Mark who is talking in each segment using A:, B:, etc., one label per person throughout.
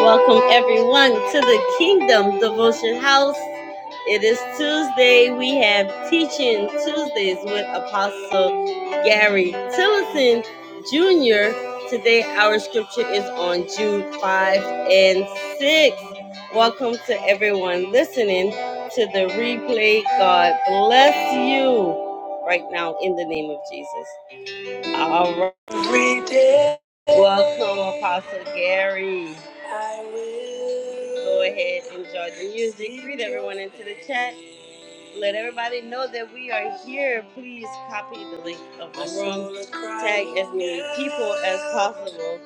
A: Welcome everyone to the Kingdom Devotion House. It is Tuesday. We have Teaching Tuesdays with Apostle Gary Tillison Jr. Today our scripture is on Jude 5 and 6. Welcome to everyone listening to the replay. God bless you right now in the name of Jesus. All right. Every day. Welcome, Apostle Gary. I will. Go ahead, enjoy the music. Greet everyone into the chat. Let everybody know that we are here. Please copy the link of the room. Tag as many people as possible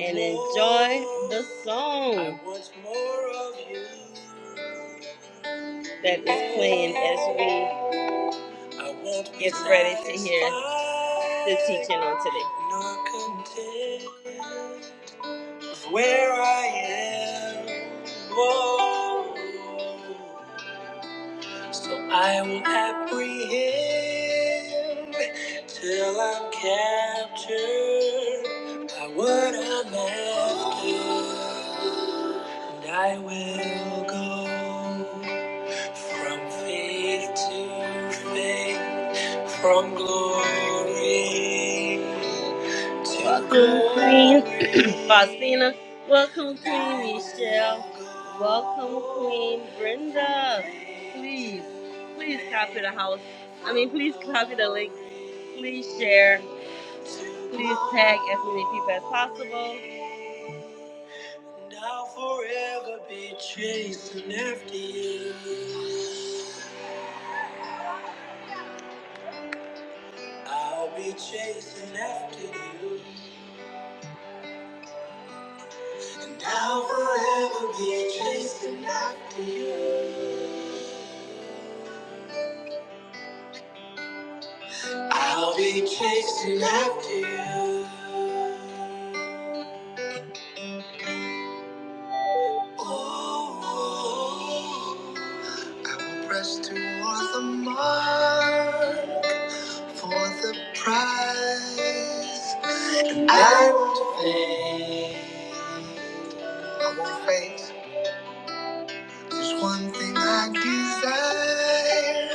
A: and enjoy the song that is playing as we Get ready to hear the teaching on today. where I am. Whoa. So I will apprehend till I'm captured by what I'm after. And I will go. From faith to faith, from glory to welcome, glory. Queen Faustina. Welcome, Queen Michelle. Welcome, Queen Brenda. Please, please copy the house. I mean, please copy the link. Please share. Please tag as many people as possible. And I'll forever be chasing after you. I'll be chasing after you, and I'll forever be chasing after you. I'll be chasing after you. Oh, oh. I will press toward the mark for the prize. I won't faint. I won't faint. There's one thing I desire,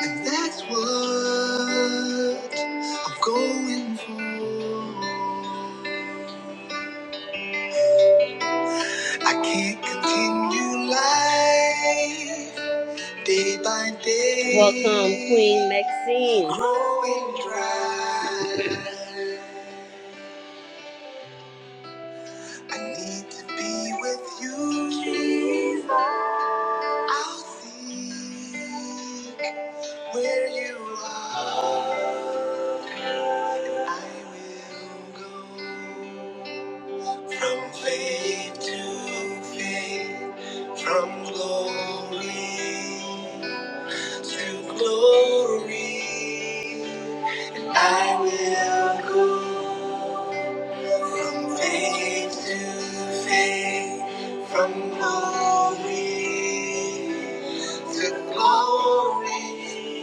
A: and that's what I'm going for. I can't continue life day by day. Welcome, Queen Maxine. Growing dry. I need to be with you. Jesus. I'll seek where you are. I will go from faith to faith, from glory to glory. I will go from faith to faith, from glory to glory.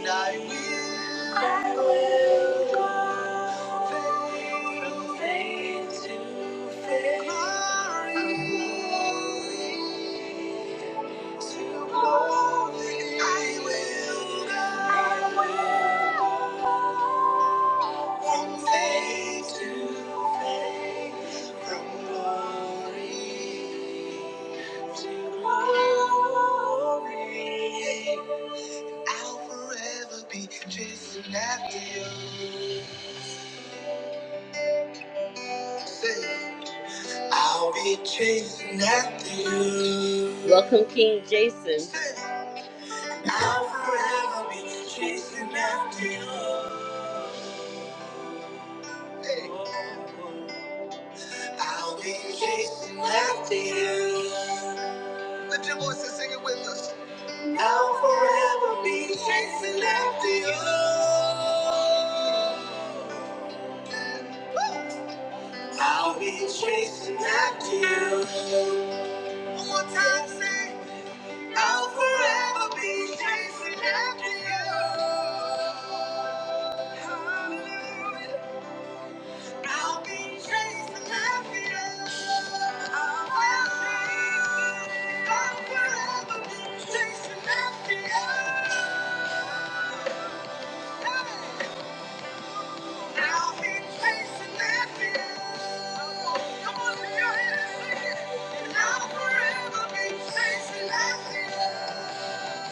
A: I will, I will go faith from faith to faith. I'll forever be chasing after you. Say. I'll be chasing after you. Welcome, King Jason. I'll forever be chasing after you. I'll be chasing after you. Lift your voice and sing it with us. I'll forever be chasing after you. I'll be chasing after you. One more time, sing. I'll forever be chasing after you. Hallelujah. I'll be chasing after you. I will be. I'll forever be chasing after you. Hey. I'll be chasing after you. Come on, lift your hands and sing it. And I'll forever be chasing after you.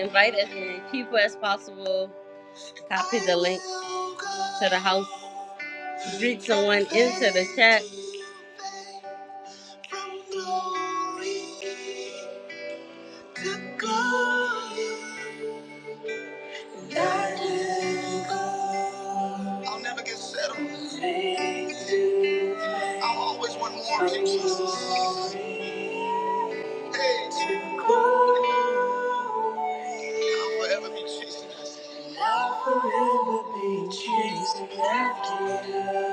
A: Invite as many people as possible. Copy the link to the house. Greet someone into the chat. I'll never get settled. I'll always want more of Jesus. Hey, I'll forever be chasing after you.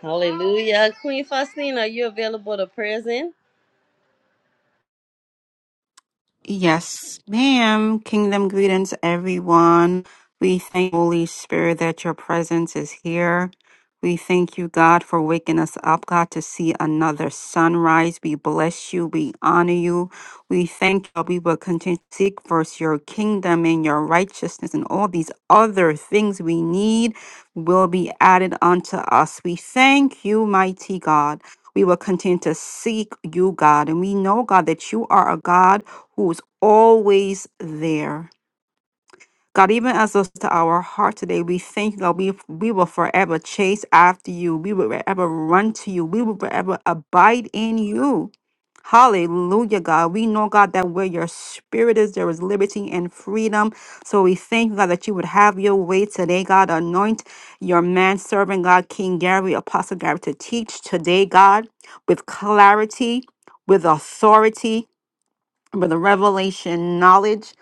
A: Hallelujah. Queen Faustina, are you available to present?
B: Yes, ma'am. Kingdom greetings, everyone. We thank Holy Spirit that your presence is here. We thank you, God, for waking us up, God, to see another sunrise. We bless you. We honor you. We thank you. that We will continue to seek first your kingdom and your righteousness, and all these other things we need will be added unto us. We thank you, mighty God. We will continue to seek you, God. And we know, God, that you are a God who's always there. God, even as us to our heart today, we thank you, God, we, we will forever chase after you. We will forever run to you. We will forever abide in you. Hallelujah, God. We know, God, that where your spirit is, there is liberty and freedom. So we thank you, God, that you would have your way today, God. Anoint your man servant, God, King Gary, Apostle Gary, to teach today, God, with clarity, with authority with the revelation knowledge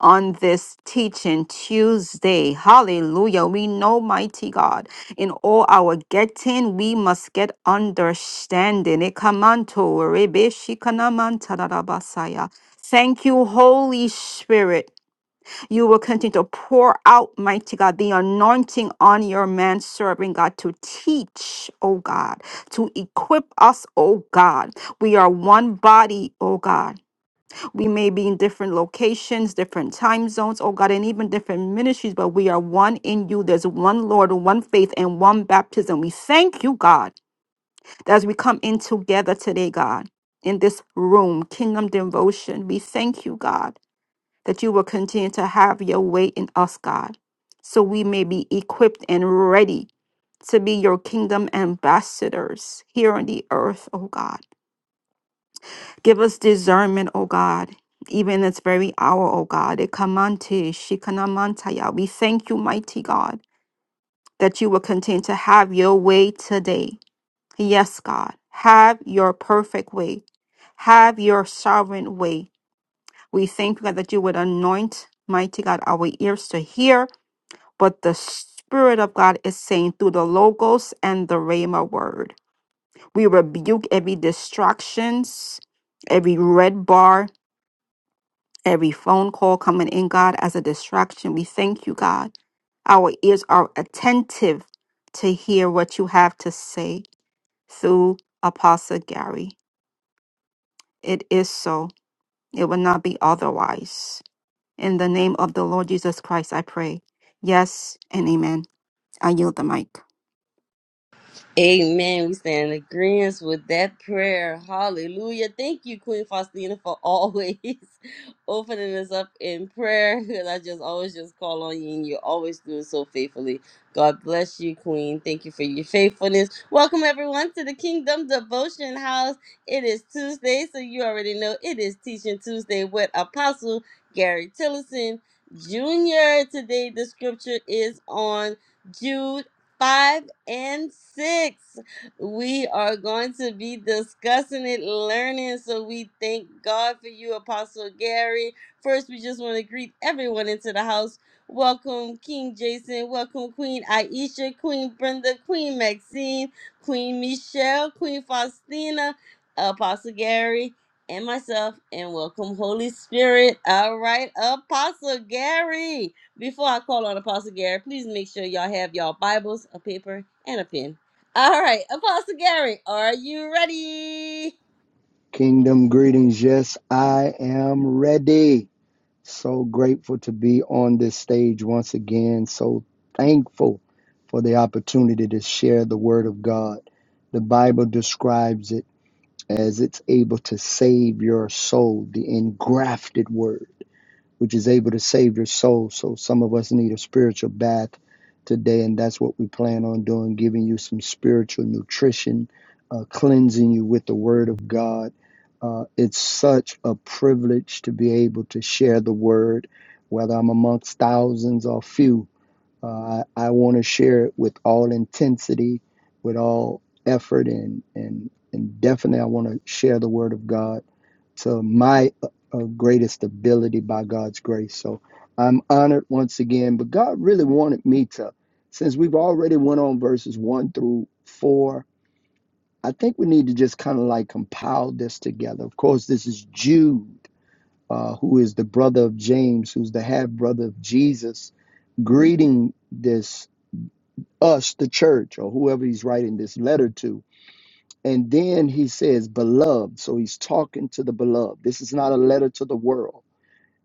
B: on this teaching Tuesday. Hallelujah. We know, mighty God, in all our getting, we must get understanding. Ekamanto rebeshikanamantarabasaya. Thank you, Holy Spirit. You will continue to pour out, mighty God, the anointing on your man serving God to teach, oh God, to equip us, oh God. We are one body, oh God. We may be in different locations, different time zones, oh God, and even different ministries, but we are one in you. There's one Lord, one faith, and one baptism. We thank you, God, that as we come in together today, God, in this room, kingdom devotion, we thank you, God, that you will continue to have your way in us, God, so we may be equipped and ready to be your kingdom ambassadors here on the earth, oh God. Give us discernment, O God, even in this very hour, O God. Ekamante, shikanamantaya. We thank you, mighty God, that you will continue to have your way today. Yes, God. Have your perfect way. Have your sovereign way. We thank you, God, that you would anoint, mighty God, our ears to hear what the Spirit of God is saying through the Logos and the Rhema word. We rebuke every distractions, every red bar, every phone call coming in, God, as a distraction. We thank you, God. Our ears are attentive to hear what you have to say through Apostle Gary. It is so. It will not be otherwise. In the name of the Lord Jesus Christ, I pray. Yes and amen. I yield the mic.
A: Amen. We stand in agreement with that prayer. Hallelujah. Thank you, Queen Faustina, for always opening us up in prayer. And I just always just call on you, and you always do it so faithfully. God bless you, Queen. Thank you for your faithfulness. Welcome, everyone, to the Kingdom Devotion House. It is Tuesday, so you already know it is Teaching Tuesday with Apostle Gary Tillison Jr. Today, the scripture is on. Jude five, and six. We are going to be discussing it, learning. So we thank God for you, Apostle Gary. First, we just want to greet everyone into the house. Welcome, King Jason. Welcome, Queen Aisha, Queen Brenda, Queen Maxine, Queen Michelle, Queen Faustina, Apostle Gary, and myself. And welcome, Holy Spirit. All right, Apostle Gary. Before I call on Apostle Gary, please make sure y'all have y'all Bibles, a paper, and a pen. All right, Apostle Gary, are you ready?
C: Kingdom greetings. Yes, I am ready. So grateful to be on this stage once again. So thankful for the opportunity to share the word of God. The Bible describes it as it's able to save your soul, the engrafted word which is able to save your soul. So some of us need a spiritual bath today, and that's what we plan on doing, giving you some spiritual nutrition, uh, cleansing you with the Word of God. Uh, it's such a privilege to be able to share the Word, whether I'm amongst thousands or few. Uh, I, I want to share it with all intensity, with all effort, and and and definitely I want to share the Word of God to my uh, uh, greatest ability by God's grace. So I'm honored once again, but God really wanted me to, since we've already went on verses one through four, I think we need to just kind of like compile this together. Of course, this is Jude, uh, who is the brother of James, who's the half brother of Jesus, greeting this us, the church, or whoever he's writing this letter to. And then he says, beloved. So he's talking to the beloved. This is not a letter to the world.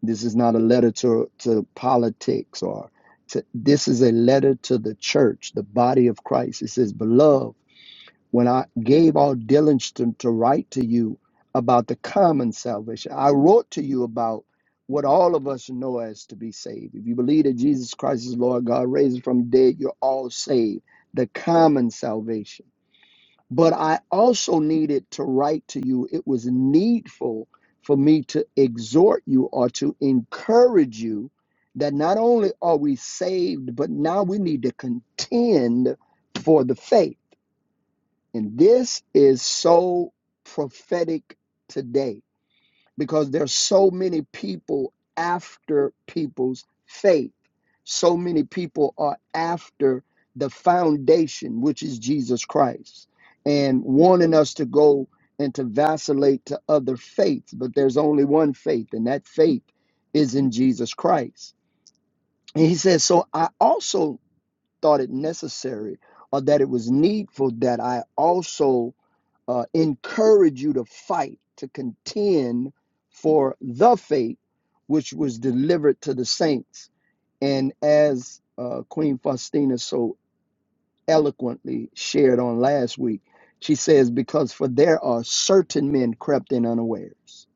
C: This is not a letter to, to politics or to, this is a letter to the church, the body of Christ. It says, Beloved, when I gave all diligence to, to write to you about the common salvation, I wrote to you about what all of us know as to be saved. If you believe that Jesus Christ is Lord God, raised from the dead, you're all saved. The common salvation but I also needed to write to you. It was needful for me to exhort you or to encourage you that not only are we saved, but now we need to contend for the faith. And this is so prophetic today because there's so many people after people's faith. So many people are after the foundation, which is Jesus Christ, and wanting us to go and to vacillate to other faiths, but there's only one faith, and that faith is in Jesus Christ. And he says, So I also thought it necessary or that it was needful that I also uh, encourage you to fight, to contend for the faith which was delivered to the saints. And as uh, Queen Faustina so eloquently shared on last week, she says, Because for there are certain men crept in unawares.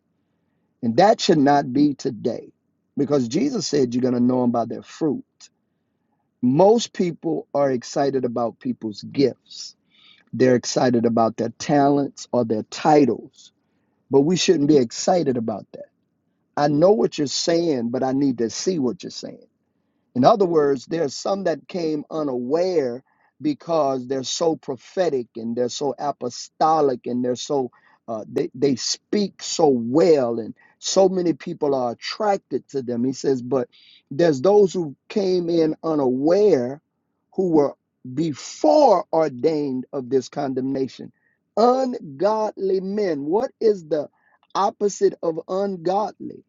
C: And that should not be today, because Jesus said you're going to know them by their fruit. Most people are excited about people's gifts. They're excited about their talents or their titles but we shouldn't be excited about that. I know what you're saying, but I need to see what you're saying. In other words, there's some that came unaware because they're so prophetic and they're so apostolic and they're so uh, they they speak so well and so many people are attracted to them. He says, but there's those who came in unaware, who were before ordained of this condemnation, ungodly men. What is the opposite of ungodly?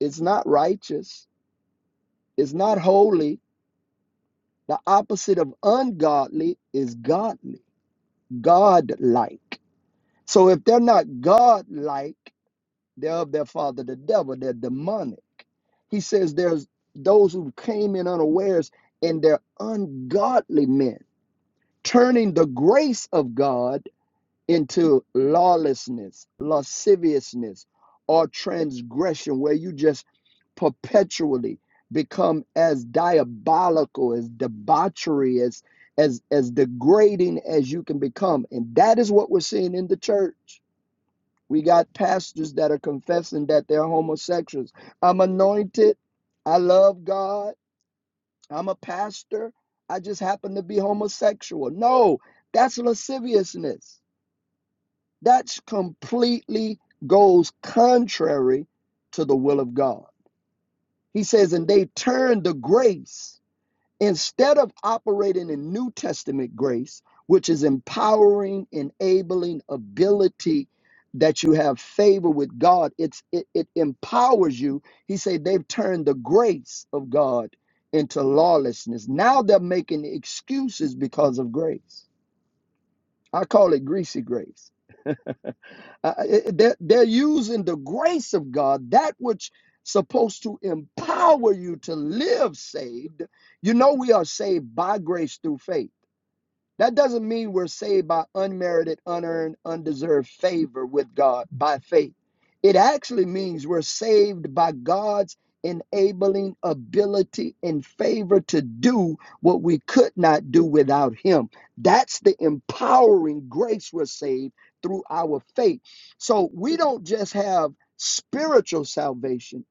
C: It's not righteous. It's not holy the opposite of ungodly is godly, godlike. So if they're not godlike, they're of their father the devil, they're demonic. He says there's those who came in unawares and they're ungodly men, turning the grace of God into lawlessness, lasciviousness, or transgression, where you just perpetually become as diabolical, as debauchery, as as as degrading as you can become. And that is what we're seeing in the church. We got pastors that are confessing that they're homosexuals. I'm anointed. I love God. I'm a pastor. I just happen to be homosexual. No, that's lasciviousness. That's completely goes contrary to the will of God. He says, and they turned the grace instead of operating in New Testament grace, which is empowering, enabling ability that you have favor with God. It's it, it empowers you. He said they've turned the grace of God into lawlessness. Now they're making excuses because of grace. I call it greasy grace. Uh, they're, they're using the grace of God, that which supposed to empower you to live saved. You know, we are saved by grace through faith. That doesn't mean we're saved by unmerited, unearned, undeserved favor with God by faith. It actually means we're saved by God's enabling ability and favor to do what we could not do without Him. That's the empowering grace we're saved through our faith. So we don't just have spiritual salvation,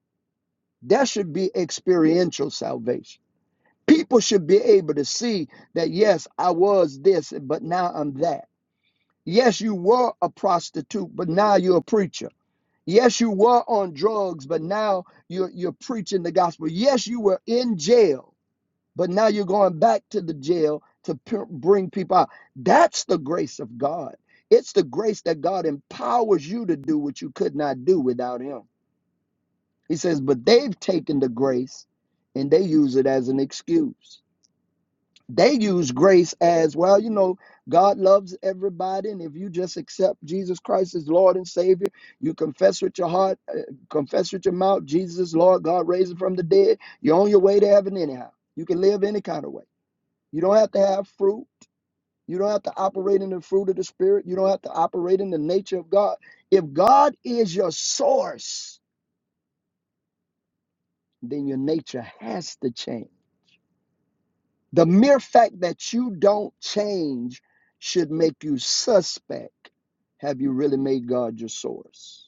C: that should be experiential salvation People should be able to see that, yes, I was this, but now I'm that. Yes, you were a prostitute, but now you're a preacher. Yes, you were on drugs, but now you're, you're preaching the gospel. Yes, you were in jail, but now you're going back to the jail to p- bring people out. That's the grace of God. It's the grace that God empowers you to do what you could not do without Him. He says, but they've taken the grace and they use it as an excuse. they use grace as well you know god loves everybody and if you just accept jesus christ as lord and savior you confess with your heart uh, confess with your mouth jesus is lord god raised him from the dead you're on your way to heaven anyhow you can live any kind of way you don't have to have fruit you don't have to operate in the fruit of the spirit you don't have to operate in the nature of god if god is your source then your nature has to change The mere fact that you don't change should make you suspect. Have you really made God your source?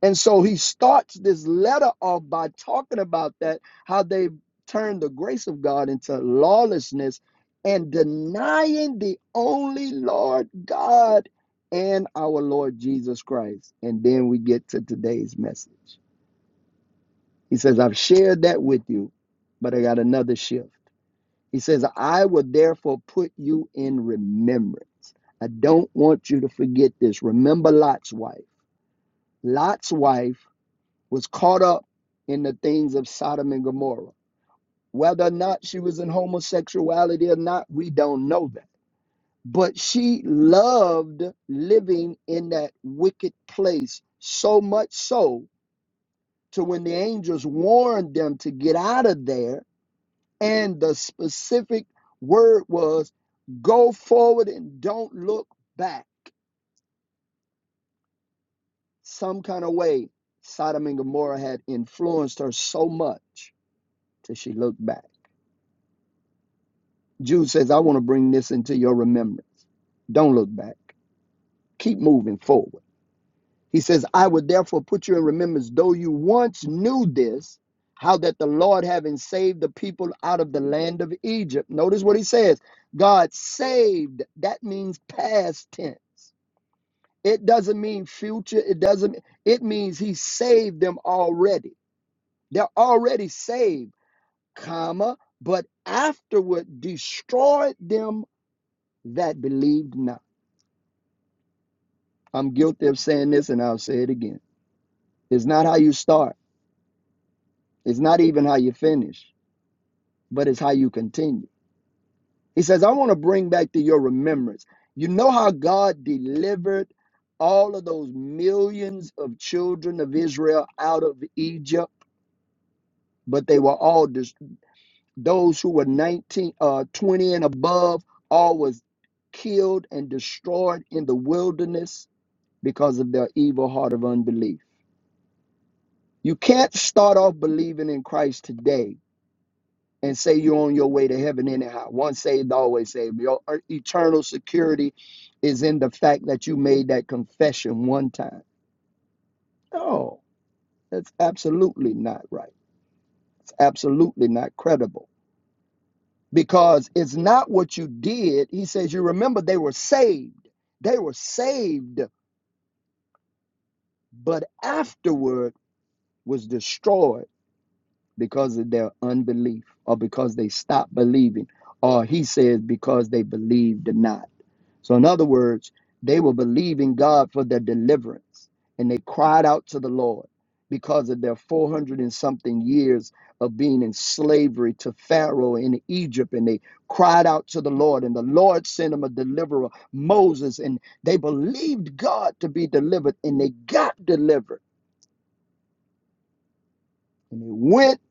C: And so he starts this letter off by talking about that, how they turned the grace of God into lawlessness and denying the only Lord God and our Lord Jesus Christ. And then we get to today's message. He says, I've shared that with you, but I got another shift. He says, I will therefore put you in remembrance. I don't want you to forget this. Remember Lot's wife. Lot's wife was caught up in the things of Sodom and Gomorrah. Whether or not she was in homosexuality or not, we don't know that. But she loved living in that wicked place so much so to when the angels warned them to get out of there And the specific word was go forward and don't look back. Some kind of way, Sodom and Gomorrah had influenced her so much till she looked back. Jude says, I want to bring this into your remembrance. Don't look back. Keep moving forward. He says, I would therefore put you in remembrance, though you once knew this, how that the Lord, having saved the people out of the land of Egypt, notice what he says God saved, that means past tense. It doesn't mean future. It doesn't. It means he saved them already. They're already saved, comma, but afterward destroyed them that believed not. I'm guilty of saying this, and I'll say it again. It's not how you start. It's not even how you finish, but it's how you continue. He says, I want to bring back to your remembrance. You know how God delivered all of those millions of children of Israel out of Egypt? but they were all destroyed Those who were 19, uh, 20 and above, all was killed and destroyed in the wilderness because of their evil heart of unbelief. You can't start off believing in Christ today and say you're on your way to heaven anyhow. Once saved, always saved. Your uh, eternal security is in the fact that you made that confession one time. No, that's absolutely not right. It's absolutely not credible. because it's not what you did. He says, You remember they were saved. They were saved, but afterward was destroyed because of their unbelief or because they stopped believing. Or he says, Because they believed not. So, in other words, they were believing God for their deliverance and they cried out to the Lord because of their 400 and something years of being in slavery to Pharaoh in Egypt. And they cried out to the Lord, and the Lord sent them a deliverer, Moses. And they believed God to be delivered and they got delivered. And they went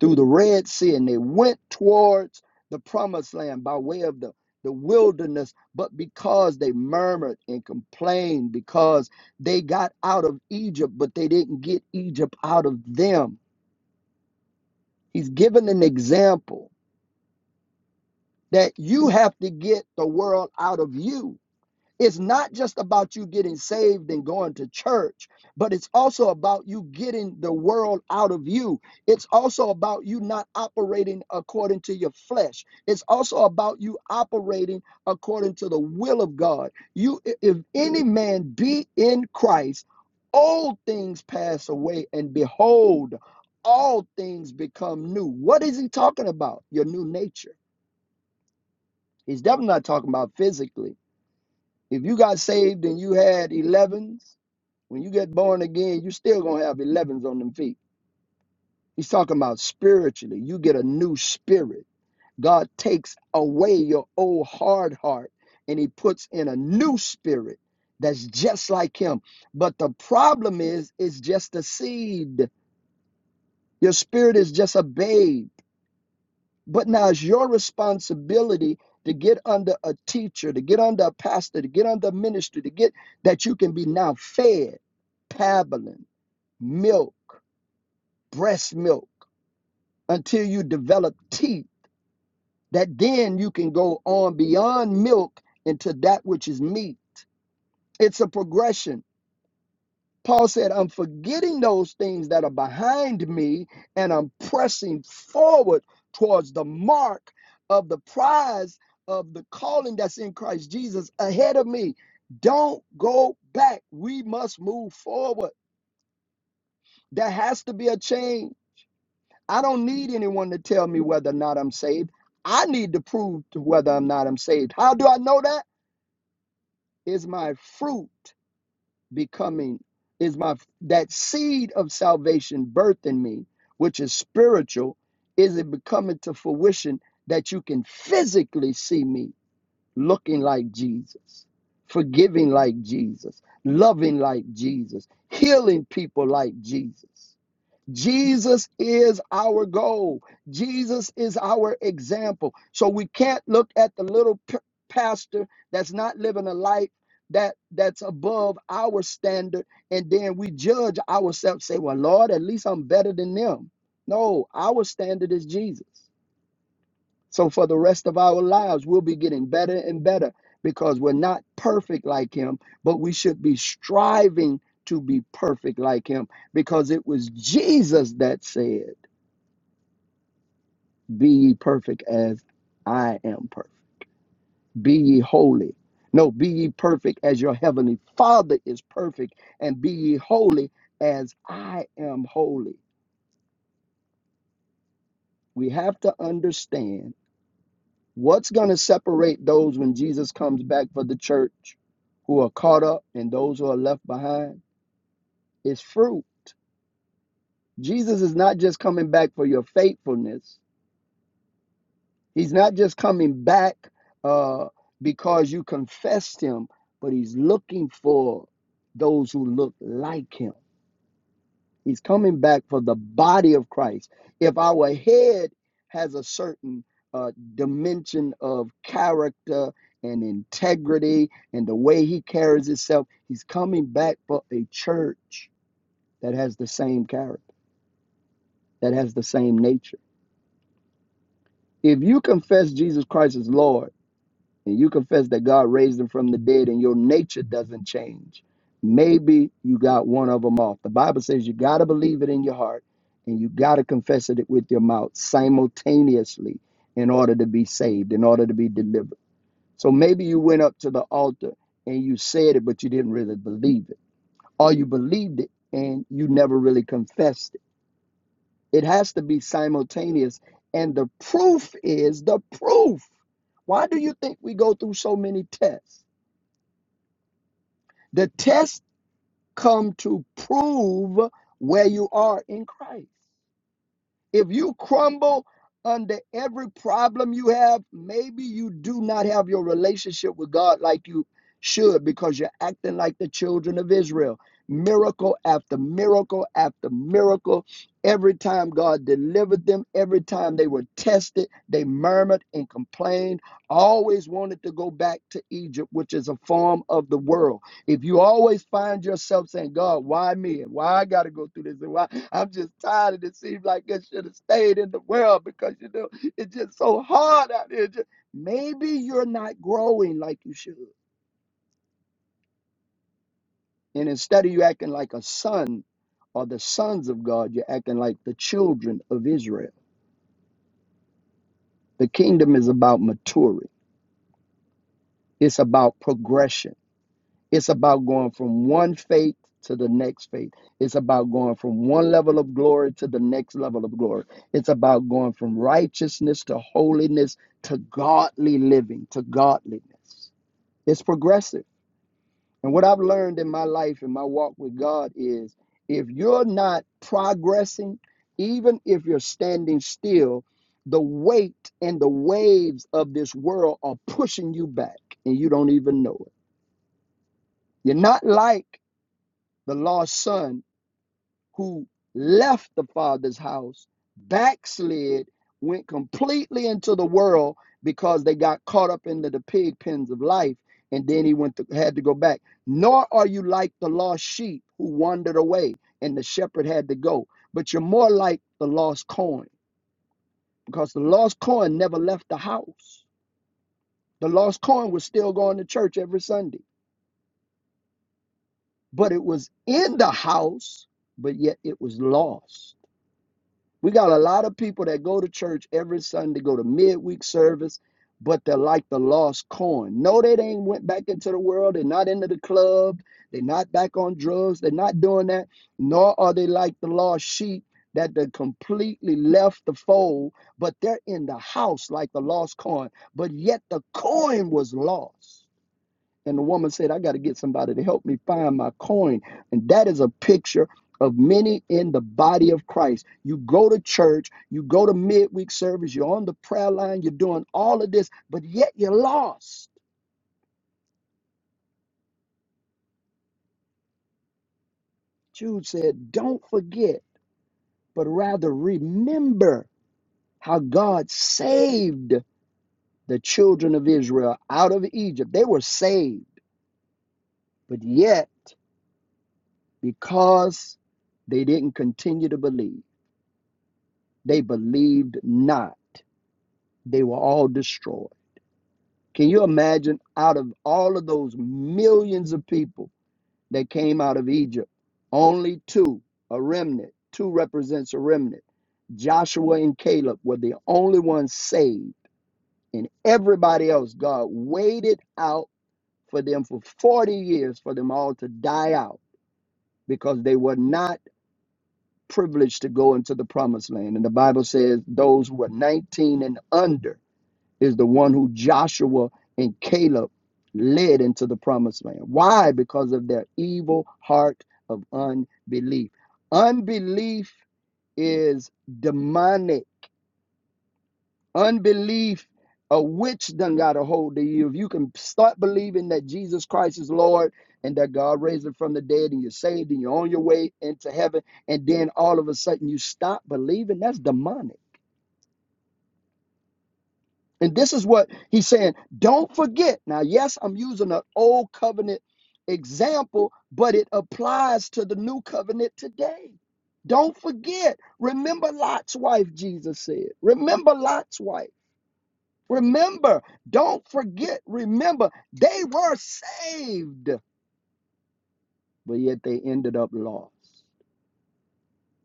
C: through the Red Sea and they went towards the promised land by way of the, the wilderness, but because they murmured and complained, because they got out of Egypt, but they didn't get Egypt out of them. He's given an example that you have to get the world out of you. It's not just about you getting saved and going to church, but it's also about you getting the world out of you. It's also about you not operating according to your flesh. It's also about you operating according to the will of God. You if any man be in Christ, all things pass away and behold, all things become new. What is he talking about? Your new nature. He's definitely not talking about physically. If you got saved and you had 11s, when you get born again, you still going to have 11s on them feet. He's talking about spiritually. You get a new spirit. God takes away your old hard heart and he puts in a new spirit that's just like him. But the problem is, it's just a seed. Your spirit is just a babe. But now it's your responsibility to get under a teacher, to get under a pastor, to get under a ministry, to get that you can be now fed pablum, milk, breast milk, until you develop teeth, that then you can go on beyond milk into that which is meat. It's a progression. Paul said, I'm forgetting those things that are behind me and I'm pressing forward towards the mark of the prize of the calling that's in Christ Jesus ahead of me. Don't go back. We must move forward. There has to be a change. I don't need anyone to tell me whether or not I'm saved. I need to prove to whether or not I'm saved. How do I know that? Is my fruit. becoming is my that seed of salvation birthed in me which is spiritual is it becoming to fruition that you can physically see me looking like jesus forgiving like jesus loving like jesus healing people like jesus Jesus is our goal. Jesus is our example. So we can't look at the little p- pastor that's not living a life that that's above our standard and then we judge ourselves say, "Well, Lord, at least I'm better than them." No, our standard is Jesus. So for the rest of our lives, we'll be getting better and better because we're not perfect like him, but we should be striving to be perfect like him because it was Jesus that said, Be ye perfect as I am perfect. Be ye holy. No, be ye perfect as your heavenly Father is perfect, and be ye holy as I am holy. We have to understand What's going to separate those when Jesus comes back for the church who are caught up and those who are left behind is fruit. Jesus is not just coming back for your faithfulness, He's not just coming back uh, because you confessed Him, but He's looking for those who look like Him. He's coming back for the body of Christ. If our head has a certain uh, dimension of character and integrity and the way he carries himself, he's coming back for a church that has the same character, that has the same nature. If you confess Jesus Christ as Lord, and you confess that God raised him from the dead and your nature doesn't change, maybe you got one of them off. The Bible says you got to believe it in your heart and you got to confess it with your mouth simultaneously in order to be saved, in order to be delivered. So maybe you went up to the altar and you said it, but you didn't really believe it, or you believed it and you never really confessed it. It has to be simultaneous. And the proof is the proof. Why do you think we go through so many tests? The test come to prove where you are in Christ. If you crumble under every problem you have, maybe you do not have your relationship with God like you should because you're acting like the children of Israel. Miracle after miracle after miracle. Every time God delivered them, every time they were tested, they murmured and complained, always wanted to go back to Egypt, which is a form of the world. If you always find yourself saying, God, why me? And why I got to go through this? And why I'm just tired of it. It Seems like I should have stayed in the world because, you know, it's just so hard out there. Just, maybe you're not growing like you should. And instead of you acting like a son or the sons of God, you're acting like the children of Israel. The kingdom is about maturing, it's about progression. It's about going from one faith to the next faith. It's about going from one level of glory to the next level of glory. It's about going from righteousness to holiness to godly living, to godliness. It's progressive. And what I've learned in my life and my walk with God is if you're not progressing, even if you're standing still, the weight and the waves of this world are pushing you back and you don't even know it. You're not like the lost son who left the father's house, backslid, went completely into the world because they got caught up into the pig pens of life, and then he went to, had to go back. Nor are you like the lost sheep who wandered away and the shepherd had to go, but you're more like the lost coin because the lost coin never left the house. The lost coin was still going to church every Sunday, but it was in the house, but yet it was lost We got a lot of people that go to church every Sunday, go to midweek service, but they're like the lost coin. No, they ain't went back into the world. They're not into the club. They're not back on drugs. They're not doing that. Nor are they like the lost sheep that they completely left the fold, but they're in the house like the lost coin. But yet the coin was lost. And the woman said, I got to get somebody to help me find my coin. And that is a picture of many in the body of Christ. You go to church, you go to midweek service, you're on the prayer line, you're doing all of this, but yet you're lost. Jude said, Don't forget, but rather remember how God saved the children of Israel out of Egypt. They were saved, but yet because they didn't continue to believe, they believed not They were all destroyed. Can you imagine out of all of those millions of people that came out of Egypt, only two, a remnant, two represents a remnant. Joshua and Caleb were the only ones saved, and everybody else, God waited out for them for 40 years for them all to die out because they were not privileged to go into the promised land. And the Bible says those who were 19 and under is the one who Joshua and Caleb led into the promised land. Why? Because of their evil heart of unbelief. Unbelief is demonic. Unbelief, a witch done got a hold of you. If you can start believing that Jesus Christ is Lord and that God raised him from the dead and you're saved and you're on your way into heaven, and then all of a sudden you stop believing, that's demonic. And this is what he's saying. Don't forget. Now, yes, I'm using an old covenant example, but it applies to the new covenant today. Don't forget. Remember Lot's wife, Jesus said. Remember Lot's wife. Remember. Don't forget. Remember. They were saved, but yet they ended up lost.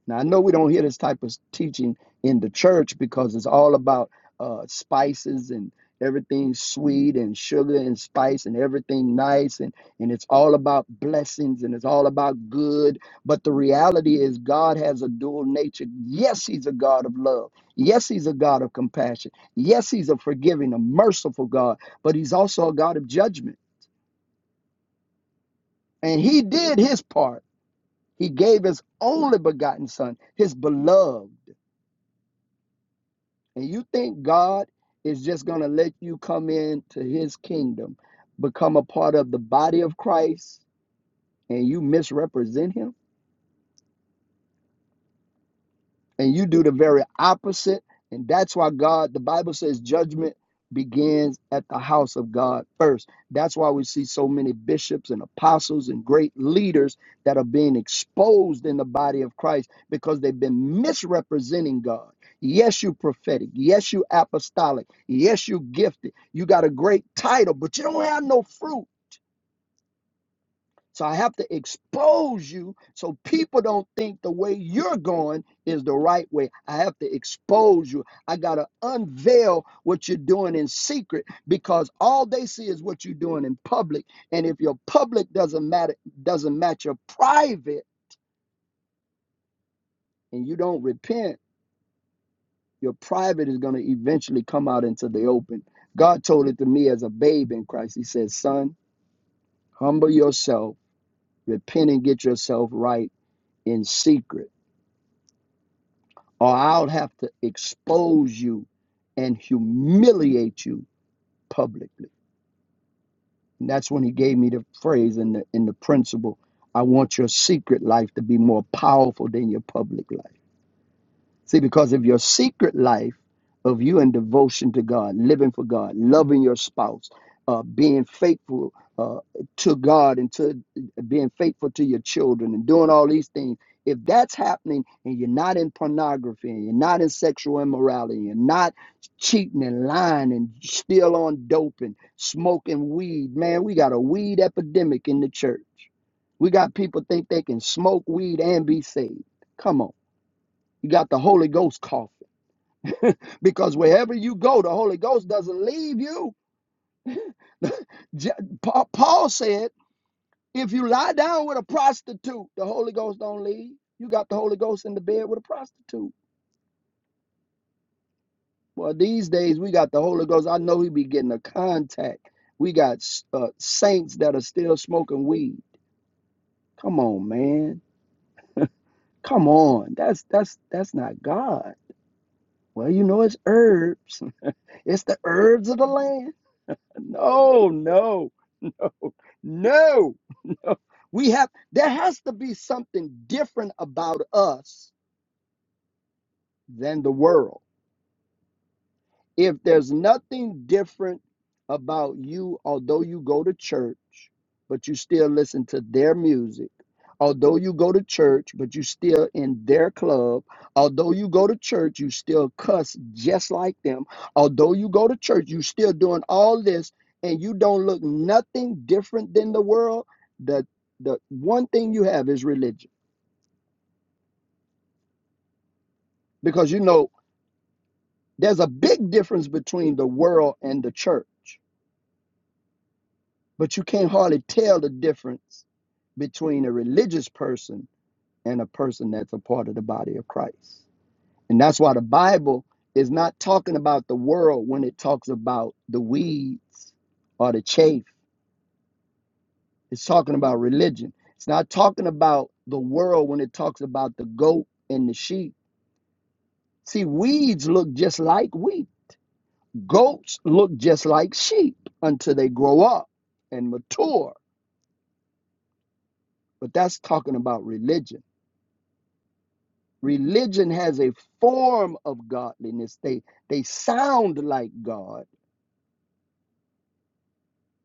C: Now, I know we don't hear this type of teaching in the church because it's all about uh, spices and everything sweet and sugar and spice and everything nice. And, and it's all about blessings and it's all about good. But the reality is, God has a dual nature. Yes, He's a God of love. Yes, He's a God of compassion. Yes, He's a forgiving, a merciful God. But He's also a God of judgment. And He did His part. He gave His only begotten Son, His beloved. And you think God is just going to let you come into his kingdom, become a part of the body of Christ, and you misrepresent him? and you do the very opposite and that's why god the bible says judgment begins at the house of god first that's why we see so many bishops and apostles and great leaders that are being exposed in the body of christ because they've been misrepresenting god yes you prophetic yes you apostolic yes you gifted you got a great title but you don't have no fruit so I have to expose you so people don't think the way you're going is the right way. I have to expose you. I got to unveil what you're doing in secret because all they see is what you're doing in public. And if your public doesn't matter doesn't match your private and you don't repent, your private is going to eventually come out into the open. God told it to me as a babe in Christ. He said, "Son, humble yourself, repent and get yourself right in secret." or I'll have to expose you and humiliate you publicly. And that's when he gave me the phrase and the in the principle, I want your secret life to be more powerful than your public life. See, because of your secret life of you and devotion to God, living for God, loving your spouse, uh, being faithful uh, to God and to being faithful to your children and doing all these things. If that's happening and you're not in pornography and you're not in sexual immorality, you're not cheating and lying and still on dope and smoking weed, man, we got a weed epidemic in the church. We got people think they can smoke weed and be saved. Come on. You got the Holy Ghost coffin. Because wherever you go, the Holy Ghost doesn't leave you. J- Pa- Paul said, if you lie down with a prostitute, the Holy Ghost don't leave. You got the Holy Ghost in the bed with a prostitute. Well, these days we got the Holy Ghost. I know he be getting a contact. We got uh, saints that are still smoking weed. Come on, man. Come on. That's that's that's not God. Well, you know it's herbs. It's the herbs of the land. No, no. No, no. we have, there has to be something different about us than the world. If there's nothing different about you, although you go to church, but you still listen to their music, although you go to church, but you still in their club, although you go to church, you still cuss just like them, although you go to church, you still doing all this, and you don't look nothing different than the world, the the one thing you have is religion. Because you know there's a big difference between the world and the church. But you can't hardly tell the difference between a religious person and a person that's a part of the body of Christ. And that's why the Bible is not talking about the world when it talks about the weeds or the chaff. It's talking about religion. It's not talking about the world when it talks about the goat and the sheep. See, weeds look just like wheat. Goats look just like sheep until they grow up and mature. But that's talking about religion Religion has a form of godliness. They they sound like God.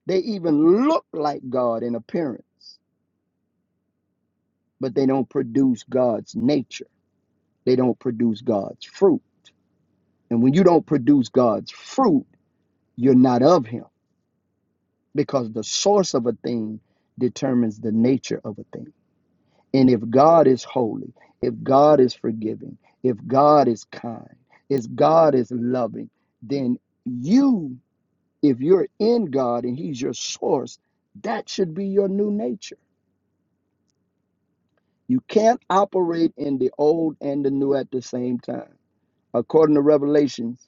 C: They even look like God in appearance, but they don't produce God's nature. They don't produce God's fruit. And when you don't produce God's fruit, you're not of him because the source of a thing determines the nature of a thing. And if God is holy, if God is forgiving, if God is kind, if God is loving, then you If you're in God and He's your source, that should be your new nature. You can't operate in the old and the new at the same time. According to Revelations,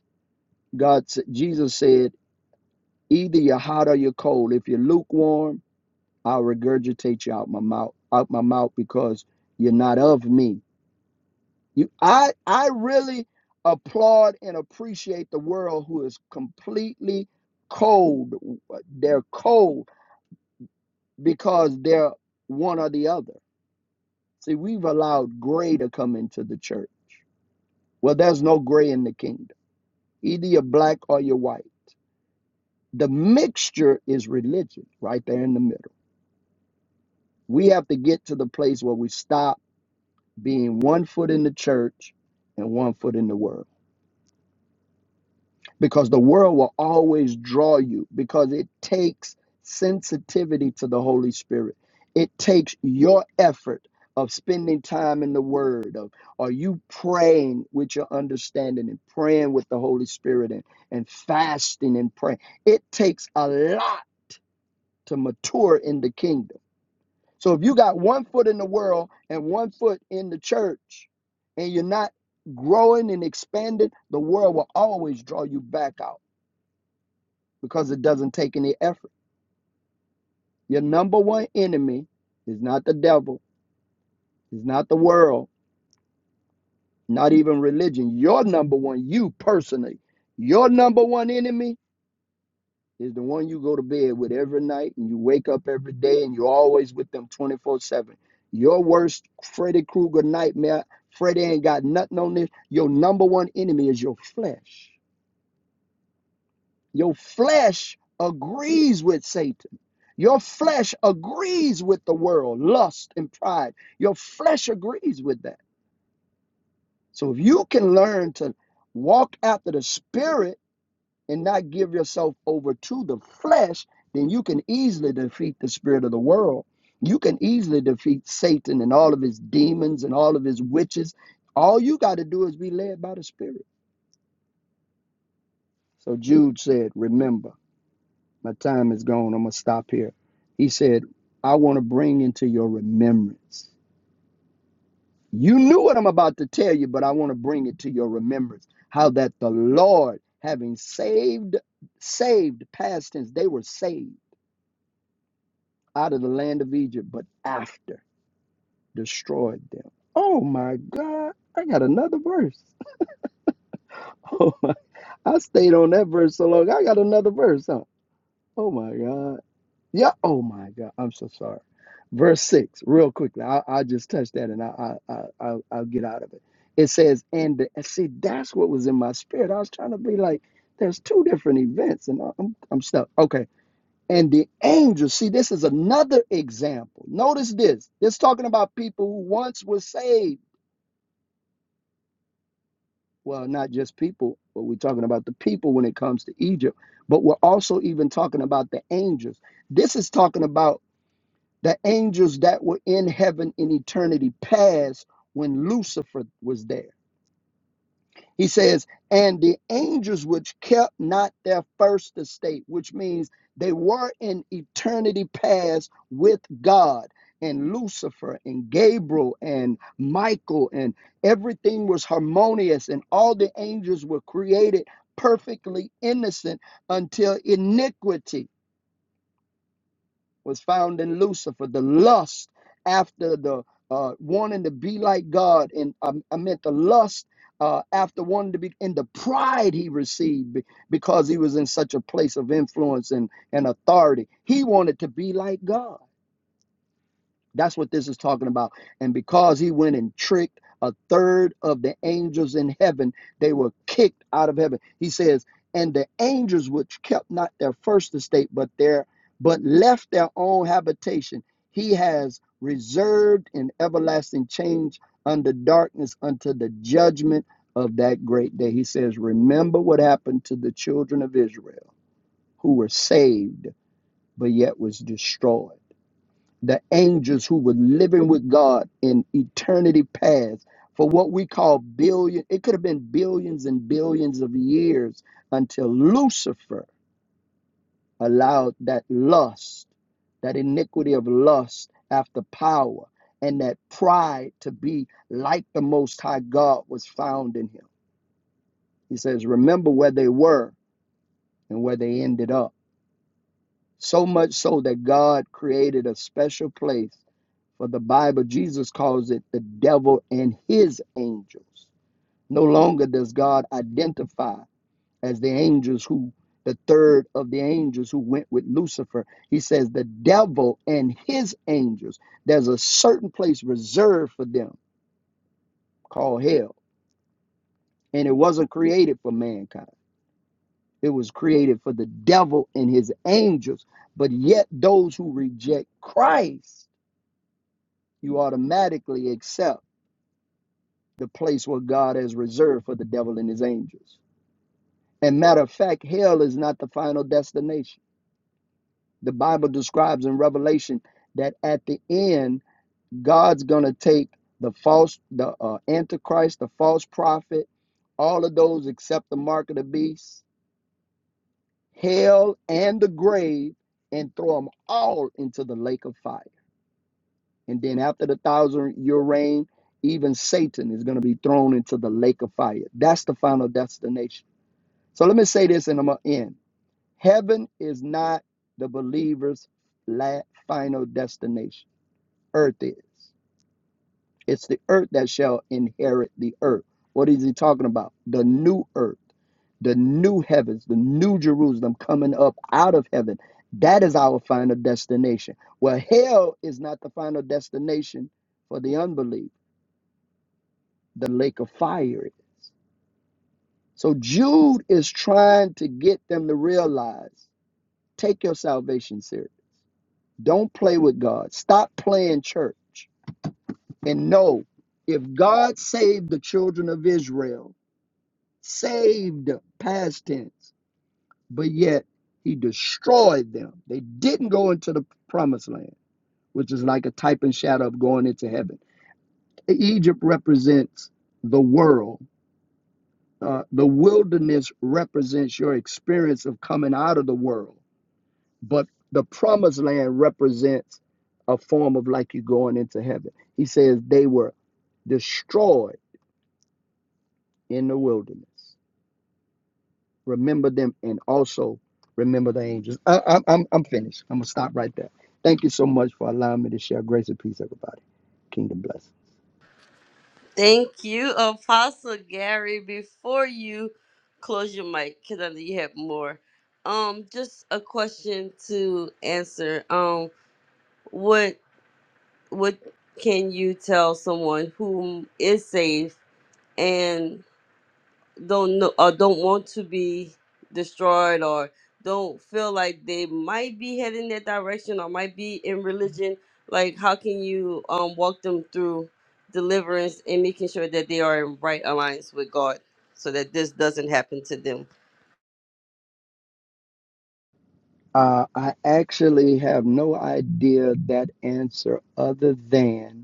C: God, s- Jesus said, "Either you're hot or you're cold. If you're lukewarm, I'll regurgitate you out my mouth, out my mouth, because you're not of me." You, I, I really applaud and appreciate the world who is completely cold. They're cold because they're one or the other. See, we've allowed gray to come into the church. Well, there's no gray in the kingdom. Either you're black or you're white. The mixture is religion right there in the middle. We have to get to the place where we stop being one foot in the church and one foot in the world. because the world will always draw you because it takes sensitivity to the Holy Spirit. It takes your effort of spending time in the Word, of are you praying with your understanding and praying with the Holy Spirit and, and fasting and praying. It takes a lot to mature in the kingdom. So if you got one foot in the world and one foot in the church, and you're not growing and expanding, the world will always draw you back out because it doesn't take any effort. Your number one enemy is not the devil, is not the world, not even religion. Your number one, you personally, your number one enemy is the one you go to bed with every night and you wake up every day and you're always with them 24 7. Your worst Freddy Krueger nightmare, Freddy ain't got nothing on this. Your number one enemy is your flesh. Your flesh agrees with Satan. Your flesh agrees with the world, lust and pride. Your flesh agrees with that. So if you can learn to walk after the spirit and not give yourself over to the flesh, then you can easily defeat the spirit of the world. You can easily defeat Satan and all of his demons and all of his witches. All you got to do is be led by the spirit. So Jude said, remember. My time is gone. I'm going to stop here. He said, I want to bring into your remembrance. You knew what I'm about to tell you, but I want to bring it to your remembrance. How that the Lord, having saved, saved, past tense, they were saved out of the land of Egypt, but after destroyed them. Oh my God. I got another verse. Oh my. I stayed on that verse so long. I got another verse, huh? Oh my God. Yeah. Oh my God. I'm so sorry. Verse six, real quickly. I, I just touched that and I, I, I, I'll, I'll get out of it. It says, and, the, and see, that's what was in my spirit. I was trying to be like, there's two different events and I- I'm, I'm stuck. Okay. And the angel, see, this is another example. Notice this. This talking about people who once were saved. Well, not just people, but we're talking about the people when it comes to Egypt, but we're also even talking about the angels. This is talking about The angels that were in heaven in eternity past when Lucifer was there. He says, and the angels which kept not their first estate, which means they were in eternity past with God and Lucifer and Gabriel and Michael, and everything was harmonious, and all the angels were created perfectly innocent until iniquity was found in Lucifer, the lust after the uh, wanting to be like God, and um, I meant the lust uh, after wanting to be, and the pride he received be- because he was in such a place of influence and, and authority. He wanted to be like God. That's what this is talking about. And because he went and tricked a third of the angels in heaven, they were kicked out of heaven. He says, and the angels which kept not their first estate, but their but left their own habitation, he has reserved in everlasting change under darkness unto the judgment of that great day. He says, Remember what happened to the children of Israel who were saved, but yet was destroyed the angels who were living with God in eternity past for what we call billion it could have been billions and billions of years until Lucifer allowed that lust that iniquity of lust after power and that pride to be like the most high God was found in him he says remember where they were and where they ended up So much so that God created a special place for the Bible. Jesus calls it the devil and his angels. No longer does God identify as the angels who, the third of the angels who went with Lucifer. He says the devil and his angels. There's a certain place reserved for them called hell. And it wasn't created for mankind, it was created for the devil and his angels. But yet, those who reject Christ you automatically accept the place where God has reserved for the devil and his angels. And matter of fact, hell is not the final destination. The Bible describes in Revelation that at the end, God's going to take the false, the uh, antichrist, the false prophet, all of those except the mark of the beast, hell, and the grave, and throw them all into the lake of fire. And then after the thousand year reign, even Satan is going to be thrown into the lake of fire. That's the final destination. So let me say this and I'm going to end. Heaven is not the believer's la final destination, earth is. It's the earth that shall inherit the earth. What is he talking about? The new earth, the new heavens, the new Jerusalem coming up out of heaven. That is our final destination. Well, hell is not the final destination for the unbelief. the lake of fire is. So Jude is trying to get them to realize take your salvation serious. Don't play with God. Stop playing church. And know if God saved the children of Israel, saved past tense, but yet he destroyed them. They didn't go into the promised land, which is like a type and shadow of going into heaven. Egypt represents the world Uh, the wilderness represents your experience of coming out of the world, but the promised land represents a form of like you going into heaven. He says they were destroyed in the wilderness. Remember them and also remember the angels. I, I, I'm, I'm finished. I'm going to stop right there. Thank you so much for allowing me to share grace and peace, everybody. Kingdom bless.
A: Thank you, Apostle Gary. Before you close your mic, because I know you have more. Um, just a question to answer. Um, what what can you tell someone who is is and? don't know or don't want to be destroyed or don't feel like they might be heading that direction or might be in religion like how can you um walk them through deliverance and making sure that they are in right alliance with god so that this doesn't happen to them
C: Uh, I actually have no idea that answer other than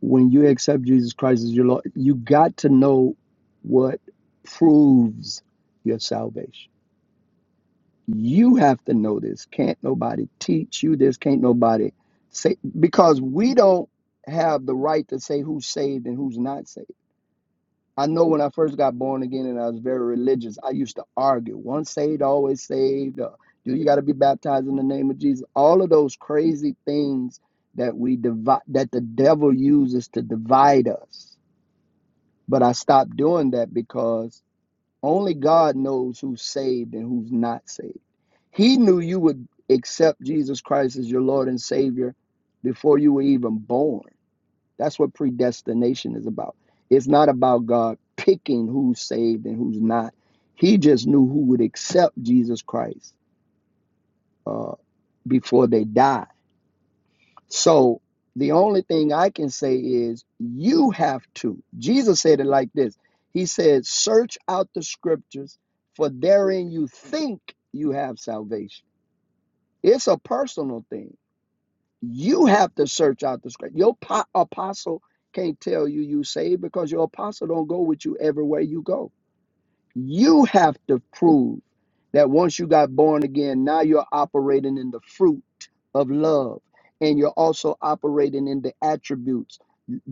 C: when you accept Jesus Christ as your Lord, you got to know what proves your salvation. You have to know this. Can't nobody teach you this. Can't nobody say, because we don't have the right to say who's saved and who's not saved. I know when I first got born again and I was very religious, I used to argue once saved, always saved. Or, Do you got to be baptized in the name of Jesus? All of those crazy things that we divide, that the devil uses to divide us but I stopped doing that because only God knows who's saved and who's not saved. He knew you would accept Jesus Christ as your Lord and Savior before you were even born. That's what predestination is about. It's not about God picking who's saved and who's not. He just knew who would accept Jesus Christ uh, before they died. So the only thing I can say is you have to. Jesus said it like this He said, Search out the scriptures, for therein you think you have salvation. It's a personal thing. You have to search out the scripture. Your po- apostle can't tell you you saved because your apostle don't go with you everywhere you go. You have to prove that once you got born again, now you're operating in the fruit of love. And you're also operating in the attributes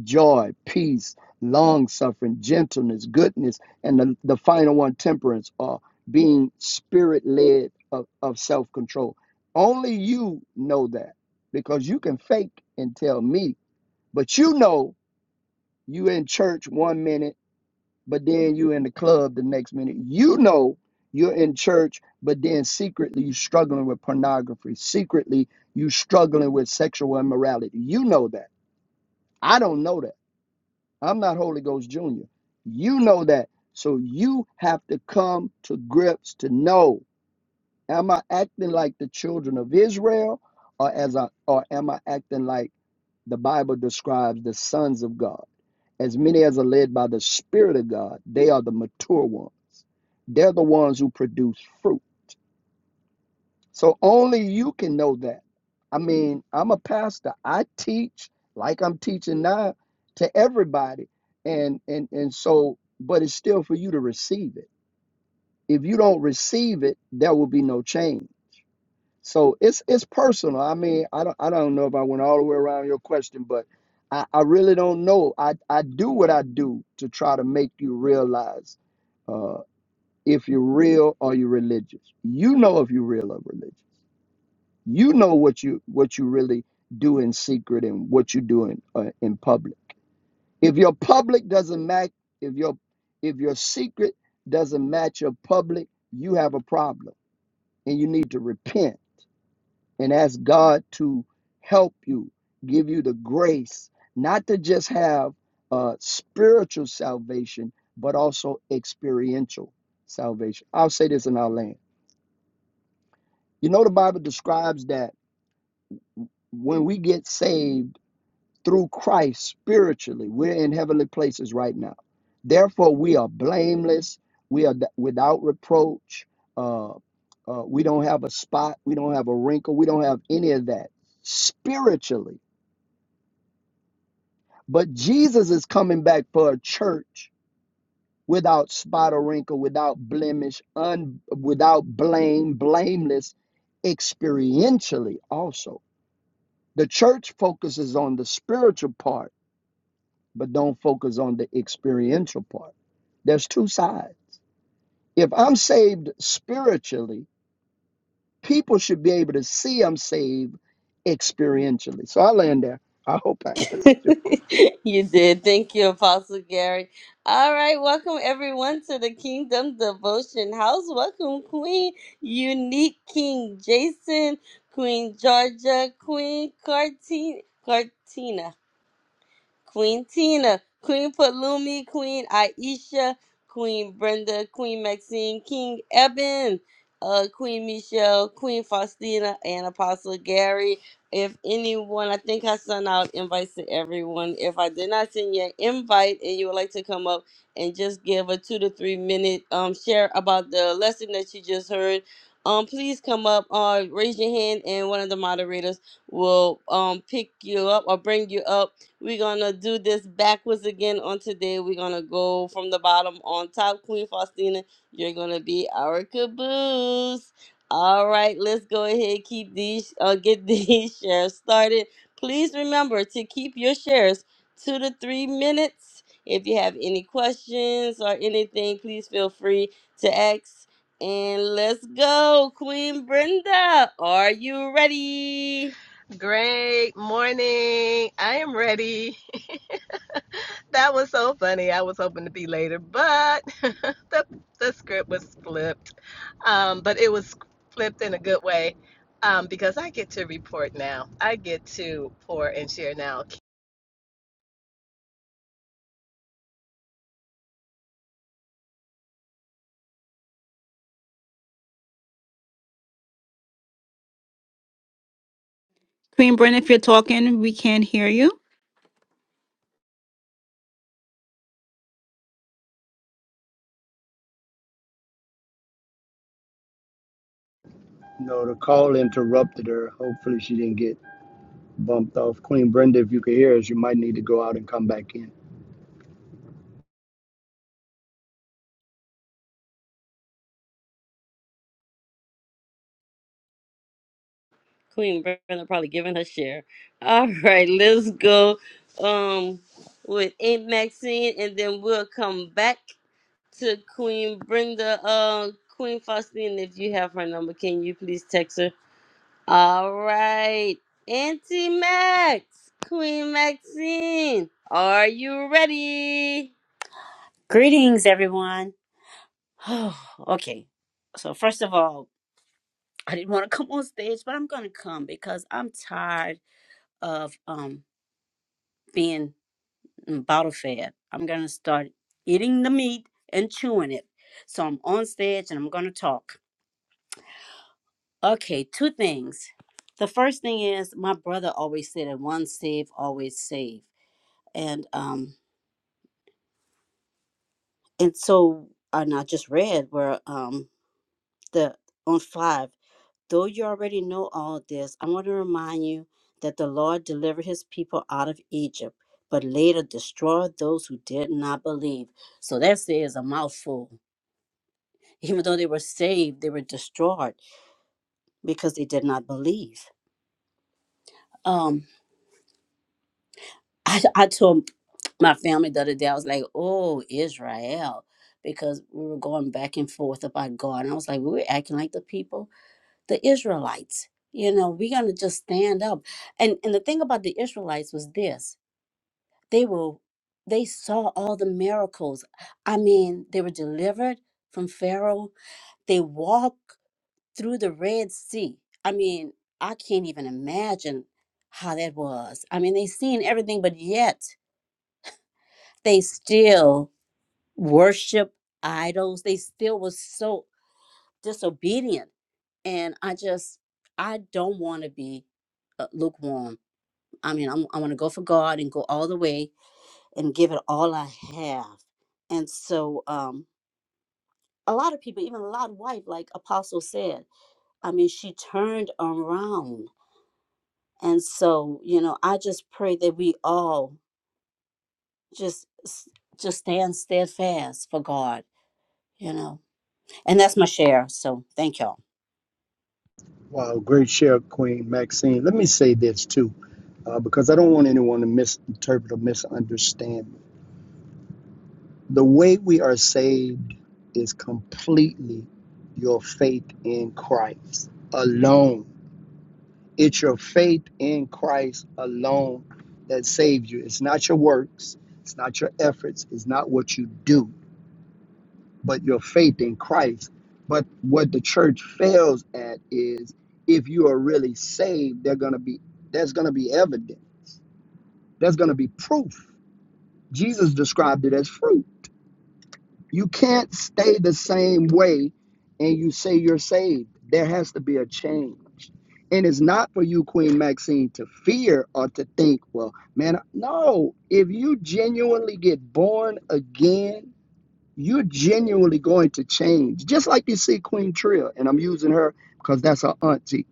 C: joy, peace, long suffering, gentleness, goodness, and the, the final one, temperance, or being spirit led of, of self control. Only you know that because you can fake and tell me, but you know you in church one minute but then you in the club the next minute. You know you're in church, but then secretly you struggling with pornography. Secretly you struggling with sexual immorality. You know that. I don't know that. I'm not Holy Ghost Junior. You know that. So you have to come to grips to know. Am I acting like the children of Israel, or as I, or am I acting like the Bible describes the sons of God? As many as are led by the Spirit of God, they are the mature ones. They're the ones who produce fruit. So only you can know that. I mean, I'm a pastor. I teach like I'm teaching now to everybody, and and and so, but it's still for you to receive it. If you don't receive it, there will be no change. So it's it's personal. I mean, I don't I don't know if I went all the way around your question, but I, I really don't know. I, I do what I do to try to make you realize uh, if you're real or you're religious. You know if you're real or religious. You know what you what you really do in secret and what you do in uh, in public. If your public doesn't match, if your if your secret doesn't match your public, you have a problem and you need to repent and ask God to help you, give you the grace not to just have uh, spiritual salvation, but also experiential salvation. I'll say this in our land. You know, the Bible describes that when we get saved through Christ spiritually, we're in heavenly places right now. Therefore, we are blameless, we are without reproach. Uh, uh, we don't have a spot, we don't have a wrinkle, we don't have any of that spiritually But Jesus is coming back for a church without spot or wrinkle, without blemish, un, without blame, blameless experientially also. The church focuses on the spiritual part, but don't focus on the experiential part. There's two sides. If I'm saved spiritually, people should be able to see I'm saved experientially. So I land there. I hope I answered your question.
A: you did. Thank you, Apostle Gary. All right, welcome everyone to the Kingdom Devotion House. Welcome, Queen Unique King Jason, Queen Georgia, Queen Cartina. Queen Tina, Queen Palumi, Queen Aisha, Queen Brenda, Queen Maxine, King Eben, uh, Queen Michelle, Queen Faustina, and Apostle Gary. If anyone, I think I sent out invites to everyone. If I did not send you an invite and you would like to come up and just give a two to three minute um share about the lesson that you just heard, um please come up uh raise your hand and one of the moderators will um pick you up or bring you up we're gonna do this backwards again on today. We're gonna go from the bottom on top. Queen Faustina, you're gonna be our caboose. All right, let's go ahead. Keep these, uh, get these shares started. Please remember to keep your shares two to three minutes. If you have any questions or anything, please feel free to ask. And let's go, Queen Brenda. Are you ready?
D: Great morning. I am ready. That was so funny. I was hoping to be later, but the the script was flipped. Um, but it was flipped in a good way. Um, because I get to report now. I get to pour and share now.
B: Queen Brenda. if you're talking, we can't hear you.
C: No, the call interrupted her. Hopefully she didn't get bumped off. Queen Brenda, if you could hear us, you might need to go out and come back in.
A: Queen Brenda probably giving her share. All right, let's go um with Aunt Maxine and then we'll come back to Queen Brenda. Uh Queen Faustine, if you have her number, can you please text her? All right. Auntie Max, Queen Maxine, are you ready?
E: Greetings, everyone. Oh, okay. So, first of all, I didn't want to come on stage, but I'm going to come because I'm tired of um being bottle fed. I'm going to start eating the meat and chewing it. So, I'm on stage and I'm going to talk. Okay, two things. The first thing is my brother always said that one save, always save. And um and so and I just read where um the on five. Though you already know all this, I want to remind you that the Lord delivered his people out of Egypt, but later destroyed those who did not believe. So that says a mouthful. Even though they were saved, they were destroyed because they did not believe. Um, I, I told my family the other day, I was like, oh, Israel, because we were going back and forth about God. And I was like, we were acting like the people. the Israelites. You know, we're gonna just stand up. And and the thing about the Israelites was this: they were they saw all the miracles. I mean, they were delivered from Pharaoh. They walked through the Red Sea. I mean, I can't even imagine how that was. I mean, they seen everything, but yet they still worship idols. They still was so disobedient and I just I don't want to be uh, lukewarm. I mean, I'm, I want to go for God and go all the way and give it all I have. And so, um, a lot of people, even a lot of wife, like Apostle said, I mean, she turned around. And so, you know, I just pray that we all just s- just stand steadfast for God. You know, and that's my share. So, thank y'all.
C: Wow, great share, Queen Maxine. Let me say this too, uh, because I don't want anyone to misinterpret or misunderstand. me. The way we are saved is completely your faith in Christ alone. It's your faith in Christ alone that saved you. It's not your works, it's not your efforts, it's not what you do but your faith in Christ. But what the church fails at is if you are really saved, they're gonna be there's gonna be evidence. There's gonna be proof. Jesus described it as fruit. You can't stay the same way and you say you're saved. There has to be a change. And it's not for you, Queen Maxine, to fear or to think, well, man, no. If you genuinely get born again, you're genuinely going to change. Just like you see Queen Tria, and I'm using her because that's her auntie.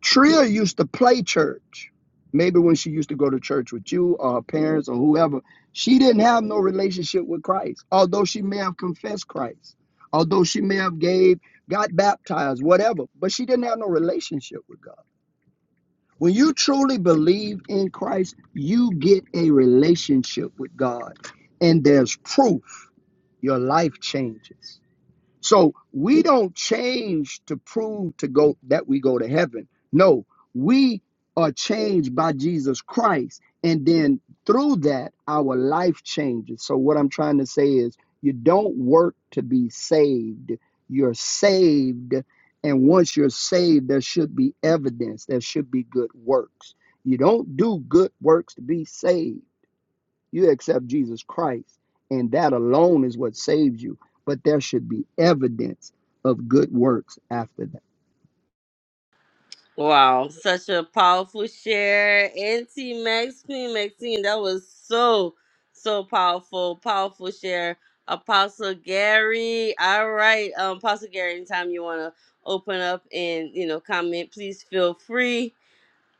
C: Tria used to play church. Maybe when she used to go to church with you or her parents or whoever, she didn't have no relationship with Christ. Although she may have confessed Christ, although she may have gave, got baptized, whatever, but she didn't have no relationship with God. When you truly believe in Christ, you get a relationship with God, and there's proof your life changes. So we don't change to prove to go that we go to heaven. No, we are changed by Jesus Christ. And then through that, our life changes. So what I'm trying to say is you don't work to be saved. You're saved. And once you're saved, there should be evidence. There should be good works. You don't do good works to be saved. You accept Jesus Christ, and that alone is what saves you. But there should be evidence of good works after that.
A: Wow, such a powerful share. Auntie Max Queen Maxine, that was so, so powerful, powerful share. Apostle Gary. All right. Um, Apostle Gary, anytime you wanna open up and you know comment, please feel free.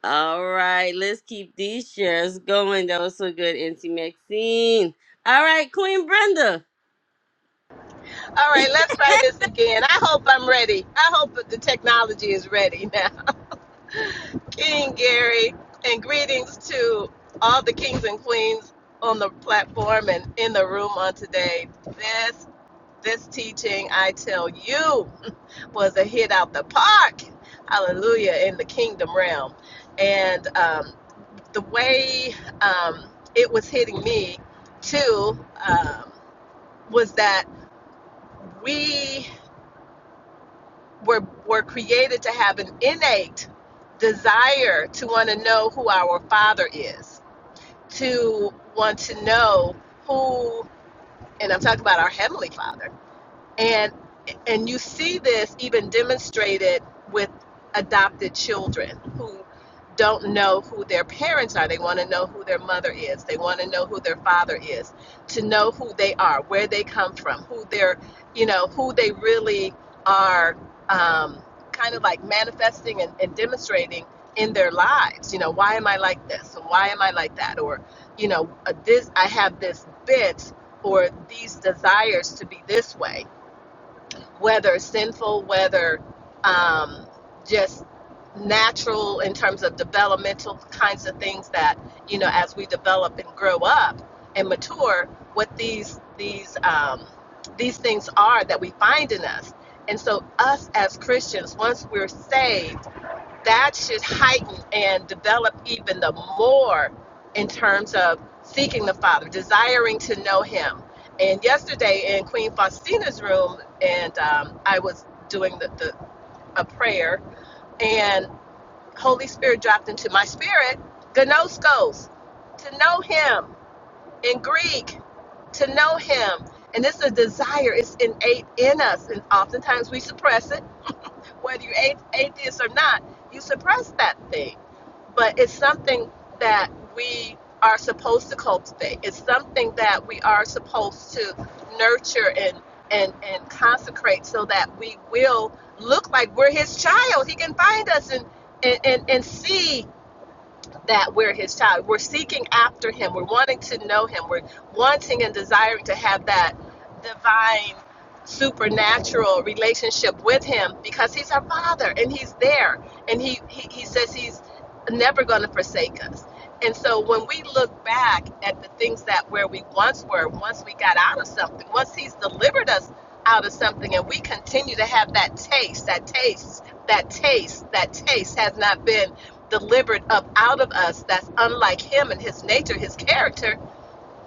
A: All right, let's keep these shares going. That was so good, Auntie Maxine. All right, Queen Brenda.
D: All right, let's try this again. I hope I'm ready. I hope that the technology is ready now. King Gary, and greetings to all the kings and queens on the platform and in the room on today. This This teaching, I tell you, was a hit out the park. Hallelujah, in the kingdom realm. And um, the way um, it was hitting me, too, um, was that we were, were created to have an innate desire to want to know who our Father is, to want to know who, and I'm talking about our Heavenly Father and and you see this even demonstrated with adopted children who don't know who their parents are they want to know who their mother is they want to know who their father is to know who they are where they come from who they're you know who they really are um, kind of like manifesting and, and demonstrating in their lives you know why am i like this and why am i like that or you know uh, this i have this bent or these desires to be this way whether sinful, whether um, just natural in terms of developmental kinds of things that you know as we develop and grow up and mature, what these these um, these things are that we find in us. And so, us as Christians, once we're saved that should heighten and develop even the more in terms of seeking the Father, desiring to know Him. And yesterday in Queen Faustina's room, and um, I was doing the, the a prayer, and Holy Spirit dropped into my spirit, gnoskos, to know Him in Greek, to know Him. And this is a desire, it's innate in us, and oftentimes we suppress it whether you're atheist or not, you suppress that thing. But it's something that we are supposed to cultivate. It's something that we are supposed to nurture and and and consecrate so that we will look like we're his child. He can find us and and, and, and see that we're his child. We're seeking after him. We're wanting to know him. We're wanting and desiring to have that divine, supernatural relationship with him because he's our father and he's there. And he, he, he says he's never going to forsake us. And so when we look back at the things that where we once were, once we got out of something, once he's delivered us out of something and we continue to have that taste, that taste, that taste, that taste has not been delivered up out of us that's unlike him and his nature, his character,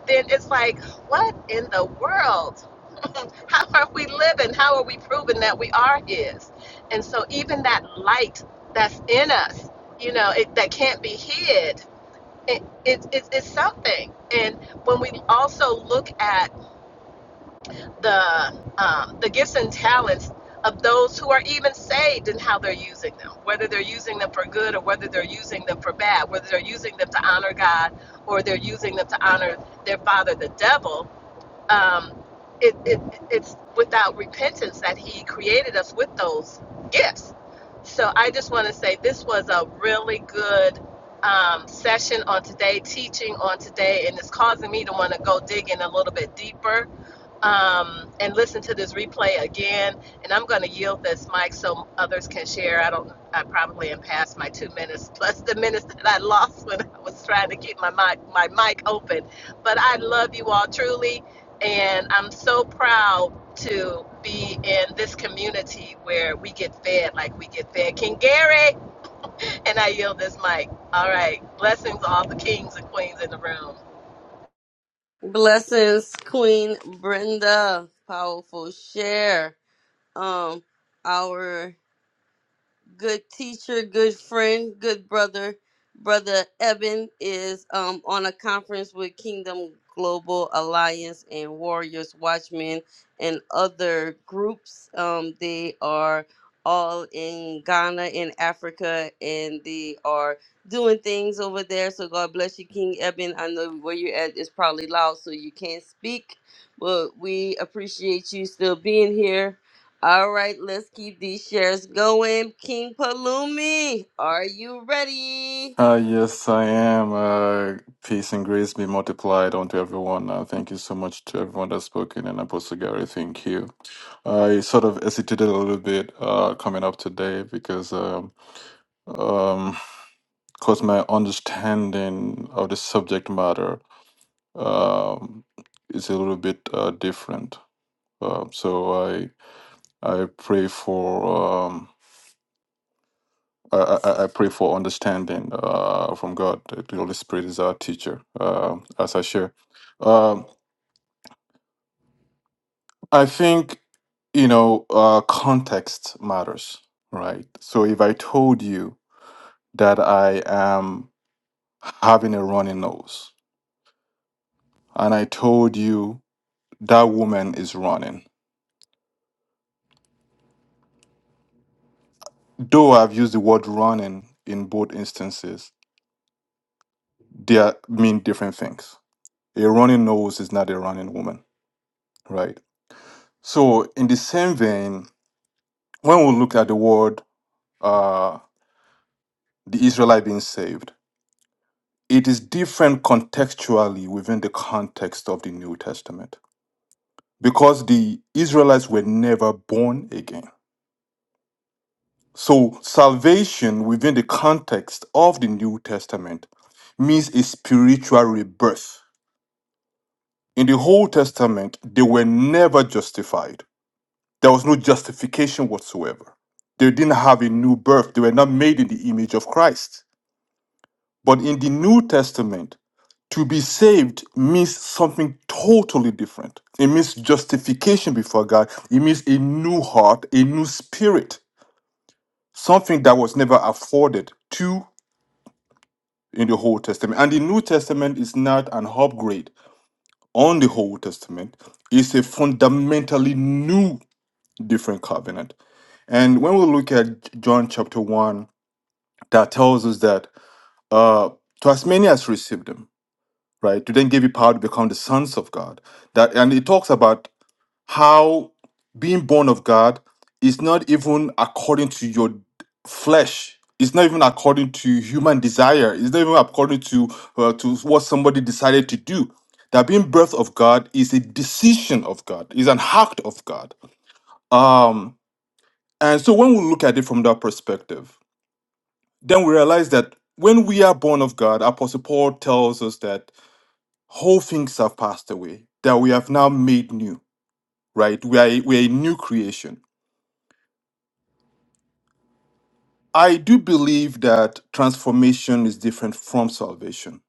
D: then it's like, what in the world? How are we living? How are we proving that we are his? And so even that light that's in us, you know, it, that can't be hid, it, it, it, it's something. And when we also look at the um, the gifts and talents of those who are even saved and how they're using them, whether they're using them for good or whether they're using them for bad, whether they're using them to honor God or they're using them to honor their father, the devil. Um, it, it, it's without repentance that he created us with those gifts. So I just want to say this was a really good um, session on today, teaching on today, and it's causing me to want to go digging a little bit deeper um, and listen to this replay again. And I'm going to yield this mic so others can share. I don't. I probably am past my two minutes plus the minutes that I lost when I was trying to keep my mic my mic open. But I love you all truly, and I'm so proud to be in this community where we get fed like we get fed. King Gary, and I yield this mic. All right, blessings to all the kings and queens in the room.
A: Blessings, Queen Brenda. Powerful share. Um, our good teacher, good friend, good brother. Brother Eben is um, on a conference with Kingdom Global Alliance and Warriors Watchmen and other groups. Um, they are all in Ghana in Africa and they are doing things over there. So God bless you, King Eben. I know where you're at is probably loud, so you can't speak, but we appreciate you still being here all right, let's keep these shares going. King Palumi, are you ready?
F: Uh, yes, I am. Uh, peace and grace be multiplied unto everyone. Uh, thank you so much to everyone that's spoken, and Apostle Gary, thank you. I sort of hesitated a little bit uh, coming up today because, um, um, cause my understanding of the subject matter um, is a little bit uh, different. Uh, so I I pray for. Um, I, I, I pray for understanding uh, from God. The Holy Spirit is our teacher, uh, as I share. Um, I think, you know, uh, context matters, right? So if I told you that I am having a runny nose and I told you that woman is running, though I've used the word running in both instances, they are- mean different things. A running nose is not a running woman, right? So, in the same vein, when we look at the word uh, the Israelite being saved, it is different contextually within the context of the New Testament because the Israelites were never born again. So, salvation within the context of the New Testament means a spiritual rebirth. In the Old Testament, they were never justified, there was no justification whatsoever. They didn't have a new birth, they were not made in the image of Christ. But in the New Testament, To be saved means something totally different. It means justification before God. It means a new heart, a new spirit, something that was never afforded to in the Old Testament. And the New Testament is not an upgrade on the Old Testament, it's a fundamentally new, different covenant. And when we look at John chapter 1, that tells us that uh, to as many as received them, right, to then give you power to become the sons of God that and it talks about how being born of God is not even according to your flesh. It's not even according to human desire. It's not even according to uh, to what somebody decided to do. That being birth of God is a decision of God. Is an act of God. Um, and so when we look at it from that perspective, then we realize that when we are born of God, Apostle Paul tells us that whole things have passed away. That we have now made new. Right? We are a- we are a new creation I do believe that transformation is different from salvation.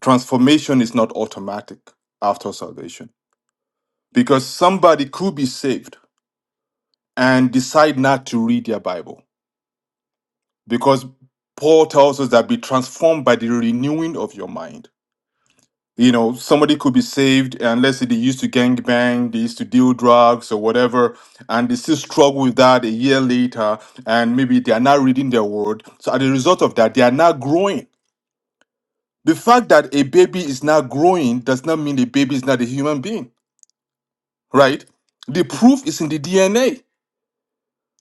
F: Transformation is not automatic after salvation because somebody could be saved and decide not to read their Bible because Paul tells us that be transformed by the renewing of your mind. You know, somebody could be saved and let's say they used to gang bang, they used to deal drugs or whatever, and they still struggle with that a year later, and maybe they are not reading their word. So as a result of that, they are not growing The fact that a baby is not growing does not mean the baby is not a human being, right? The proof is in the DNA,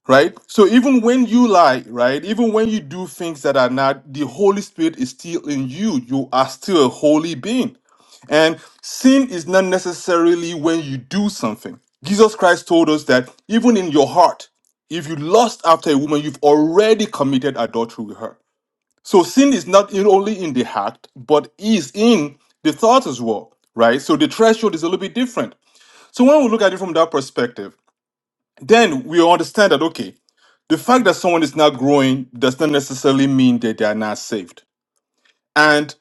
F: right? So even when you lie, right? Even when you do things that are not, the Holy Spirit is still in you. You are still a holy being. And sin is not necessarily when you do something. Jesus Christ told us that even in your heart, if you lust after a woman, you've already committed adultery with her. So sin is not in- only in the act, but is in the thought as well, right? So the threshold is a little bit different. So when we look at it from that perspective, then we understand that okay, the fact that someone is not growing does not necessarily mean that they are not saved. And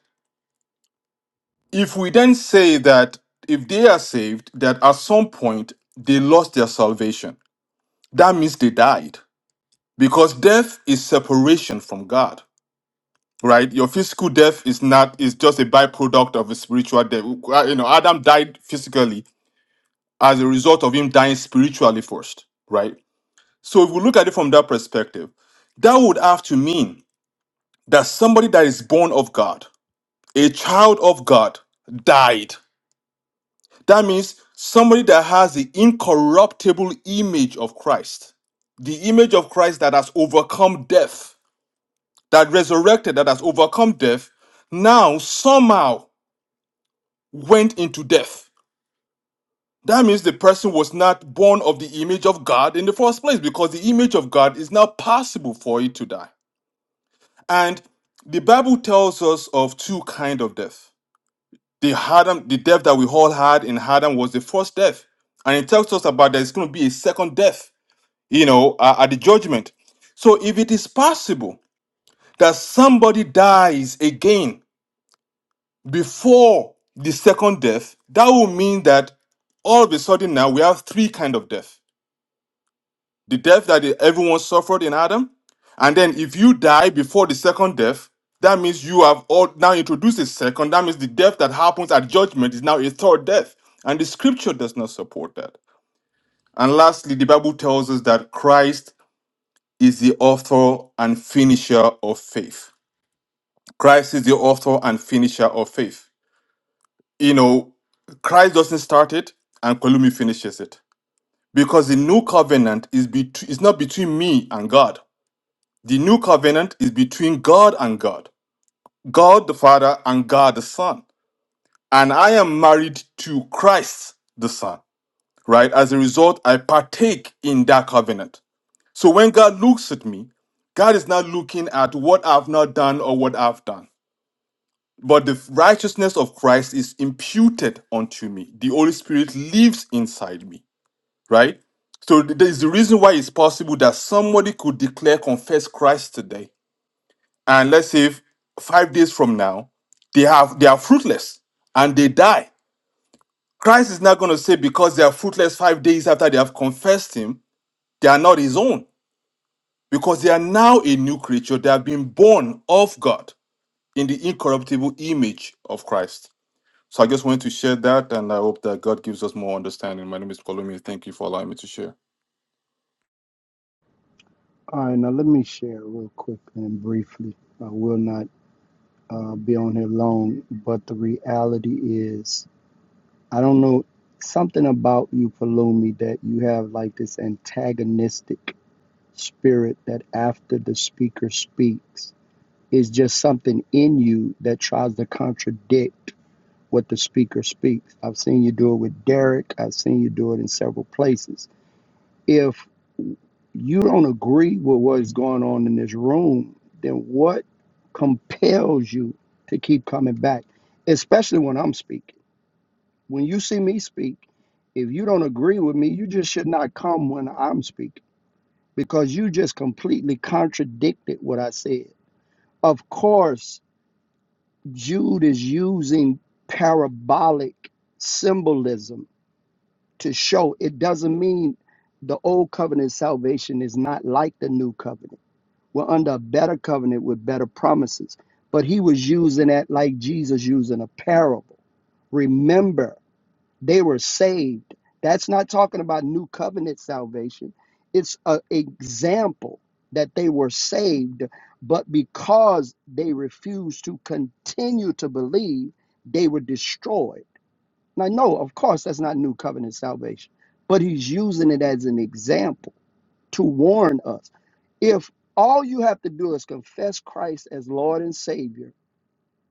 F: if we then say that if they are saved, that at some point they lost their salvation, that means they died because death is separation from God. right? Your physical death is not is just a byproduct of a spiritual death. Uh, You know, Adam died physically as a result of him dying spiritually first, right? So if we look at it from that perspective, that would have to mean that somebody that is born of God, a child of God, died. That means somebody that has the incorruptible image of Christ, the image of Christ that has overcome death, that resurrected, that has overcome death, now somehow went into death. That means the person was not born of the image of God in the first place because the image of God is not possible for it to die. And the Bible tells us of two kind of death. The Adam, the death that we all had in Adam was the first death. And it tells us about there's going to be a second death, you know, uh, at the judgment. So if it is possible that somebody dies again before the second death, that will mean that all of a sudden now we have three kind of death. The death that everyone suffered in Adam, and then if you die before the second death, that means you have all now introduced a second. That means the death that happens at judgment is now a third death, and the scripture does not support that. And lastly, the Bible tells us that Christ is the author and finisher of faith. Christ is the author and finisher of faith. you know, Christ doesn't start it and Kolumi finishes it. Because the new covenant is bet- is not between me and God. The new covenant is between God and God, God the Father and God the Son. And I am married to Christ the Son, right? As a result, I partake in that covenant. So when God looks at me, God is not looking at what I've not done or what I've done. But the righteousness of Christ is imputed unto me. The Holy Spirit lives inside me, right? So th- there is the reason why it's possible that somebody could declare confess Christ today, and let's say f- five days from now, they have they are fruitless and they die. Christ is not going to say because they are fruitless five days after they have confessed Him, they are not His own because they are now a new creature. They have been born of God in the incorruptible image of Christ. So I just wanted to share that, and I hope that God gives us more understanding. My name is Kolumi. Thank you for allowing me to share.
C: All right, now let me share real quick and briefly. I will not uh, be on here long, but the reality is, I don't know something about you, Palumi, that you have like this antagonistic spirit that after the speaker speaks, is just something in you that tries to contradict. what the speaker speaks. I've seen you do it with Derek. I've seen you do it in several places. If you don't agree with what is going on in this room, then what compels you to keep coming back, especially when I'm speaking? When you see me speak, if you don't agree with me, you just should not come when I'm speaking because you just completely contradicted what I said. Of course, Jude is using parabolic symbolism to show. It doesn't mean the old covenant salvation is not like the new covenant. We're under a better covenant with better promises. But he was using that like Jesus using a parable. Remember, they were saved. That's not talking about new covenant salvation. It's an example that they were saved, but because they refused to continue to believe, they were destroyed now, no, of course, that's not new covenant salvation, but he's using it as an example to warn us. If all you have to do is confess Christ as Lord and Savior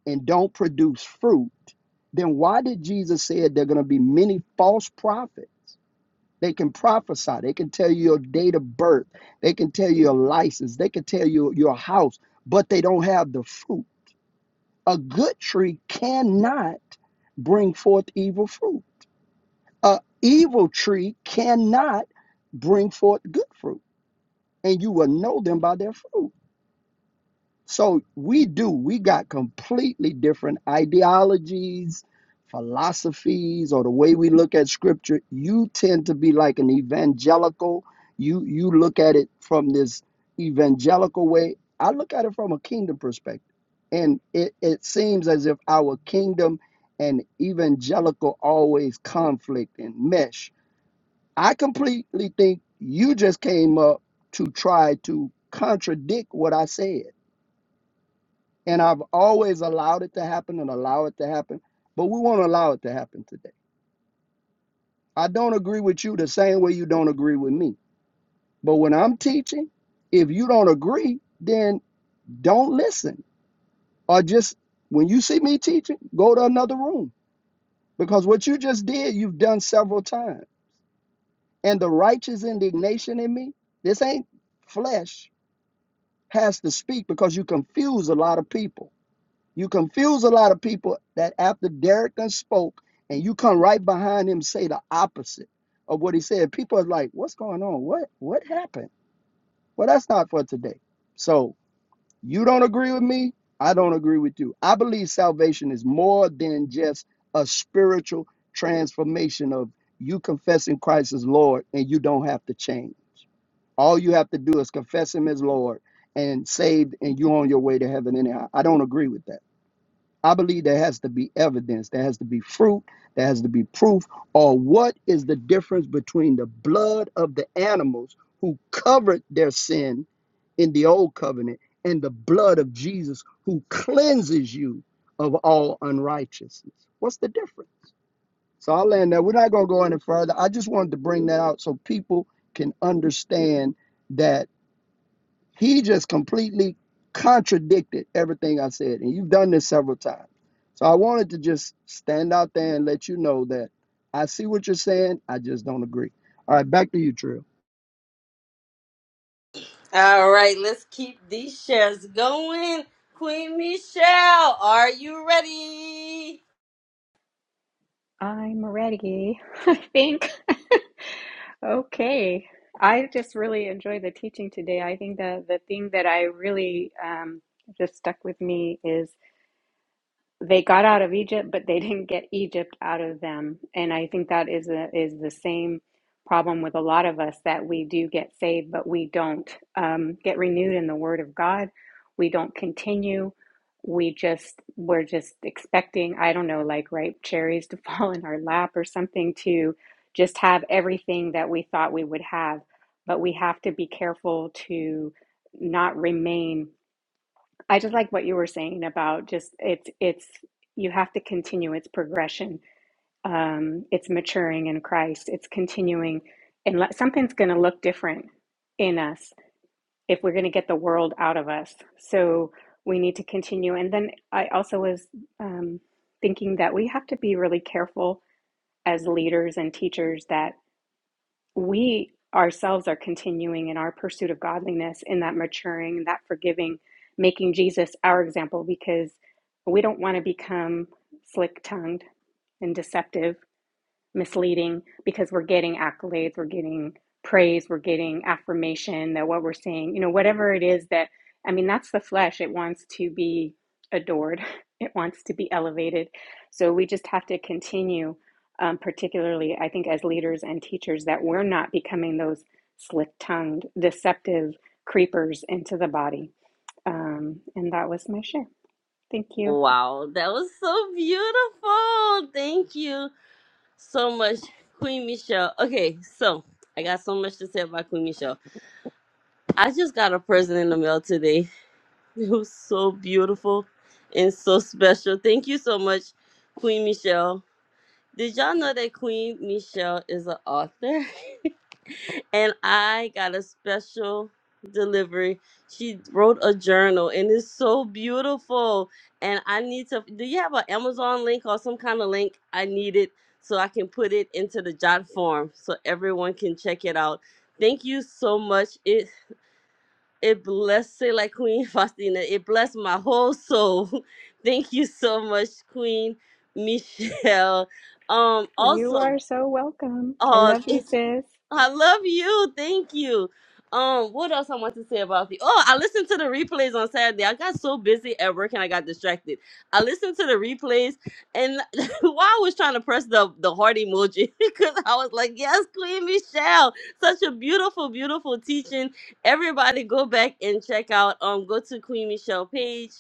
C: and don't produce fruit, then why did Jesus say there are going to be many false prophets? They can prophesy. They can tell you your date of birth. They can tell you your license. They can tell you your house, but they don't have the fruit. A good tree cannot bring forth evil fruit. A evil tree cannot bring forth good fruit, and you will know them by their fruit. So we do. We got completely different ideologies, philosophies, or the way we look at scripture. You tend to be like an evangelical. You you look at it from this evangelical way. I look at it from a kingdom perspective. And it, it seems as if our kingdom and evangelical always conflict and mesh I completely think you just came up to try to contradict what I said. And I've always allowed it to happen and allow it to happen, but we won't allow it to happen today. I don't agree with you the same way you don't agree with me. But when I'm teaching, if you don't agree, then don't listen. Or just when you see me teaching, go to another room. Because what you just did, you've done several times. And the righteous indignation in me, this ain't flesh, has to speak because you confuse a lot of people. You confuse a lot of people that after Derek done spoke and you come right behind him say the opposite of what he said. People are like, what's going on? What what happened? Well, that's not for today. So you don't agree with me. I don't agree with you. I believe salvation is more than just a spiritual transformation of you confessing Christ as Lord and you don't have to change. All you have to do is confess him as Lord and saved, and you're on your way to heaven anyhow. I don't agree with that. I believe there has to be evidence, there has to be fruit, there has to be proof. Or what is the difference between the blood of the animals who covered their sin in the old covenant and the blood of Jesus who cleanses you of all unrighteousness? What's the difference? So I'll land there. We're not going to go any further. I just wanted to bring that out so people can understand that he just completely contradicted everything I said. And you've done this several times. So I wanted to just stand out there and let you know that I see what you're saying. I just don't agree. All right, back to you, Trill.
A: All right, let's keep these shares going. Queen Michelle, are you ready?
G: I'm ready, I think. Okay. I just really enjoyed the teaching today. I think that the thing that I really um, just stuck with me is they got out of Egypt, but they didn't get Egypt out of them. And I think that is the, is the same problem with a lot of us that we do get saved, but we don't um, get renewed in the Word of God. We don't continue. We just we're just expecting I don't know like ripe cherries to fall in our lap or something to just have everything that we thought we would have. But we have to be careful to not remain I just like what you were saying about just it's it's you have to continue its progression. Um, it's maturing in Christ. It's continuing, and let, something's going to look different in us if we're going to get the world out of us. So we need to continue. And then I also was um, thinking that we have to be really careful as leaders and teachers that we ourselves are continuing in our pursuit of godliness, in that maturing, in that forgiving, making Jesus our example because we don't want to become slick tongued and deceptive misleading because we're getting accolades, we're getting praise, we're getting affirmation that what we're saying, you know, whatever it is that, I mean, that's the flesh. It wants to be adored, it wants to be elevated. So we just have to continue, um, particularly, I think, as leaders and teachers, that we're not becoming those slick tongued, deceptive creepers into the body. Um, and that was my share. Thank you.
A: Wow, that was so beautiful. Thank you so much, Queen Michelle. Okay, so I got so much to say about Queen Michelle. I just got a present in the mail today. It was so beautiful and so special. Thank you so much, Queen Michelle. Did y'all know that Queen Michelle is an author? and I got a special delivery. She wrote a journal and it's so beautiful. And I need to do you have an Amazon link or some kind of link? I need it so I can put it into the jot form so everyone can check it out. Thank you so much. It it blessed say like Queen Faustina. It blessed my whole soul. Thank you so much, Queen Michelle. Um
G: You
A: also
G: are so welcome. I
A: Oh,
G: love you, sis.
A: I love you. Thank you. Um, what else I want to say about the? Oh, I listened to the replays on Saturday. I got so busy at work and I got distracted. I listened to the replays, and while I was trying to press the the heart emoji, because I was like, "Yes, Queen Michelle, such a beautiful, beautiful teaching." Everybody, go back and check out. Um, go to Queen Michelle page,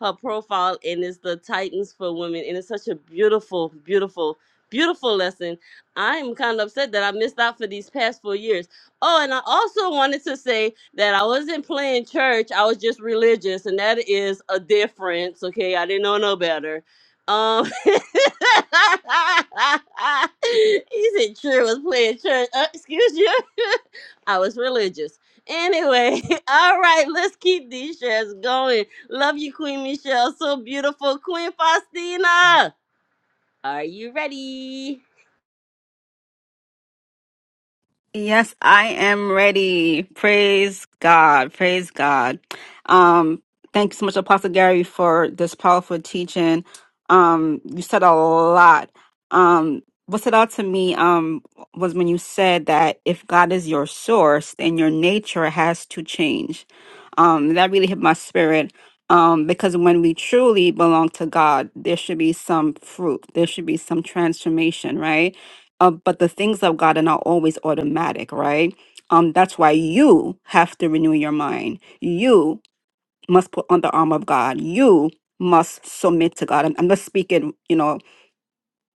A: her profile, and it's the Titans for Women, and it's such a beautiful, beautiful, beautiful lesson I'm kind of upset that I missed out for these past four years. Oh, and I also wanted to say that I wasn't playing church, I was just religious, and that is a difference, okay? I didn't know no better. Um, he said, sure was playing church. Uh, excuse you. I was religious. Anyway, all right, let's keep these shares going. Love you, Queen Michelle. So beautiful. Queen Faustina, are you ready?
B: Yes, I am ready. Praise God. Praise God. Um, thank you so much, Apostle Gary, for this powerful teaching. Um, you said a lot. Um, what stood out to me um, was when you said that if God is your source, then your nature has to change. Um, that really hit my spirit. Um, because when we truly belong to God, there should be some fruit, there should be some transformation, right? um, but the things of God are not always automatic, right? Um, that's why you have to renew your mind. You must put on the armor of God. You must submit to God. I'm, I'm just speaking, you know,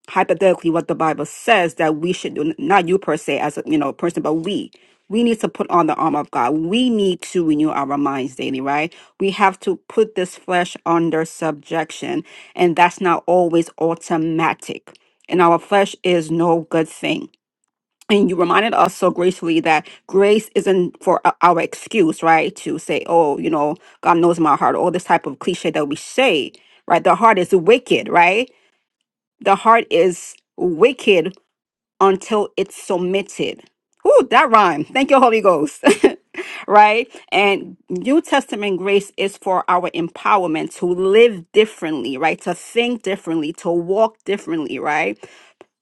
B: hypothetically what the Bible says that we should do, not you per se as a you know person, but we. We need to put on the armor of God. We need to renew our minds daily, right? We have to put this flesh under subjection, and that's not always automatic. And our flesh is no good thing and you reminded us so gracefully that grace isn't for o- our excuse, right? To say, oh, you know, God knows my heart, all this type of cliche that we say, right? The heart is wicked, right? The heart is wicked until it's submitted. Ooh, that rhyme. Thank you, Holy Ghost. right? And New Testament grace is for our empowerment to live differently, right? To think differently, to walk differently, right?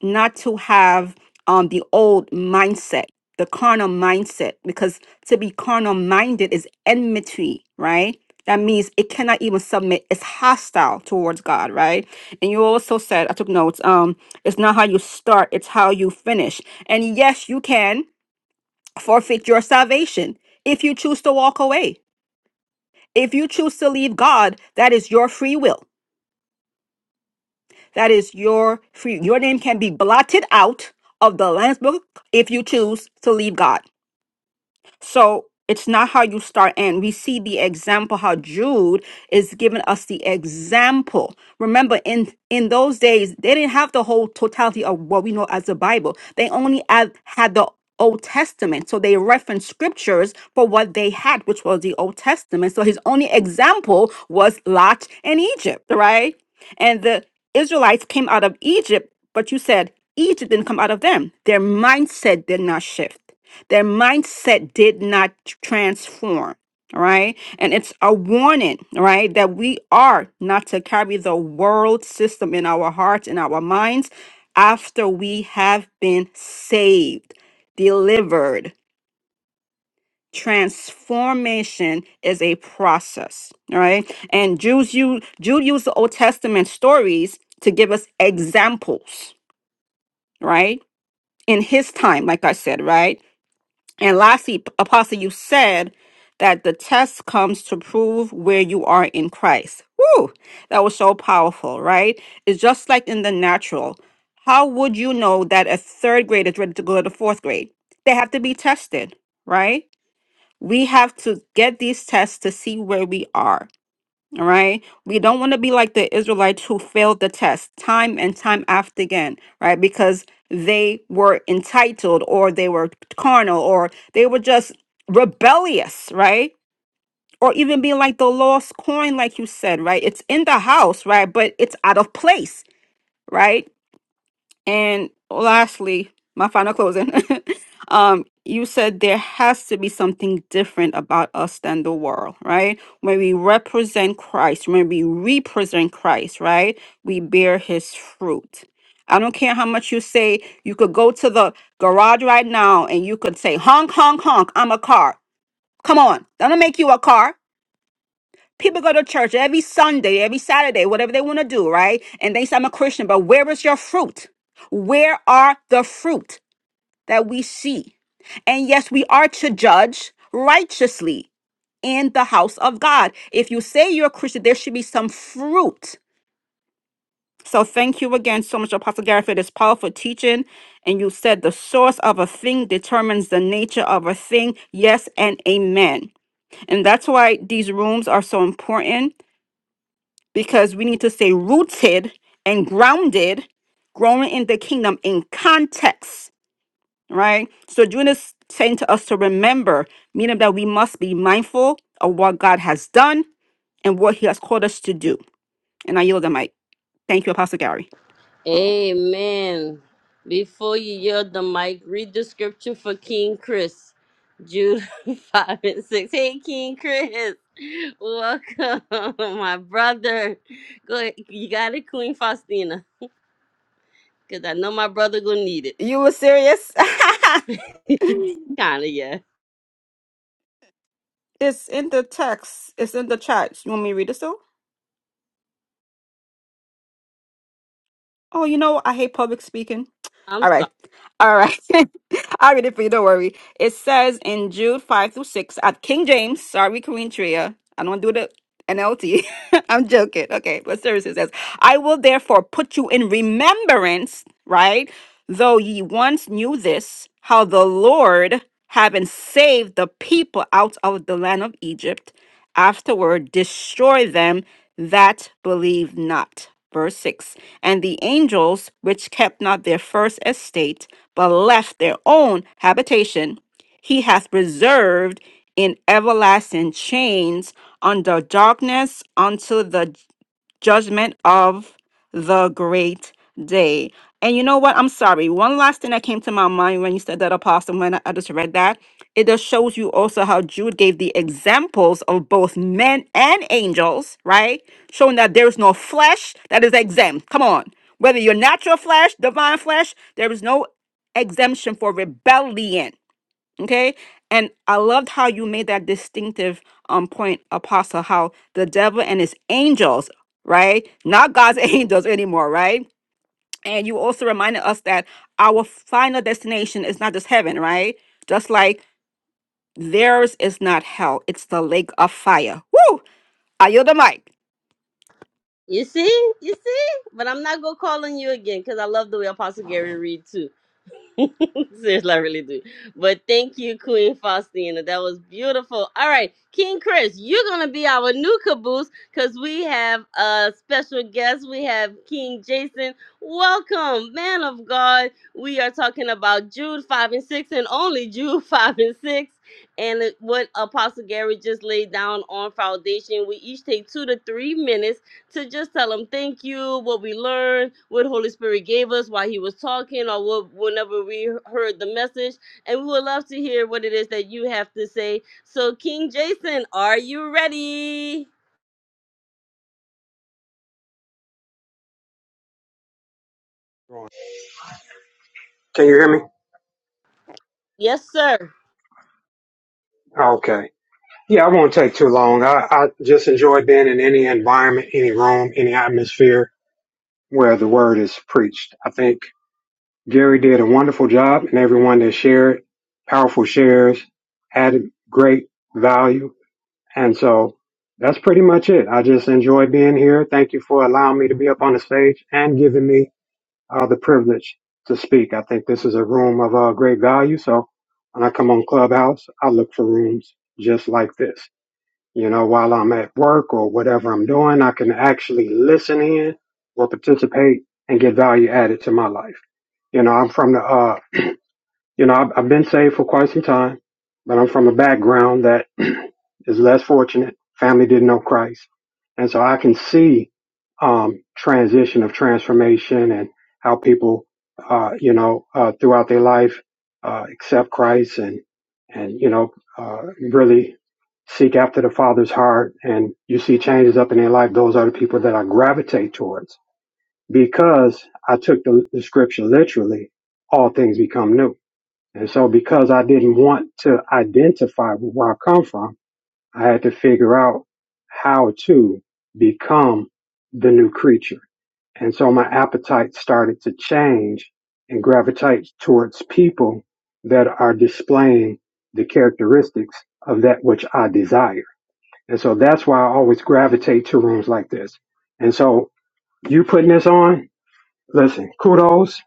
B: not to have um the old mindset the carnal mindset because to be carnal minded is enmity right that means it cannot even submit it's hostile towards god right and you also said i took notes um it's not how you start it's how you finish and yes you can forfeit your salvation if you choose to walk away if you choose to leave god that is your free will That is your free. Your name can be blotted out of the Lamb's book if you choose to leave God. So it's not how you start and we see the example how Jude is giving us the example. Remember in in those days they didn't have the whole totality of what we know as the Bible. They only had, had the Old Testament. So they referenced scriptures for what they had, which was the Old Testament. So his only example was Lot and Egypt, right? And the Israelites came out of Egypt, but you said Egypt didn't come out of them. Their mindset did not shift. Their mindset did not transform. All right. And it's a warning, all right, that we are not to carry the world system in our hearts and our minds after we have been saved, delivered. Transformation is a process. All right. And Jews use Jude used the Old Testament stories to give us examples, right? In his time, like I said, right? And lastly, Apostle, you said that the test comes to prove where you are in Christ. Woo! That was so powerful, right? It's just like in the natural. How would you know that a third grade is ready to go to the fourth grade? They have to be tested, right? We have to get these tests to see where we are. All right. We don't want to be like the Israelites who failed the test time and time after again, right? Because they were entitled or they were carnal or they were just rebellious, right? Or even being like the lost coin, like you said, right? It's in the house, right? But it's out of place, right? And lastly, my final closing. um, you said there has to be something different about us than the world, right? When we represent Christ, when we represent Christ, right? We bear his fruit. I don't care how much you say, you could go to the garage right now and you could say, honk, honk, honk, I'm a car. Come on, that'll make you a car. People go to church every Sunday, every Saturday, whatever they want to do, right? And they say, I'm a Christian, but where is your fruit? Where are the fruit that we see? And yes, we are to judge righteously in the house of God. If you say you're a Christian, there should be some fruit. So thank you again so much, Apostle Gary, for this powerful teaching. And you said the source of a thing determines the nature of a thing. Yes and amen. And that's why these rooms are so important because we need to stay rooted and grounded, growing in the kingdom in context, right? So June is saying to us to remember, meaning that we must be mindful of what God has done and what He has called us to do. And I yield the mic. Thank you, Apostle Gary.
A: Amen. Before you yield the mic, read the scripture for King Chris. Jude 5 and 6. Hey, King Chris. Welcome, my brother. Go ahead. You got it, Queen Faustina. Because I know my brother gonna need
B: You were serious?
A: it. Kinda, yeah.
B: it's in the text. It's in the chat. You want me to read it still? Oh, you know, I hate public speaking.
A: I'm
B: All
A: sorry.
B: right. All right. I'll read it for you. Don't worry. It says in Jude 5 through 6 at King James. Sorry, Korean Tria. I don't want to do the NLT. I'm joking. Okay. But seriously, it says, I will therefore put you in remembrance right? Though ye once knew this, how the Lord, having saved the people out of the land of Egypt, afterward destroyed them that believe not. Verse 6 And the angels which kept not their first estate, but left their own habitation, he hath reserved in everlasting chains under darkness unto the judgment of the great day. And you know what? I'm sorry. One last thing that came to my mind when you said that, Apostle, when I I just read that, it just shows you also how Jude gave the examples of both men and angels, right? Showing that there is no flesh that is exempt. Come on. Whether you're natural flesh, divine flesh, there is no exemption for rebellion. Okay. And I loved how you made that distinctive um point, Apostle, how the devil and his angels, right? Not God's angels anymore, right? And you also reminded us that our final destination is not just heaven, right? Just like theirs is not hell, it's the lake of fire. Woo! Are you the mic?
A: You see? You see? But I'm not gonna call on you again because I love the way Apostle Gary read Seriously, I really do. But thank you, Queen Faustina. That was beautiful. All right, King Chris, you're gonna be our new caboose because we have a special guest. We have King Jason. Welcome, man of God. We are talking about Jude five and six, and only Jude five and six, and it- what Apostle Gary just laid down on foundation. We each take two to three minutes to just tell him thank you, what we learned, what Holy Spirit gave us while he was talking, or what, whenever we heard the message. And we would love to hear what it is that you have to say. So, King Jason, are you ready?
H: Can you hear me?
A: Yes, sir.
H: Okay. Yeah, I won't take too long. I, I just enjoy being in any environment, any room, any atmosphere where the word is preached. I think Gary did a wonderful job and everyone that shared powerful shares added great value. And so that's pretty much it. I just enjoy being here. Thank you for allowing me to be up on the stage and giving me uh, the privilege to speak. I think this is a room of uh, great value. So when I come on Clubhouse, I look for rooms just like this. You know, while I'm at work or whatever I'm doing, I can actually listen in or participate and get value added to my life. You know, I'm from the uh, you know, I've, I've been saved for quite some time, but I'm from a background that is less fortunate. Family didn't know Christ. And so I can see um, transition of transformation and how people, uh, you know, uh, throughout their life uh, accept Christ and, and, you know, uh, really seek after the Father's heart. And you see changes up in their life. Those are the people that I gravitate towards because I took the, the scripture literally all things become new and so because I didn't want to identify with where I come from, I had to figure out how to become the new creature. And so my appetite started to change and gravitate towards people that are displaying the characteristics of that which I desire. And so that's why I always gravitate to rooms like this. And so you putting this on, listen, kudos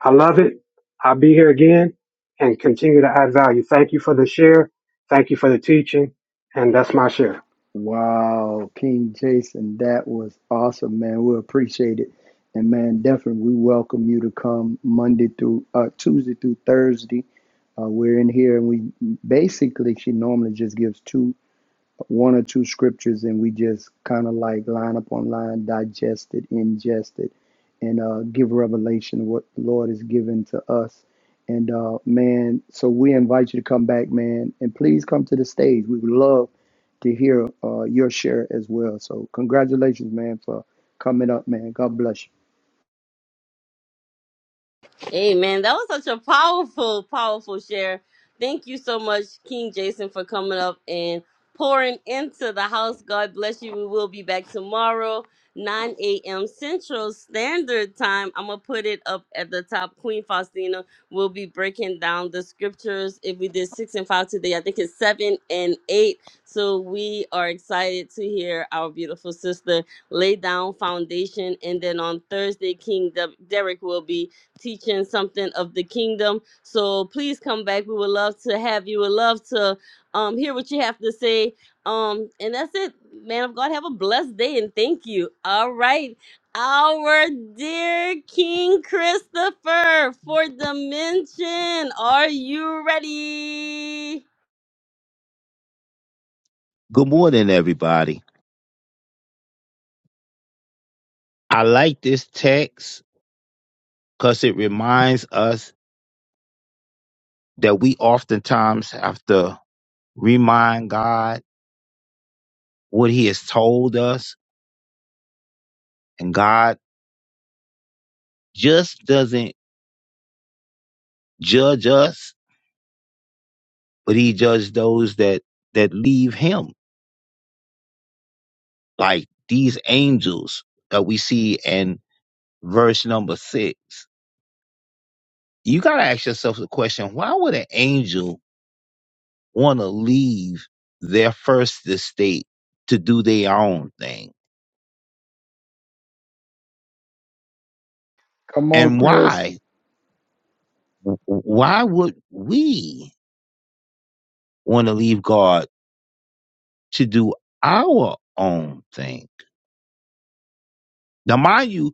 H: I love it. I'll be here again and continue to add value. Thank you for the share. Thank you for the teaching. And that's my share.
C: Wow, King Jason, that was awesome, man. We appreciate it. And man, definitely we welcome you to come Monday through uh, Tuesday through Thursday. Uh, we're in here and we basically she normally just gives two one or two scriptures and we just kind of like line up on line, digest it, ingest it, and uh, give revelation of what the Lord has given to us. And uh, man, so we invite you to come back, man, and please come to the stage. We would love to hear uh, your share as well. So congratulations, man, for coming up, man. God bless you.
A: Amen. That was such a powerful, powerful share. Thank you so much, King Jason, for coming up and pouring into the house. God bless you. We will be back tomorrow, 9 a.m. Central Standard Time. I'm going to put it up at the top. Queen Faustina will be breaking down the scriptures. If we did six and five today, I think it's seven and eight. So we are excited to hear our beautiful sister lay down foundation. And then on Thursday, King De- Derek will be teaching something of the kingdom. So please come back. We would love to have you. Would love to um, hear what you have to say. Um, and that's it, man of God. Have a blessed day and thank you. All right. Our dear King Christopher for Dimension. Are you ready?
I: Good morning, everybody. I like this text because it reminds us that we oftentimes have to remind God what He has told us, and God just doesn't judge us, but He judges those that that leave Him, like these angels that we see in verse number six. You gotta ask yourself the question: Why would an angel want to leave their first estate to do their own thing?
C: Come on,
I: And
C: Chris.
I: why? Why would we want to leave God to do our own thing? Now, mind you,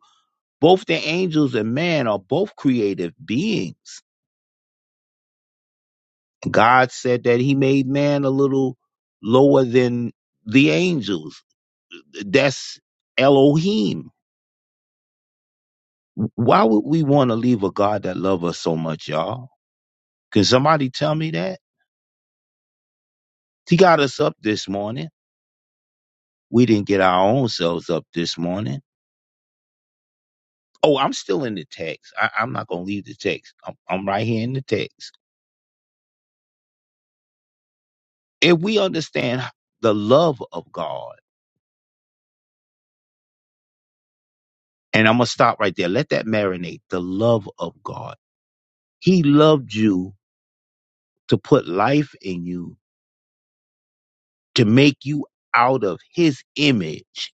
I: both the angels and man are both creative beings. God said that he made man a little lower than the angels. That's Elohim. Why would we want to leave a God that loves us so much, y'all? Can somebody tell me that? He got us up this morning. We didn't get our own selves up this morning. Oh, I'm still in the text. I, I'm not going to leave the text. I'm, I'm right here in the text. If we understand the love of God, and I'm going to stop right there. Let that marinate. The love of God. He loved you to put life in you, to make you out of his image.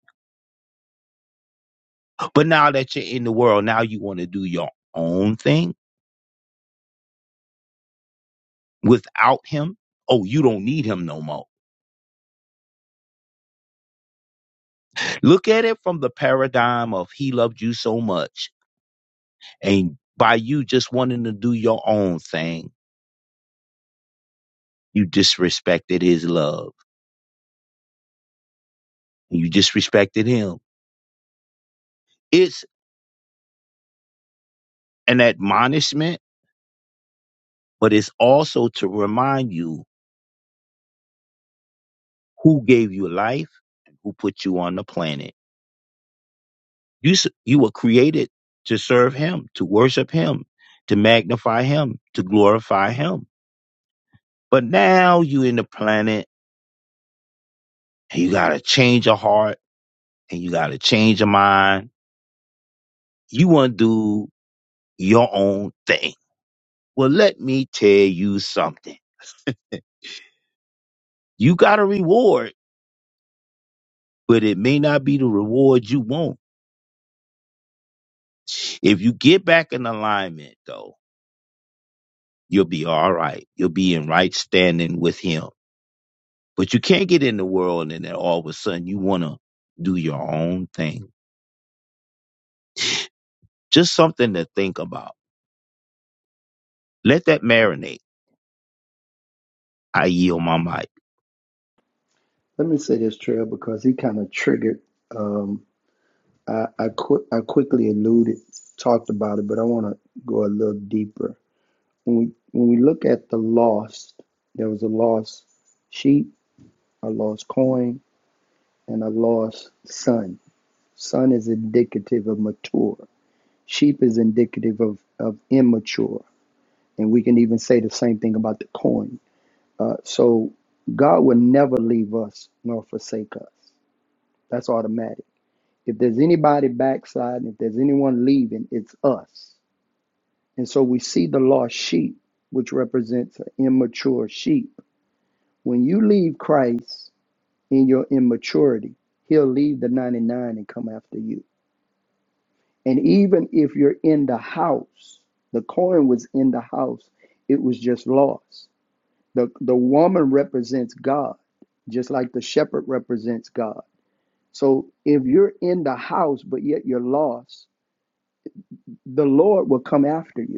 I: But now that you're in the world, now you want to do your own thing without him. Oh, you don't need him no more. Look at it from the paradigm of he loved you so much And by you just wanting to do your own thing, you disrespected his love. You disrespected him. It's an admonishment, but it's also to remind you who gave you life, who put you on the planet. You, s- you were created to serve him, to worship him, to magnify him, to glorify him. But now you in the planet and you got to change your heart and you got to change your mind. You want to do your own thing Well, let me tell you something. You got a reward, but it may not be the reward you want. If you get back in alignment, though, you'll be all right. You'll be in right standing with Him. But you can't get in the world and then all of a sudden you want to do your own thing. Just something to think about. Let that marinate. I yield my mic.
C: Let me say this, Trail, because he kind of triggered. um, I I, qui- I quickly alluded, talked about it, but I want to go a little deeper. When we when we look at the lost, there was a lost sheep, a lost coin, and a lost son. Son is indicative of mature. Sheep is indicative of of immature, and we can even say the same thing about the coin. Uh, so God will never leave us nor forsake us. That's automatic. If there's anybody backsliding, if there's anyone leaving, it's us And so we see the lost sheep, which represents an immature sheep. When you leave Christ in your immaturity, he'll leave the 99 and come after you. And even if you're in the house, the coin was in the house, it was just lost. The, the woman represents God, just like the shepherd represents God. So if you're in the house, but yet you're lost, the Lord will come after you.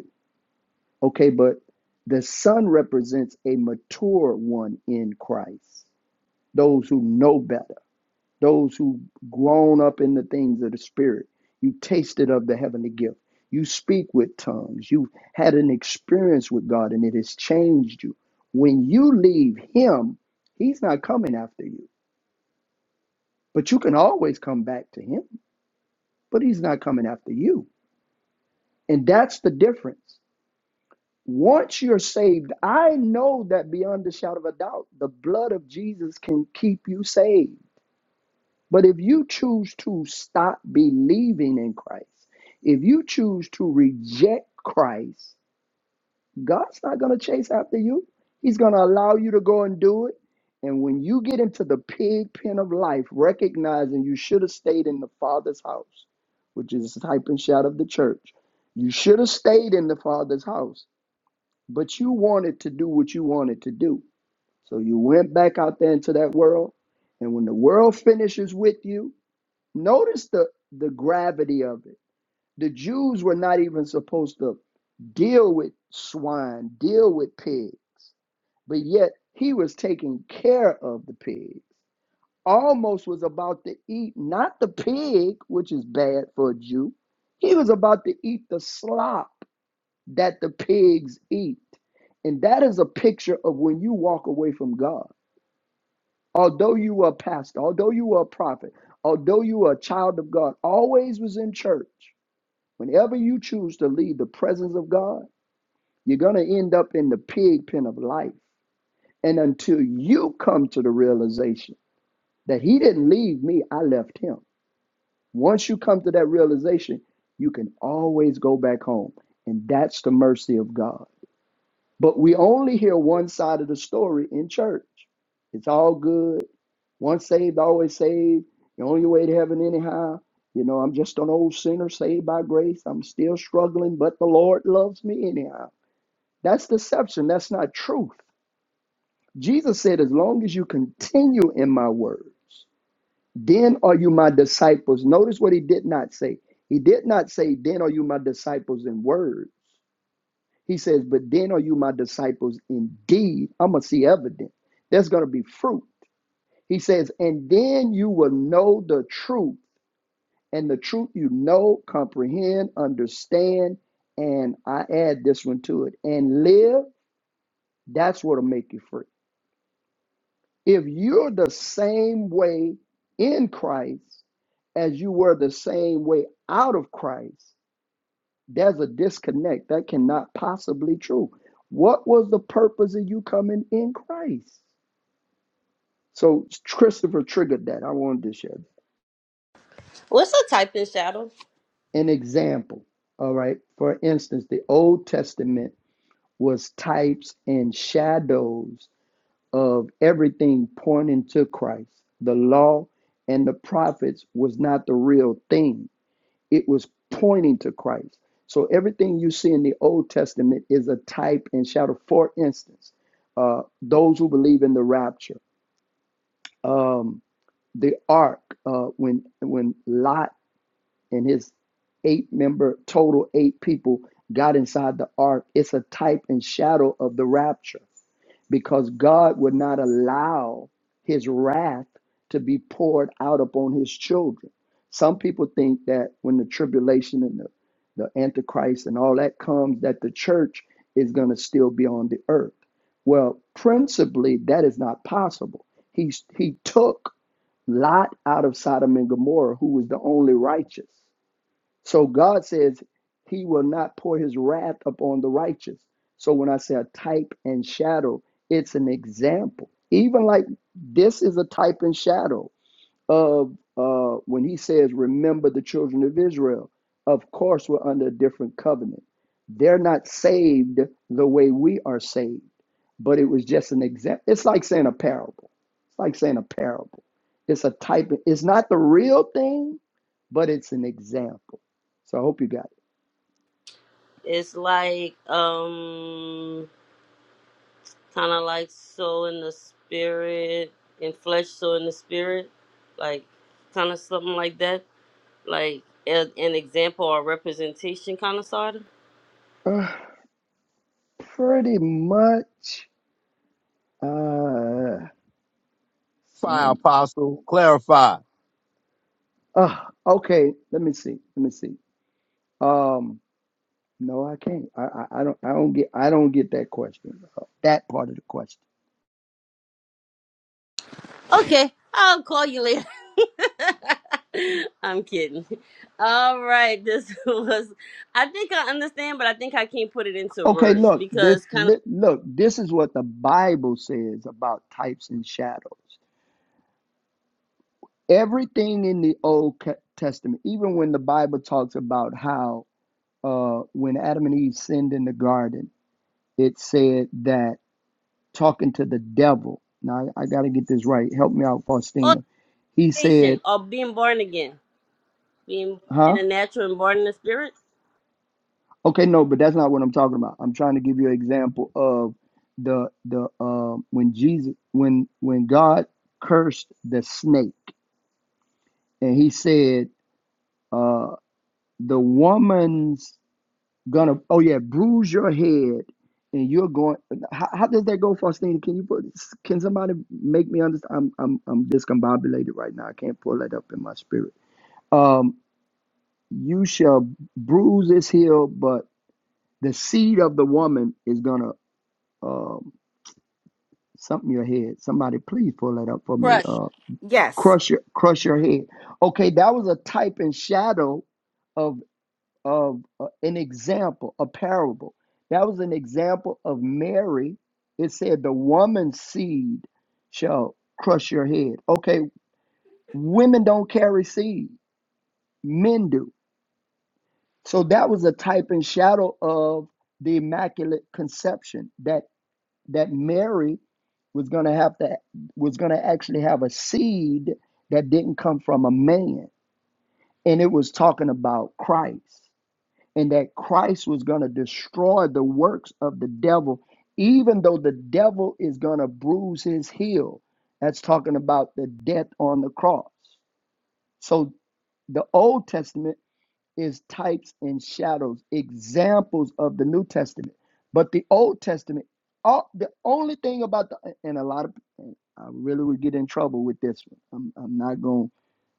C: Okay, but the son represents a mature one in Christ, those who know better, those who grown up in the things of the Spirit. You tasted of the heavenly gift. You speak with tongues. You have had an experience with God and it has changed you. When you leave Him, He's not coming after you, but you can always come back to Him, but He's not coming after you. And that's the difference. Once you're saved, I know that beyond a shadow of a doubt, the blood of Jesus can keep you saved. But if you choose to stop believing in Christ, if you choose to reject Christ, God's not going to chase after you. He's going to allow you to go and do it. And when you get into the pig pen of life, recognizing you should have stayed in the Father's house, which is the type and shadow of the church, you should have stayed in the Father's house but you wanted to do what you wanted to do. So you went back out there into that world. And when the world finishes with you, notice the, the gravity of it. The Jews were not even supposed to deal with swine, deal with pigs, but yet he was taking care of the pigs. Almost was about to eat not the pig, which is bad for a Jew, he was about to eat the slop that the pigs eat. And that is a picture of when you walk away from God. Although you were a pastor, although you were a prophet, although you were a child of God, always was in church. Whenever you choose to leave the presence of God, you're going to end up in the pig pen of life. And until you come to the realization that He didn't leave me, I left Him. Once you come to that realization, you can always go back home. And that's the mercy of God. But we only hear one side of the story in church. It's all good. Once saved, always saved. The only way to heaven, anyhow. You know, I'm just an old sinner saved by grace. I'm still struggling, but the Lord loves me anyhow. That's deception. That's not truth. Jesus said, as long as you continue in my words, then are you my disciples. Notice what he did not say. He did not say, then are you my disciples in word. He says, But then are you my disciples indeed? I'm going to see evidence. There's going to be fruit. He says, And then you will know the truth, and the truth you know, comprehend, understand, and I add this one to it, and live. That's what'll make you free. If you're the same way in Christ as you were the same way out of Christ, There's a disconnect. That cannot possibly be true. What was the purpose of you coming in Christ? So Christopher triggered that. I wanted to share
A: What's a typing shadow?
C: an example. All right. For instance, the Old Testament was types and shadows of everything pointing to Christ. The law and the prophets was not the real thing it was pointing to Christ. So everything you see in the Old Testament is a type and shadow. For instance, uh, those who believe in the rapture, um, the ark, uh, when when Lot and his eight member total eight people got inside the ark, it's a type and shadow of the rapture because God would not allow his wrath to be poured out upon his children. Some people think that when the tribulation and the, the antichrist and all that comes, that the church is going to still be on the earth. Well, principally, that is not possible. He, he took Lot out of Sodom and Gomorrah, who was the only righteous. So God says he will not pour his wrath upon the righteous. So when I say a type and shadow, it's an example. Even like this is a type and shadow of uh, when he says, Remember the children of Israel. Of course, we're under a different covenant. They're not saved the way we are saved, but it was just an example. It's like saying a parable. It's like saying a parable. It's a type, of- it's not the real thing, but it's an example. So I hope you got
A: It's like um kind of like soul in the spirit and flesh soul in the spirit like kind of something like that like a, an example or representation kind of sort of
C: it. Uh, pretty much. Uh, so,
I: Fire apostle, clarify.
C: uh, okay, let me see. Let me see. Um, No, I can't. I, I, I don't I don't get I don't get that question. uh, That part of the question.
A: okay i'll call you later i'm kidding all right this was i think i understand but i think i can't put it into
C: Okay,
A: words
C: look, this
A: because kind of
C: li- look, this is what the Bible says about types and shadows. Everything in the Old Ca- Testament, even when the Bible talks about how uh when Adam and Eve sinned in the garden, it said that talking to the devil. Now I, I got to get this right. Help me out,
A: oh
C: Faustina. He said,
A: nation or being born again being born in
C: "Huh?
A: the natural and born in the spirit
C: Okay, no, but that's not what I'm talking about. I'm trying to give you an example of the the um when Jesus when when God cursed the snake and he said uh the woman's gonna oh yeah bruise your head and you're going how, how does that go Faustina can you put can somebody make me understand I'm I'm I'm discombobulated right now I can't pull that up in my spirit um you shall bruise his heel but the seed of the woman is gonna um Something your head. Somebody please pull that up for me. Uh,
B: Yes.
C: crush your crush your head. Okay, that was a type and shadow of of uh, an example, a parable. That was an example of Mary. It said the woman's seed shall crush your head. Okay, women don't carry seed, men do. So that was a type and shadow of the immaculate conception that that Mary was going to have to was going to actually have a seed that didn't come from a man and it was talking about Christ and that Christ was going to destroy the works of the devil even though the devil is going to bruise his heel that's talking about the death on the cross so the old testament is types and shadows, examples of the New Testament. But the Old Testament, all, the only thing about the and a lot of and I really would get in trouble with this one. I'm, I'm not going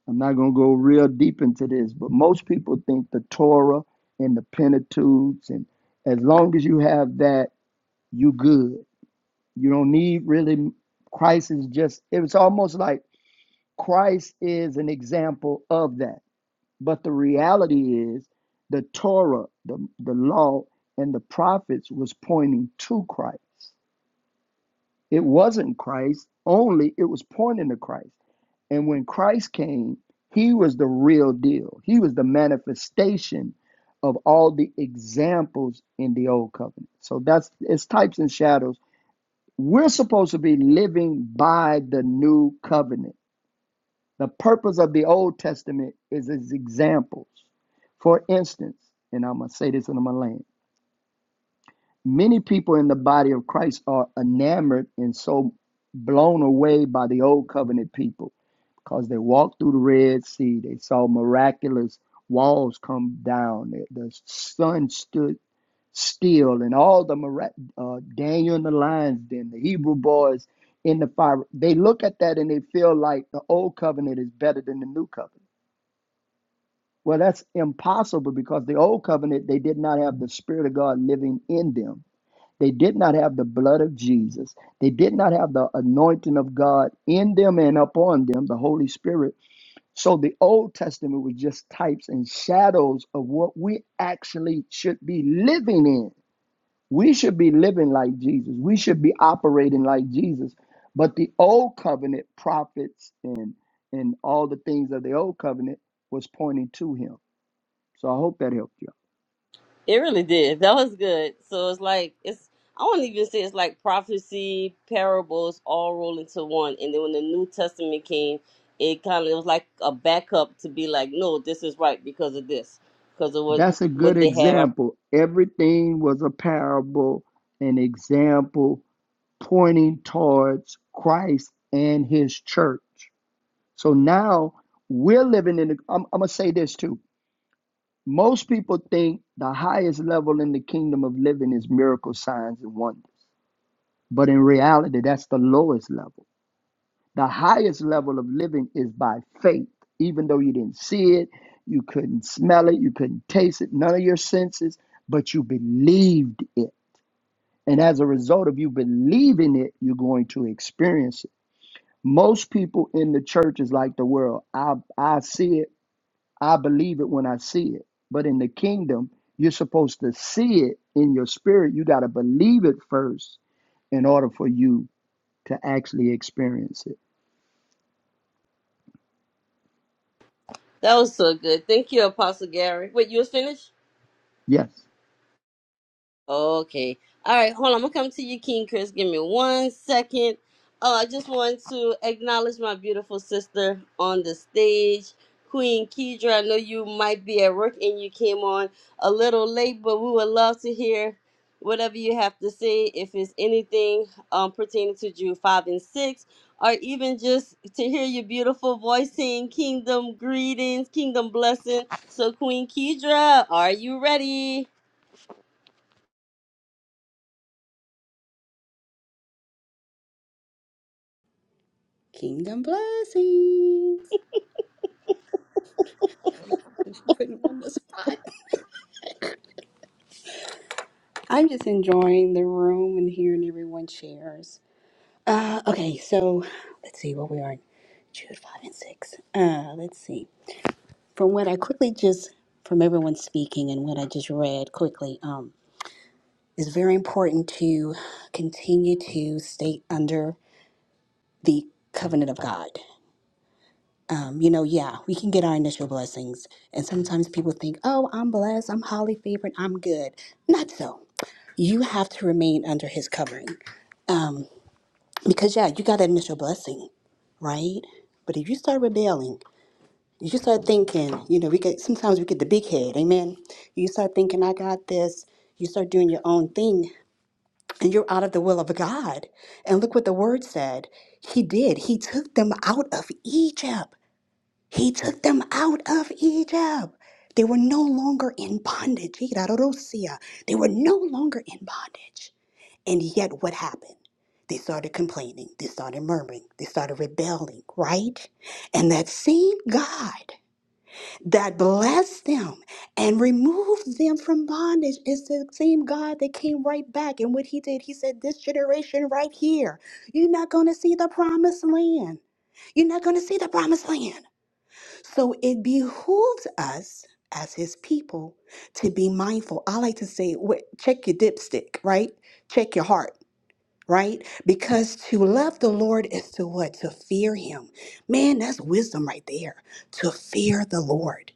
C: I'm not going to go real deep into this, but most people think the Torah and the Pentateuch and as long as you have that, you good. You don't need really Christ is just it's almost like Christ is an example of that. But the reality is the Torah, the, the law, and the prophets was pointing to Christ. It wasn't Christ, only it was pointing to Christ. And when Christ came, he was the real deal. He was the manifestation of all the examples in the old covenant. So that's it's types and shadows. We're supposed to be living by the new covenant the purpose of the Old Testament is its examples. For instance, and I'm going to say this in my land, many people in the body of Christ are enamored and so blown away by the Old Covenant people because they walked through the Red Sea. They saw miraculous walls come down. The sun stood still, and all the mira- uh, Daniel in the lions, den, the Hebrew boys in the fire. They look at that and they feel like the Old Covenant is better than the New Covenant. Well, that's impossible because the old covenant, they did not have the Spirit of God living in them. They did not have the blood of Jesus. They did not have the anointing of God in them and upon them, the Holy Spirit. So the Old Testament was just types and shadows of what we actually should be living in. We should be living like Jesus. We should be operating like Jesus. But the old covenant prophets and and all the things of the old covenant was pointing to him. So I hope that helped you.
A: It really did. That was good. So it's like it's I won't even say it's like prophecy, parables all rolled into one. And then when the New Testament came, it kind of it was like a backup to be like, no, this is right because of this, because of what
C: That's a good
A: what they had.
C: example. Everything was a parable, an example pointing towards Christ and his church. So now we're living in the, I'm, I'm going to say this too. Most people think the highest level in the kingdom of living is miracle signs and wonders. But in reality, that's the lowest level The highest level of living is by faith, even though you didn't see it, you couldn't smell it, you couldn't taste it, none of your senses, but you believed it. And as a result of you believing it, you're going to experience it. Most people in the church is like the world. I, I see it, I believe it when I see it. But in the kingdom, you're supposed to see it in your spirit. You got to believe it first in order for you to actually experience it.
A: That was so good. Thank you, Apostle Gary. Wait, you was finished?
C: Yes.
A: Okay. All right. Hold on. I'm gonna come to you, King Chris. Give me one second. Oh, I just want to acknowledge my beautiful sister on the stage, Queen Kedra. I know you might be at work and you came on a little late, but we would love to hear whatever you have to say. If it's anything um, pertaining to Jew five and six, or even just to hear your beautiful voice saying kingdom greetings, kingdom blessing. So, Queen Kedra, are you ready?
J: Kingdom blessings. Since you put me on the spot, I'm just enjoying the room and hearing everyone shares. Uh, okay, so let's see what we are. in Jude five and six. Uh, let's see. From what I quickly just from everyone speaking and what I just read quickly, um, it's very important to continue to stay under the covenant of God. um, you know, yeah, we can get our initial blessings. And sometimes people think, oh, I'm blessed, I'm highly favored, I'm good. Not so. You have to remain under his covering. Um, because, yeah, you got an initial blessing, right? But if you start rebelling, if you start thinking, you know, we get sometimes we get the big head, amen. You start thinking, I got this. You start doing your own thing, and you're out of the will of God. And look what the word said. He did. He took them out of Egypt. He took them out of Egypt. They were no longer in bondage. Irarosia. They were no longer in bondage. And yet, what happened? They started complaining. They started murmuring. They started rebelling, right? And that same God that blessed them and removed them from bondage is the same God that came right back. And what he did, he said, This generation right here, you're not going to see the promised land. You're not going to see the promised land. So it behooves us as his people to be mindful. I like to say, wh- check your dipstick, right? Check your heart, right? Because to love the Lord is to what? To fear him. Man, that's wisdom right there. To fear the Lord.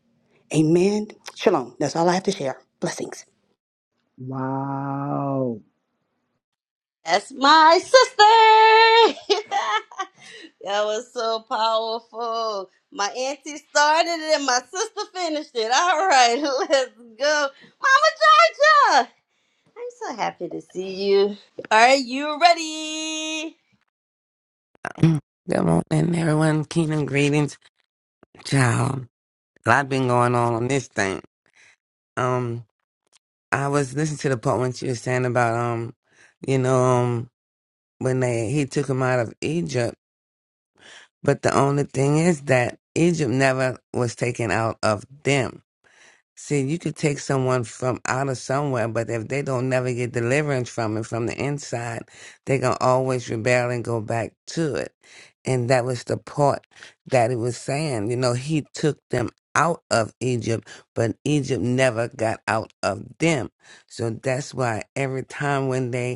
J: Amen. Shalom. That's all I have to share. Blessings.
C: Wow.
A: That's my sister. that was so powerful. My auntie started it and my sister finished it. All right, let's go. Mama Georgia, I'm so happy to see you. Are you ready?
K: Good morning, everyone. Kingdom greetings, child. A lot been going on on this thing. Um, I was listening to the part when she was saying about um, you know, um, when they he took him out of Egypt. But the only thing is that Egypt never was taken out of them See, you could take someone from out of somewhere, but if they don't never get deliverance from it from the inside, they gonna always rebel and go back to it. And that was the part that it was saying. You know, he took them out of Egypt, but Egypt never got out of them. So that's why every time when they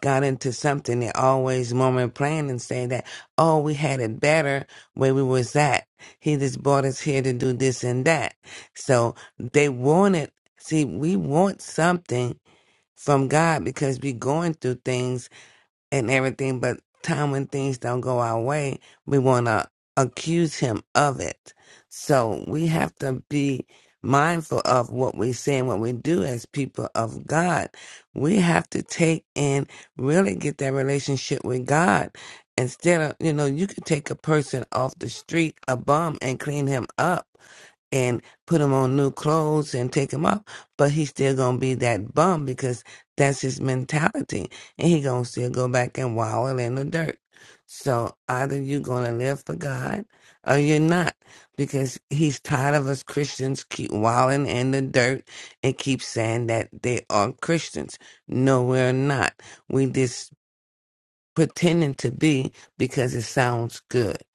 K: got into something, they always mom and plan and say that, oh, we had it better where we was at. He just brought us here to do this and that. So they wanted, see, we want something from God because we going through things and everything, but time when things don't go our way, we want to accuse him of it. So we have to be mindful of what we say and what we do as people of God. We have to take and really get that relationship with God. Instead of, you know, you could take a person off the street, a bum, and clean him up and put him on new clothes and take him up, but he's still gonna be that bum because that's his mentality, and he gonna still go back and wallow in the dirt. So either you gonna live for God or you're not, because he's tired of us Christians keep wallowing in the dirt and keep saying that they are Christians. No, we're not. We just pretending to be because it sounds good.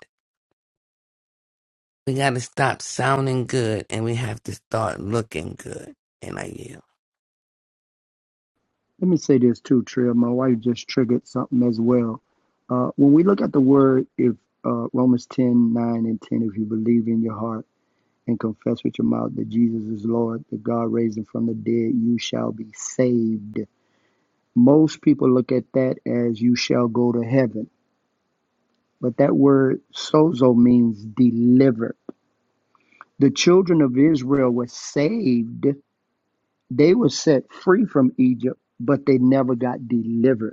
K: We got to stop sounding good and we have to start looking good. And I yield.
C: Let me say this too, Trill. My wife just triggered something as well. Uh, when we look at the word, if uh, Romans 10 9 and 10, if you believe in your heart and confess with your mouth that Jesus is Lord, that God raised him from the dead, you shall be saved. Most people look at that as you shall go to heaven. But that word sozo means delivered. The children of Israel were saved. They were set free from Egypt, but they never got delivered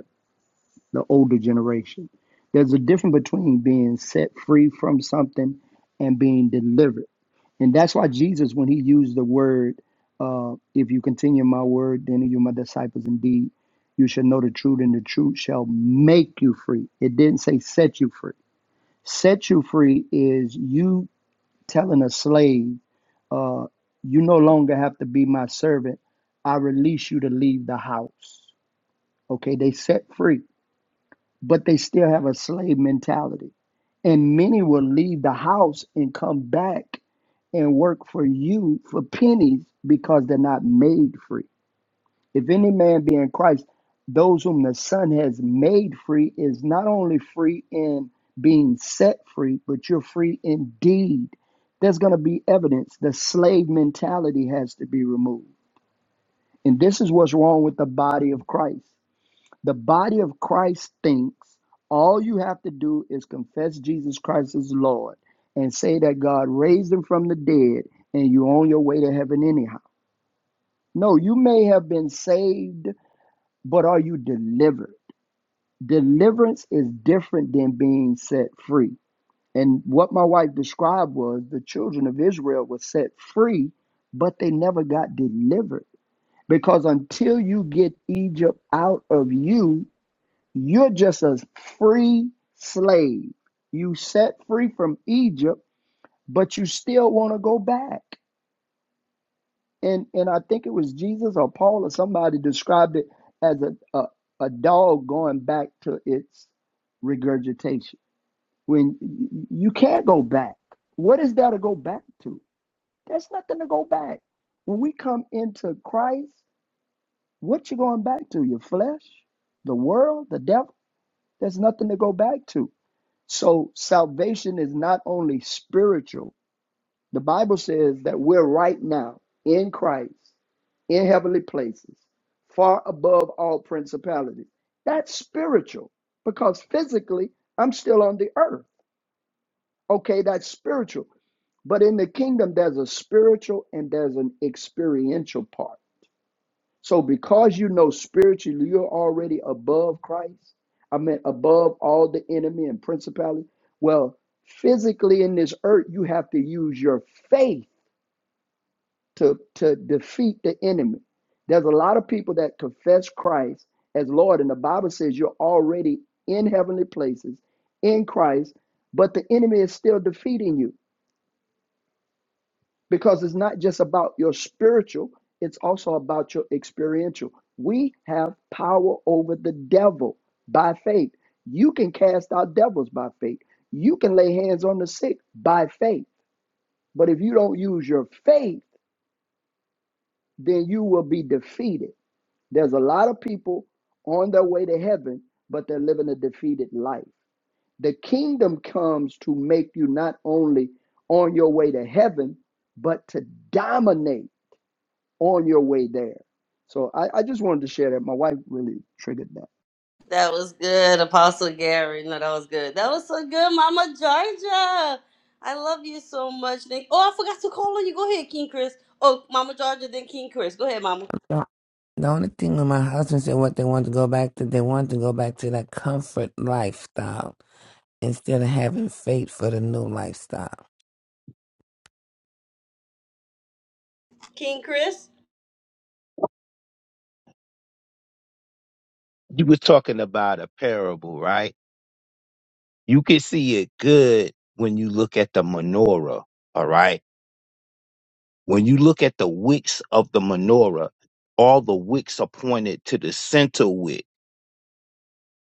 C: the older generation. There's a difference between being set free from something and being delivered. And that's why Jesus, when he used the word, uh, if you continue my word, then you're my disciples indeed. You shall know the truth, and the truth shall make you free. It didn't say set you free. Set you free is you telling a slave, uh, you no longer have to be my servant. I release you to leave the house. Okay, they set free but they still have a slave mentality. And many will leave the house and come back and work for you for pennies because they're not made free. If any man be in Christ, those whom the Son has made free is not only free in being set free, but you're free indeed. There's going to be evidence. The slave mentality has to be removed. And this is what's wrong with the body of Christ. The body of Christ thinks all you have to do is confess Jesus Christ as Lord and say that God raised him from the dead and you're on your way to heaven anyhow. No, you may have been saved, but are you delivered? Deliverance is different than being set free. And what my wife described was the children of Israel were set free, but they never got delivered. Because until you get Egypt out of you, You're just a free slave. You set free from Egypt, but you still want to go back. And and I think it was Jesus or Paul or somebody described it as a a, a dog going back to its regurgitation. When you can't go back. What is there to go back to? There's nothing to go back. When we come into Christ, what you going back to? Your flesh, the world, the devil? There's nothing to go back to. So salvation is not only spiritual. The Bible says that we're right now in Christ, in heavenly places, far above all principalities. That's spiritual because physically I'm still on the earth. Okay, that's spiritual. But in the kingdom, there's a spiritual and there's an experiential part. So because you know spiritually you're already above Christ, I mean above all the enemy and principality. Well, physically in this earth, you have to use your faith to, to defeat the enemy. There's a lot of people that confess Christ as Lord, and the Bible says you're already in heavenly places in Christ, but the enemy is still defeating you. because it's not just about your spiritual, it's also about your experiential. We have power over the devil by faith. You can cast out devils by faith. You can lay hands on the sick by faith. But if you don't use your faith, then you will be defeated. There's a lot of people on their way to heaven, but they're living a defeated life. The kingdom comes to make you not only on your way to heaven, but to dominate on your way there. So I, I just wanted to share that. My wife really triggered that.
A: That was good, Apostle Gary. No, that was good. That was so good, Mama Georgia. I love you so much. Thank- Oh, I forgot to call on you. Go ahead, King Chris. Oh, Mama Georgia, then King Chris. Go ahead, Mama.
K: The the only thing when my husband said what they wanted to go back to, they wanted to go back to that comfort lifestyle instead of having faith for the new lifestyle.
A: King Chris.
I: You were talking about a parable, right? You can see it good when you look at the menorah, all right? When you look at the wicks of the menorah, all the wicks are pointed to the center wick.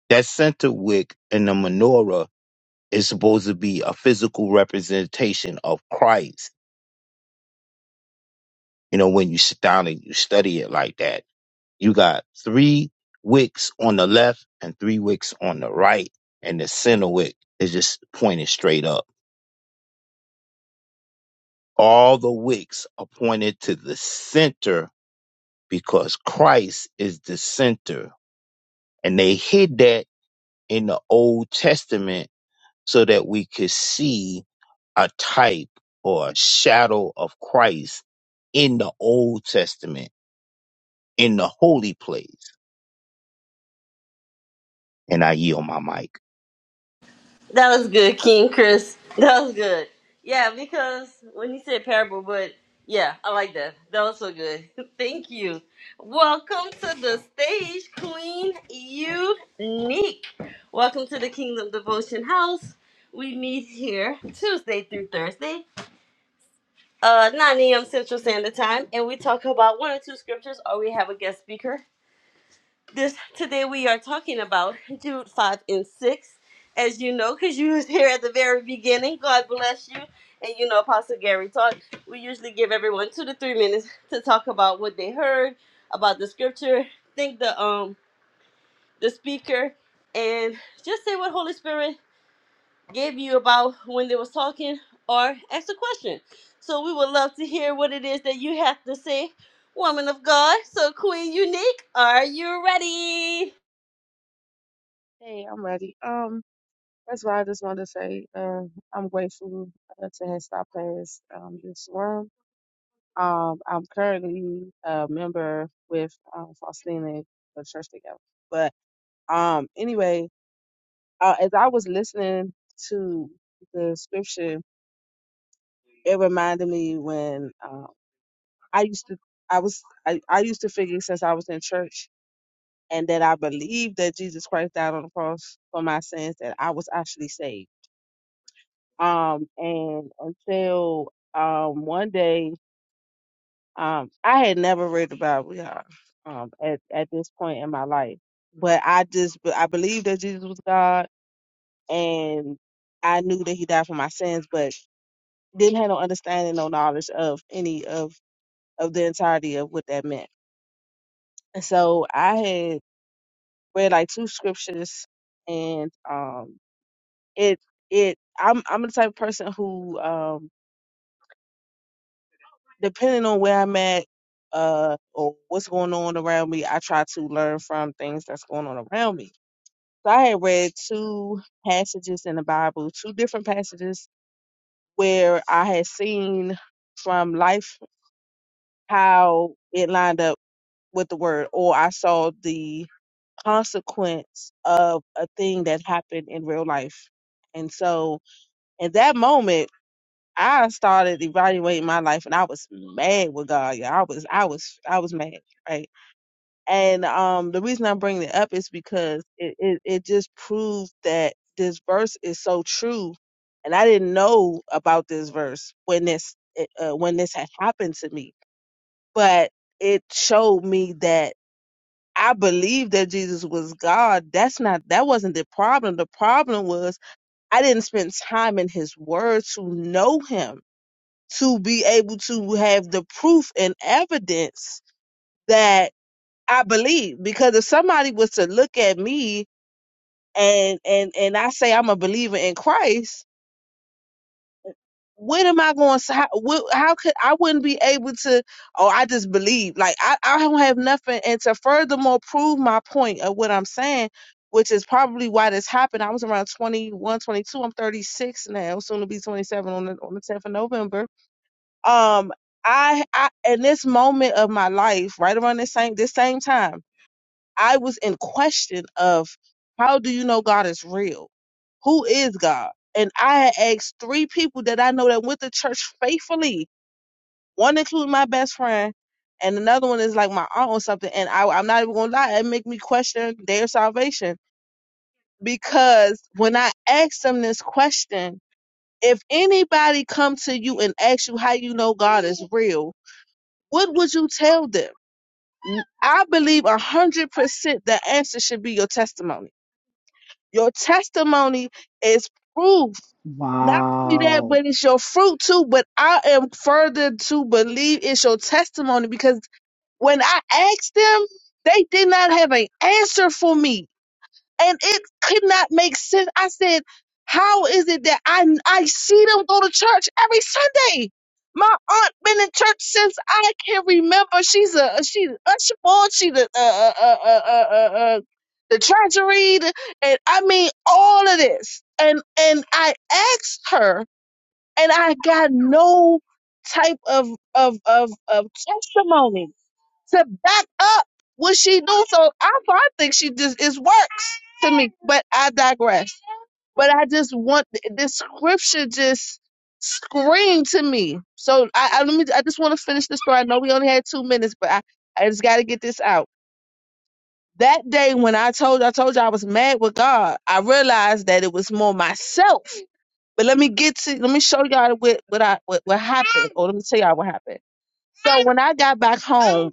I: That center wick in the menorah is supposed to be a physical representation of Christ. You know, when you sit down and you study it like that, you got three wicks on the left and three wicks on the right, and the center wick is just pointed straight up. All the wicks are pointed to the center because Christ is the center. And they hid that in the Old Testament so that we could see a type or a shadow of Christ in the Old Testament, in the holy place. And I yield my mic.
A: That was good, King Chris. That was good. Yeah, because when you said parable, but yeah, I like that. That was so good. Thank you. Welcome to the stage, Queen Unique. Welcome to the Kingdom Devotion House. We meet here Tuesday through Thursday, uh, 9 a.m. Central Standard Time, and we talk about one or two scriptures, or we have a guest speaker this today we are talking about Jude 5 and 6. As you know, because you was here at the very beginning. God bless you. And you know, Apostle Gary taught. We usually give everyone two to three minutes to talk about what they heard, about the scripture, thank the um the speaker, and just say what Holy Spirit gave you about when they was talking or ask a question. So we would love to hear what it is that you have to say, woman of God. So Queen Unique, are you ready?
L: Hey, I'm ready. Um, that's why I just wanted to say, uh, I'm grateful uh, to have stopped past um, this room. Um, I'm currently a member with um, Faustina the church together. But um, anyway, uh, as I was listening to the scripture, it reminded me when um, I used to, I was, I, I used to figure since I was in church and that I believed that Jesus Christ died on the cross for my sins that I was actually saved Um, and until um one day, um, I had never read the Bible, y'all, um, at, at this point in my life. But I just I believed that Jesus was God and I knew that he died for my sins, but didn't have no understanding, no knowledge of any of of the entirety of what that meant. And so I had read like two scriptures and um it it I'm I'm the type of person who um, depending on where I'm at uh, or what's going on around me, I try to learn from things that's going on around me. So I had read two passages in the Bible, two different passages where I had seen from life how it lined up with the word, or I saw the consequence of a thing that happened in real life. And so in that moment, I started evaluating my life and I was mad with God. Yeah, I was I was I was mad, right? And um the reason I'm bringing it up is because it it, it just proved that this verse is so true. And I didn't know about this verse when this uh, when this had happened to me, but it showed me that I believed that Jesus was God. That's not that wasn't the problem. The problem was I didn't spend time in his word to know him to be able to have the proof and evidence that I believe. Because if somebody was to look at me and and and I say I'm a believer in Christ, when am I going? to How, wh- how could I wouldn't be able to? Oh, I just believe. Like I, I don't have nothing. And to furthermore prove my point of what I'm saying. Which is probably why this happened. I was around twenty I'm 36 now, soon to be 27 on the, on the 10th of November um I, I in this moment of my life right around this same this same time i was in question of how do you know god is real who is god and i had asked three people that i know that went to church faithfully one including my best friend and another one is like my aunt or something and I, i'm not even gonna lie it make me question their salvation because when i asked them this question if anybody come to you and ask you how you know god is real what would you tell them? I believe a hundred percent the answer should be your testimony. Your testimony is proof. Not only that,
C: Wow.
L: but it's your fruit too. But I am further to believe it's your testimony because when I asked them, they did not have an answer for me and it could not make sense. I said, "How is it that I I see them go to church every Sunday?" My aunt been in church since I can remember. She's a she's an usher boy. She's the uh, uh, uh, uh, uh, uh, uh, the treasury, the, and I mean all of this. And and I asked her, and I got no type of of of, of testimony to back up what she knew. So I, so I think she just it works to me. But I digress. But I just want this scripture just screamed to me. So I, I let me. I just want to finish the story. I know we only had two minutes, but I, I just got to get this out. That day when I told I told you I was mad with God, I realized that it was more myself. But let me get to let me show y'all what what I what, what happened, or let me tell y'all what happened. So when I got back home.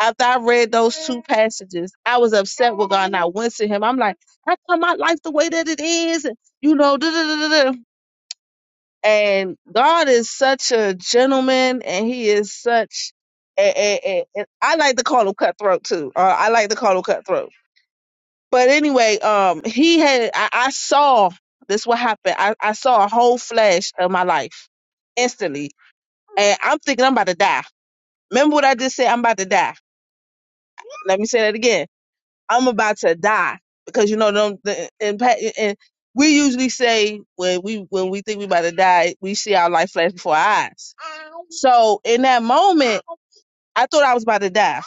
L: After I read those two passages, I was upset with God and I went to him. I'm like, how come my life the way that it is? And, You know, da, da, da, da, da. and God is such a gentleman and he is such, a, a, a, a- I like to call him cutthroat too. Uh, I like to call him cutthroat. But anyway, um, he had, I, I saw this what happened. I, I saw a whole flash of my life instantly. And I'm thinking I'm about to die. Remember what I just said? I'm about to die. Let me say that again. I'm about to die because you know them the and pa- and we usually say when we when we think we about to die, we see our life flash before our eyes. So in that moment, I thought I was about to die.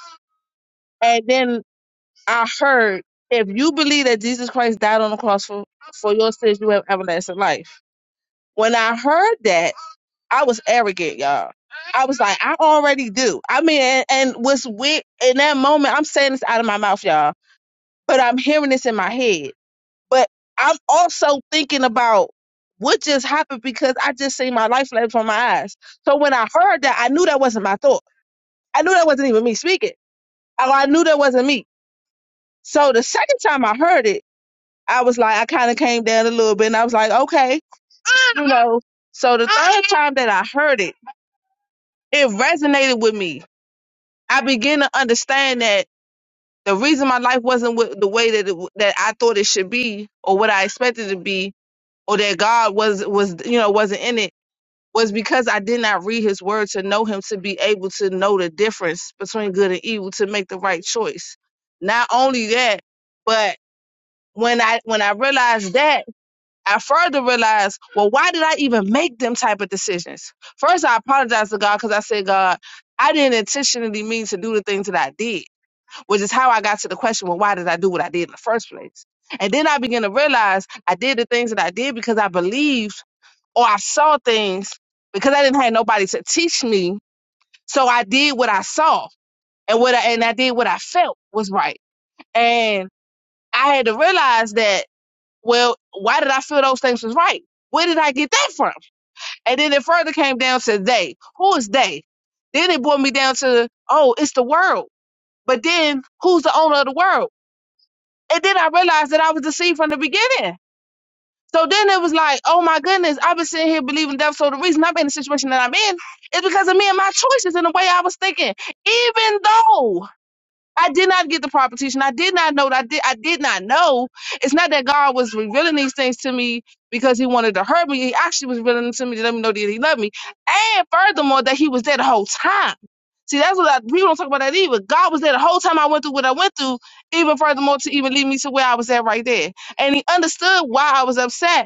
L: And then I heard, if you believe that Jesus Christ died on the cross for, for your sins, you have everlasting life. When I heard that, I was arrogant, y'all. I was like, I already do. I mean, and, and what's weird in that moment, I'm saying this out of my mouth, y'all, but I'm hearing this in my head But I'm also thinking about what just happened because I just seen my life flash from my eyes. So when I heard that, I knew that wasn't my thought. I knew that wasn't even me speaking. I, I knew that wasn't me. So the second time I heard it, I was like, I kind of came down a little bit and I was like, okay, you know. So the third time that I heard it, it resonated with me. I began to understand that the reason my life wasn't with the way that it, that I thought it should be or what I expected it to be or that God was was you know wasn't in it was because I did not read his word to know him to be able to know the difference between good and evil to make the right choice. Not only that, but when I when I realized that, I further realized, well, why did I even make them type of decisions? First, I apologized to God because I said, God, I didn't intentionally mean to do the things that I did, which is how I got to the question, well, why did I do what I did in the first place? And then I began to realize I did the things that I did because I believed or I saw things because I didn't have nobody to teach me. So I did what I saw and what I, and I did what I felt was right. And I had to realize that, well, why did I feel those things was right? Where did I get that from? And then it further came down to they. Who is they? Then it brought me down to, oh, it's the world. But then who's the owner of the world? And then I realized that I was deceived from the beginning. So then it was like, oh my goodness, I've been sitting here believing death. So the reason I'm in the situation that I'm in is because of me and my choices and the way I was thinking. Even though I did not get the proper teaching, I did not know that I did I did not know. It's not that God was revealing these things to me because he wanted to hurt me. He actually was revealing them to me to let me know that he loved me. And furthermore, that he was there the whole time. See, that's what I, we don't talk about that either. God was there the whole time I went through what I went through, even furthermore to even lead me to where I was at right there and he understood why I was upset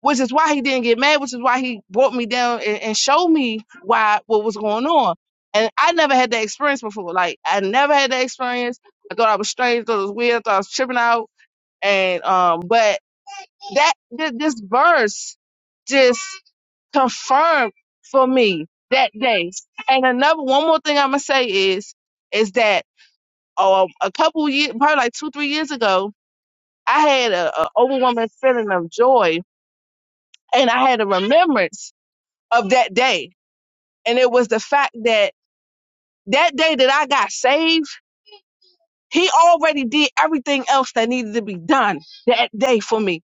L: which is why he didn't get mad, which is why he brought me down and, and showed me why what was going on. And I never had that experience before. Like I never had that experience. I thought I was strange, thought it was weird, thought I was tripping out. And um, but that th- this verse just confirmed for me that day. And another one more thing I'm gonna say is is that um, a couple years, probably like two three years ago, I had a, a overwhelming feeling of joy, and I had a remembrance of that day. And it was the fact that that day that I got saved, he already did everything else that needed to be done that day for me.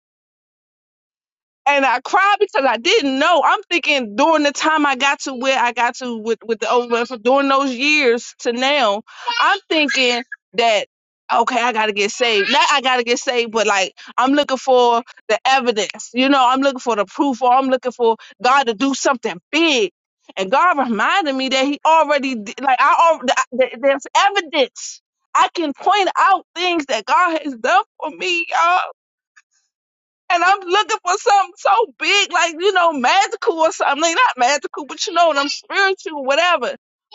L: and I cried because I didn't know. I'm thinking during the time I got to where I got to with with the over for during those years to now, I'm thinking that okay, I gotta get saved. Not I gotta get saved, but like I'm looking for the evidence. You know, I'm looking for the proof, or I'm looking for God to do something big. And God reminded me that He already did- like I already there's evidence. I can point out things that God has done for me, y'all. And I'm looking for something so big, like, you know, magical or something. Like, not magical, but you know what I'm spiritual, whatever.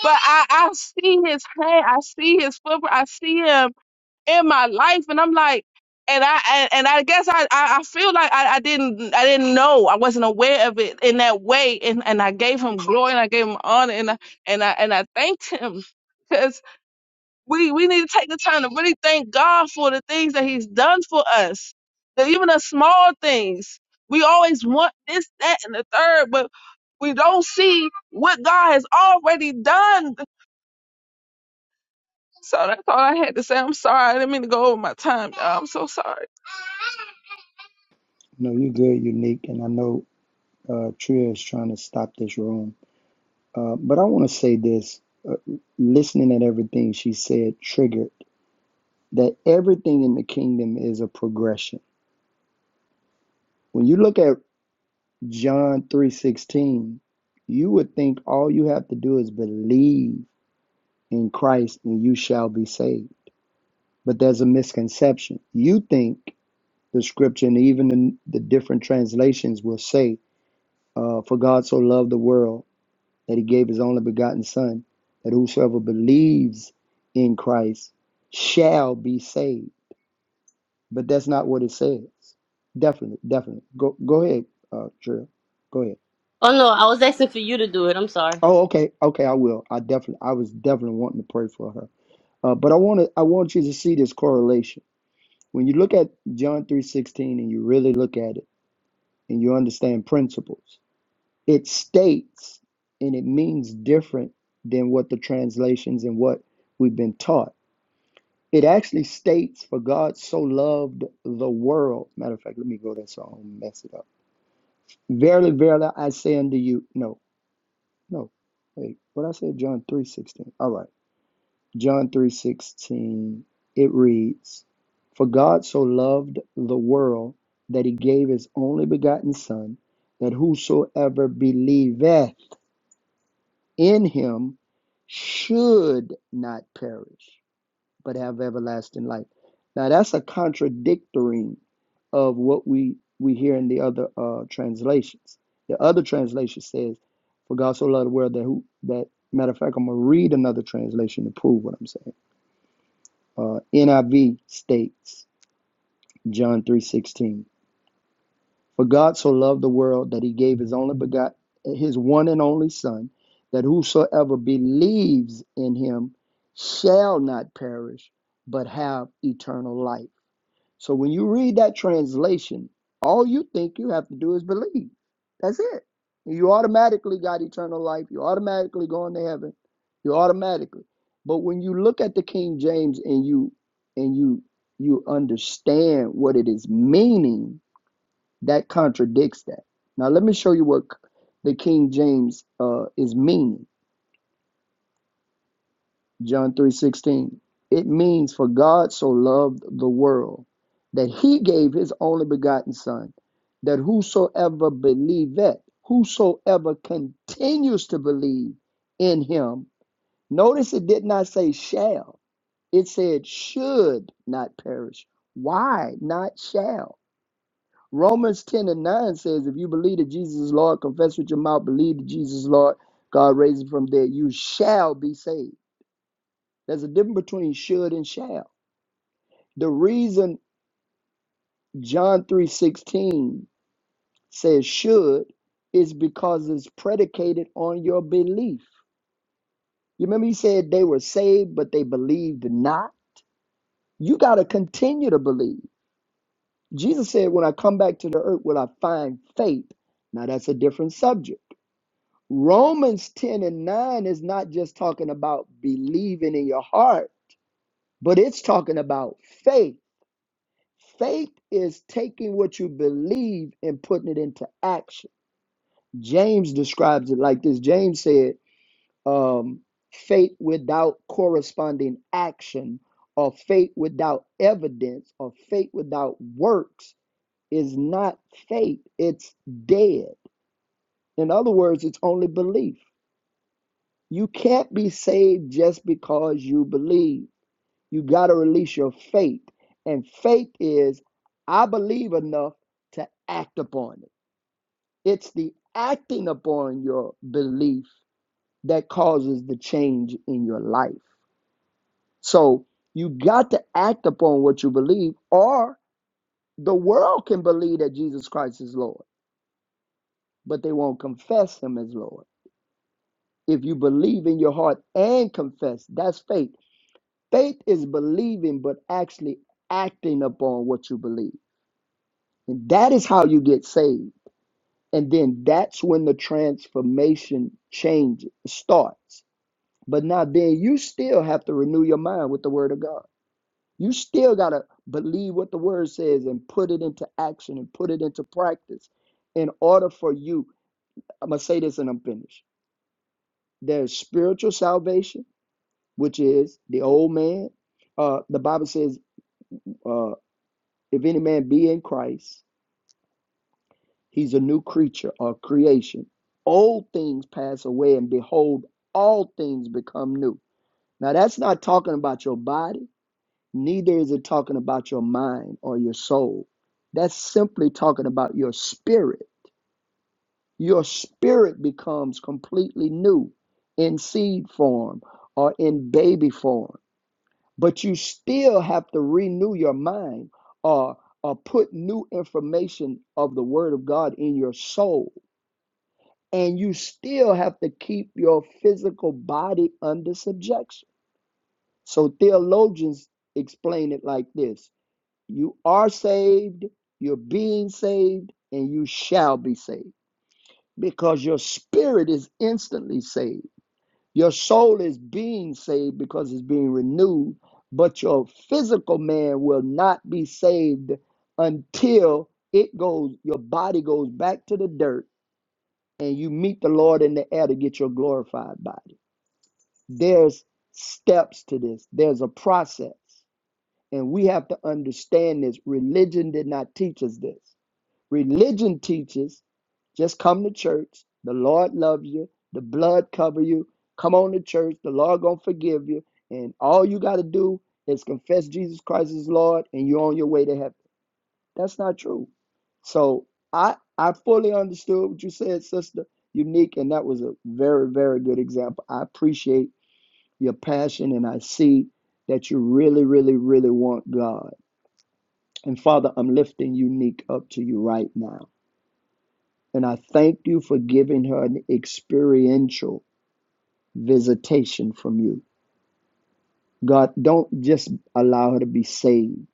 L: But I, I see his hand, I see his footprint, I see him in my life, and I'm like, and I and, and I guess I, I, I feel like I, I didn't I didn't know I wasn't aware of it in that way, and, and I gave him glory and I gave him honor and I and I and I thanked him we we need to take the time to really thank God for the things that He's done for us, that even the small things. We always want this, that, and the third, but we don't see what God has already done. So that's all I had to say. I'm sorry. I didn't mean to go over my time. Y'all. I'm so sorry.
C: No, you're good, Unique. And I know uh, Tria is trying to stop this room. Uh, but I want to say this uh, listening at everything she said triggered that everything in the kingdom is a progression. When you look at John 3:16, you would think all you have to do is believe in Christ and you shall be saved. But there's a misconception. You think the scripture, and even in the different translations will say, uh, For God so loved the world that he gave his only begotten Son, that whosoever believes in Christ shall be saved. But that's not what it says. Definitely, definitely. Go go ahead, uh, Trill. Go ahead.
A: Oh no, I was asking for you to do it. I'm sorry.
C: Oh, okay, okay, I will. I definitely I was definitely wanting to pray for her. Uh, but I want to I want you to see this correlation. When you look at John 3:16 and you really look at it and you understand principles, it states and it means different than what the translations and what we've been taught. It actually states, For God so loved the world. Matter of fact, let me go there so I don't mess it up. Verily, verily, I say unto you, no, no. Wait, what I said, John three sixteen. All right. John three sixteen. it reads, For God so loved the world that he gave his only begotten Son, that whosoever believeth in him should not perish, but have everlasting life. Now that's a contradictory of what we we hear in the other uh, translations. The other translation says, "For God so loved the world that who that." Matter of fact, I'm gonna read another translation to prove what I'm saying. Uh, NIV states John 3:16. For God so loved the world that he gave his only begot his one and only son, that whosoever believes in him shall not perish, but have eternal life. So when you read that translation, all you think you have to do is believe. That's it. You automatically got eternal life. You automatically going to heaven. You automatically. But when you look at the King James and you and you you understand what it is meaning, that contradicts that. Now let me show you what the King James uh, is meaning. John 3:16. It means for God so loved the world that he gave his only begotten son that whosoever believeth, whosoever continues to believe in him. Notice it did not say shall. It said should not perish. Why not shall? Romans 10 and 9 says, If you believe that Jesus is Lord, confess with your mouth, believe that Jesus is Lord, God raised him from there, you shall be saved. There's a difference between should and shall. The reason John 3:16 says should is because it's predicated on your belief. You remember he said they were saved, but they believed not? You gotta continue to believe. Jesus said, When I come back to the earth, will I find faith? Now that's a different subject. Romans 10 and 9 is not just talking about believing in your heart, but it's talking about faith. Faith is taking what you believe and putting it into action. James describes it like this James said, um, faith without corresponding action, or faith without evidence, or faith without works is not faith, it's dead. In other words, it's only belief. You can't be saved just because you believe. You got to release your faith. And faith is, I believe enough to act upon it. It's the acting upon your belief that causes the change in your life. So you got to act upon what you believe, or the world can believe that Jesus Christ is Lord, but they won't confess him as Lord. If you believe in your heart and confess, that's faith. Faith is believing, but actually acting upon what you believe. And that is how you get saved. And then that's when the transformation change starts. But now, then you still have to renew your mind with the word of God. You still got to believe what the word says and put it into action and put it into practice in order for you. I'm going to say this and I'm finished. There's spiritual salvation, which is the old man. Uh, the Bible says, uh, If any man be in Christ, he's a new creature or creation. Old things pass away, and behold, all things become new. Now, that's not talking about your body, neither is it talking about your mind or your soul. That's simply talking about your spirit. Your spirit becomes completely new in seed form or in baby form. but you still have to renew your mind or or put new information of the word of God in your soul and you still have to keep your physical body under subjection so theologians explain it like this you are saved you're being saved and you shall be saved because your spirit is instantly saved Your soul is being saved because it's being renewed, but your physical man will not be saved until it goes, your body goes back to the dirt and you meet the Lord in the air to get your glorified body. There's steps to this, there's a process. And we have to understand this. Religion did not teach us this. Religion teaches just come to church. The Lord love you. The blood cover you. Come on to church. The Lord gonna forgive you. And all you gotta do is confess Jesus Christ as Lord, and you're on your way to heaven. That's not true. So I I fully understood what you said, sister. Unique, and that was a very very good example. I appreciate your passion, and I see that you really really really want God. And Father, I'm lifting Unique up to you right now. And I thank you for giving her an experiential visitation from you. God, don't just allow her to be saved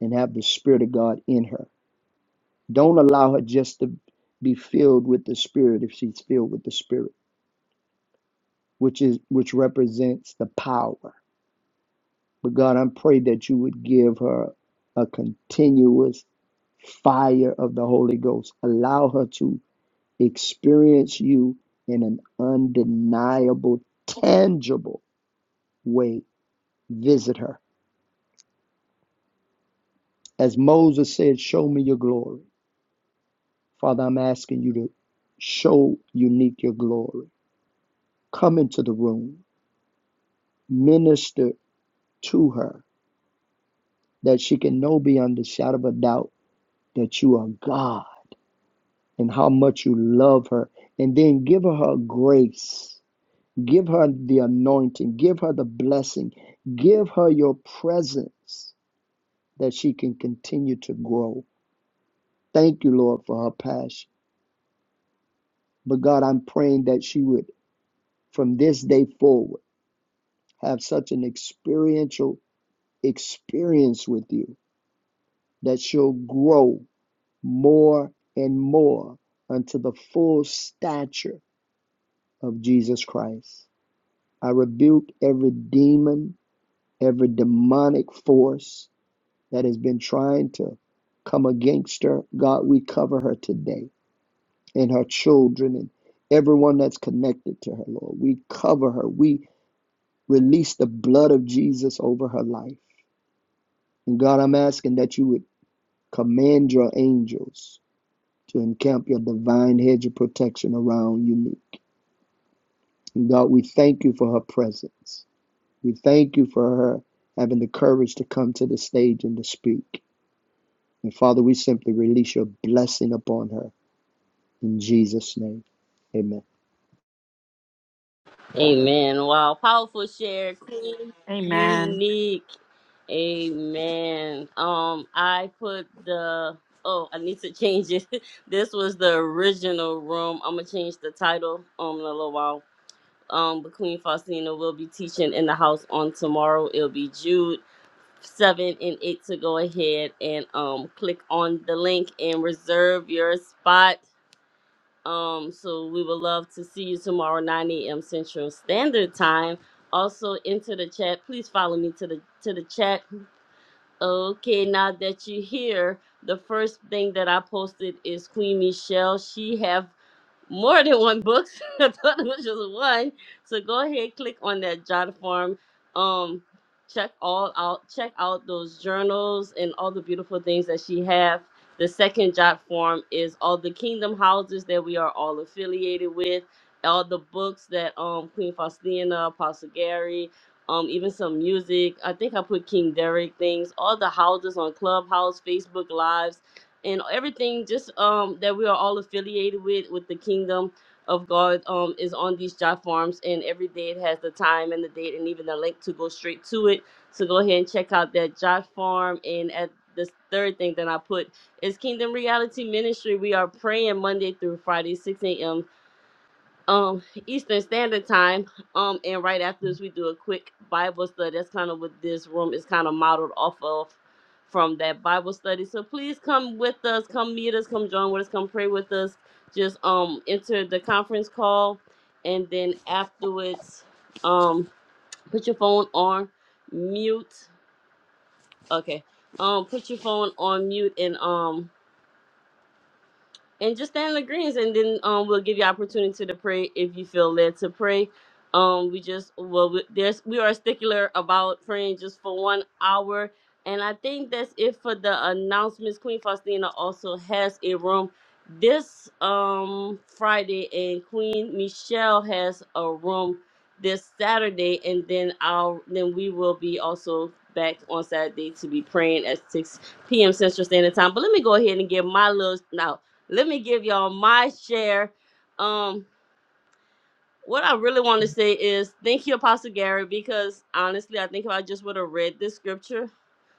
C: and have the Spirit of God in her. Don't allow her just to be filled with the Spirit if she's filled with the Spirit, which is which represents the power. But God, I pray that you would give her a continuous fire of the Holy Ghost. Allow her to experience you in an undeniable, tangible way, visit her. As Moses said, Show me your glory. Father, I'm asking you to show unique your glory. Come into the room, minister to her that she can know beyond the shadow of a doubt that you are God and how much you love her. And then give her her grace, give her the anointing, give her the blessing, give her your presence that she can continue to grow. Thank you, Lord, for her passion. But God, I'm praying that she would, from this day forward, have such an experiential experience with you that she'll grow more and more unto the full stature of Jesus Christ. I rebuke every demon, every demonic force that has been trying to come against her. God, we cover her today and her children and everyone that's connected to her, Lord. We cover her. We Release the blood of Jesus over her life. And God, I'm asking that you would command your angels to encamp your divine hedge of protection around Unique. And God, we thank you for her presence. We thank you for her having the courage to come to the stage and to speak. And Father, we simply release your blessing upon her. In Jesus' name, amen.
A: Amen. Wow. Powerful share, clean,
B: Amen.
A: unique. Amen. Um, I put the oh, I need to change it. this was the original room. I'm gonna change the title um in a little while. Um, but Queen Faustina will be teaching in the house on tomorrow. It'll be Jude seven and eight to go ahead and um click on the link and reserve your spot Um, so we would love to see you tomorrow, 9 a.m. Central Standard Time. Also into the chat, please follow me to the to the chat. Okay, now that you're here, the first thing that I posted is Queen Michelle. She have more than one book. I thought it was just one. So go ahead, click on that jot form. Um, check all out. Check out those journals and all the beautiful things that she have. The second jot form is all the kingdom houses that we are all affiliated with. All the books that um Queen Faustina, Apostle Gary, um even some music. I think I put King Derek things. All the houses on Clubhouse, Facebook Lives and everything just um that we are all affiliated with with the kingdom of God um is on these job forms and every day it has the time and the date and even the link to go straight to it. So go ahead and check out that job form and at the third thing that I put is Kingdom Reality Ministry. We are praying Monday through Friday, 6 a.m um Eastern Standard Time. Um, and right after this, we do a quick Bible study. That's kind of what this room is kind of modeled off of from that Bible study. So please come with us, come meet us, come join with us, come pray with us. Just um enter the conference call, and then afterwards, um, put your phone on mute. Okay. Um, put your phone on mute and um and just stand in agreement and then um we'll give you opportunity to pray if you feel led to pray um we just well we, there's we are stickler about praying just for one hour and i think that's it for the announcements queen faustina also has a room this um friday and queen michelle has a room this saturday and then i'll then we will be also back on saturday to be praying at 6 p.m central standard time but let me go ahead and give my little now let me give y'all my share. Um, what I really want to say is thank you, Apostle Gary, because honestly, I think if I just would have read this scripture,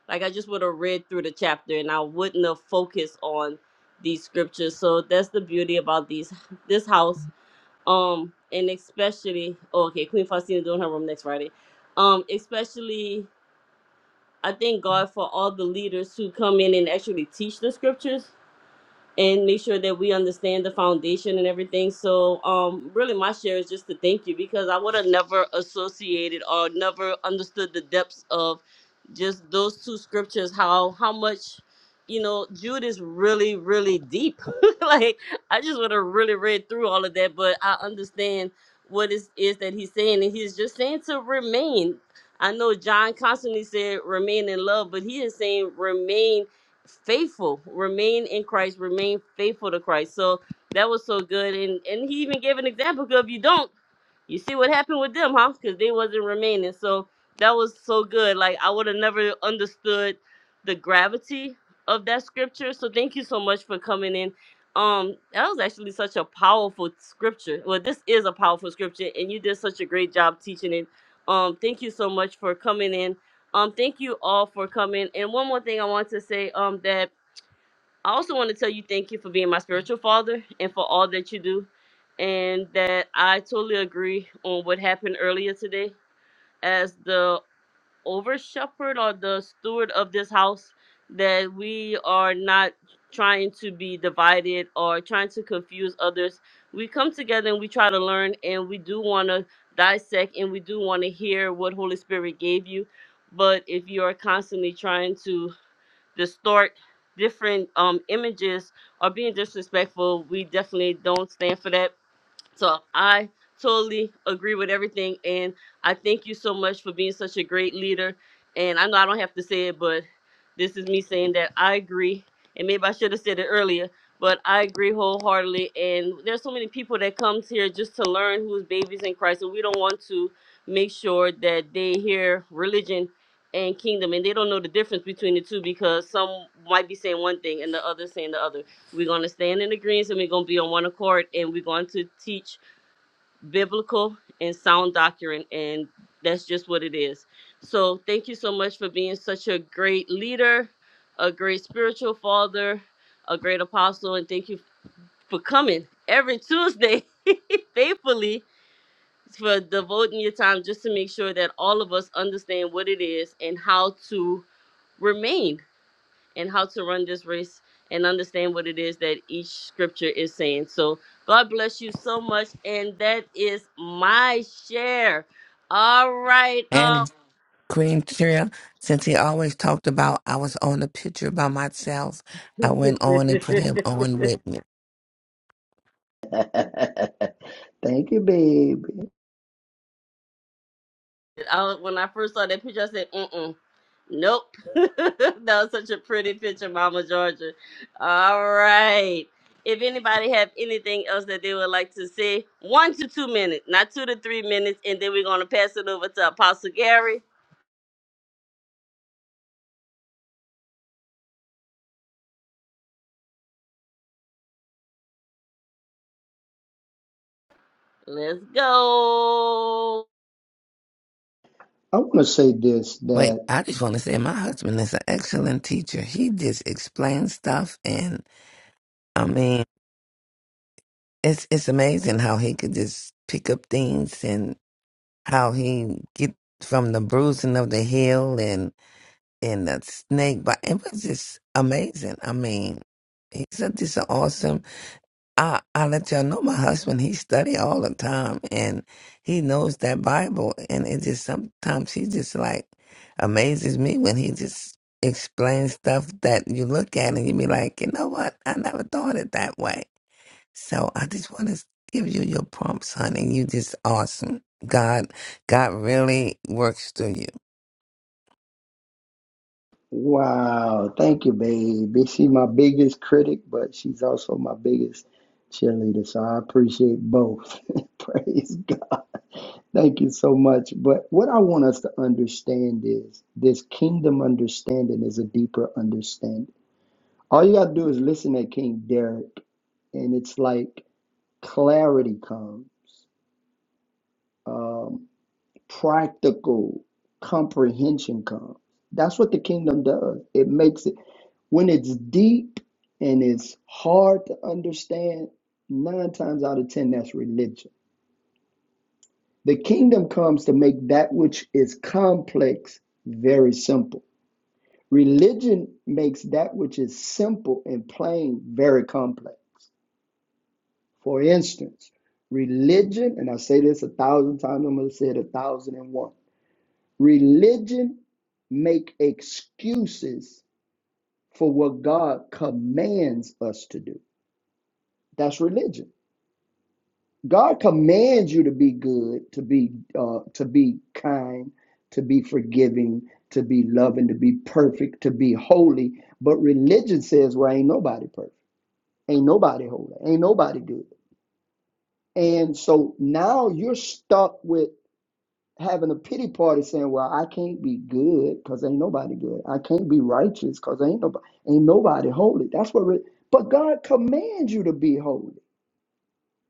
A: like I just would have read through the chapter, and I wouldn't have focused on these scriptures. So that's the beauty about these this house. Um, and especially oh, okay, Queen Faustina doing her room next Friday. Um, especially I thank God for all the leaders who come in and actually teach the scriptures and make sure that we understand the foundation and everything. So, um, really, my share is just to thank you because I would have never associated or never understood the depths of just those two scriptures. How how much, you know, Jude is really really deep. like I just would have really read through all of that, but I understand what it is that he's saying, and he's just saying to remain. I know John constantly said remain in love, but he is saying remain faithful remain in christ remain faithful to christ so that was so good and and he even gave an example 'cause if you don't you see what happened with them huh because they wasn't remaining so that was so good like i would have never understood the gravity of that scripture so thank you so much for coming in um that was actually such a powerful scripture well this is a powerful scripture and you did such a great job teaching it um thank you so much for coming in um, thank you all for coming. And one more thing I want to say, um, that I also want to tell you thank you for being my spiritual father and for all that you do. And that I totally agree on what happened earlier today as the over shepherd or the steward of this house that we are not trying to be divided or trying to confuse others. We come together and we try to learn and we do want to dissect and we do want to hear what Holy Spirit gave you. But if you are constantly trying to distort different um, images or being disrespectful, we definitely don't stand for that so I totally agree with everything. And I thank you so much for being such a great leader. And I know I don't have to say it, but this is me saying that I agree. And maybe I should have said it earlier, but I agree wholeheartedly. And there's so many people that comes here just to learn who's babies in Christ. And we don't want to make sure that they hear religion and kingdom and they don't know the difference between the two because some might be saying one thing and the other saying the other. We're going to stand in agreement and we're going to be on one accord and we're going to teach biblical and sound doctrine. And that's just what it is. So thank you so much for being such a great leader, a great spiritual father, a great apostle. And thank you for coming every Tuesday faithfully for devoting your time just to make sure that all of us understand what it is and how to remain and how to run this race and understand what it is that each scripture is saying. So God bless you so much. And that is my share. All right. Um,
K: And Queen Tria, since he always talked about I was on the picture by myself, I went on and put him on with me.
C: Thank you, baby.
A: I, when I first saw that picture, I said, mm-mm. Nope. that was such a pretty picture, Mama Georgia. All right. If anybody have anything else that they would like to say, one to two minutes, not two to three minutes, and then we're gonna pass it over to Apostle Gary. Let's go.
C: I want to say this that.
K: Wait, I just want to say my husband is an excellent teacher. He just explains stuff, and I mean, it's it's amazing how he could just pick up things and how he get from the bruising of the heel and and the snake but it was just amazing i mean he's a, just an awesome i i let y'all know my husband he study all the time and he knows that bible and it just sometimes he just like amazes me when he just explains stuff that you look at and you be like you know what i never thought it that way so I just want to give you your prompts, honey. You just awesome. God, God really works through you.
C: Wow, thank you, baby. She's my biggest critic, but she's also my biggest cheerleader. So I appreciate both. Praise God. Thank you so much. But what I want us to understand is this kingdom understanding is a deeper understanding. All you got to do is listen to King Derek, and it's like clarity comes, um, practical comprehension comes. That's what the kingdom does. It makes it. When it's deep and it's hard to understand, nine times out of 10, that's religion. The kingdom comes to make that which is complex very simple. Religion makes that which is simple and plain very complex. For instance, religion, and I say this a thousand times, I'm going to say it a thousand and one. Religion make excuses for what God commands us to do. That's religion God commands you to be good, to be uh, to be kind, to be forgiving, to be loving, to be perfect, to be holy. But religion says, "Well, ain't nobody perfect, ain't nobody holy, ain't nobody good." And so now you're stuck with having a pity party, saying, "Well, I can't be good because ain't nobody good. I can't be righteous because ain't nobody ain't nobody holy." That's what. Re- but God commands you to be holy.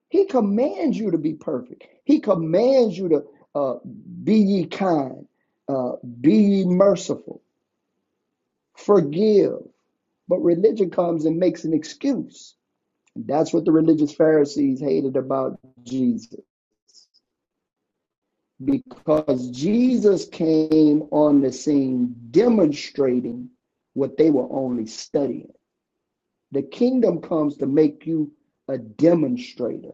C: He commands you to be perfect. He commands you to uh, be ye kind, uh, be ye merciful, forgive. But religion comes and makes an excuse. That's what the religious Pharisees hated about Jesus because Jesus came on the scene demonstrating what they were only studying. The kingdom comes to make you a demonstrator,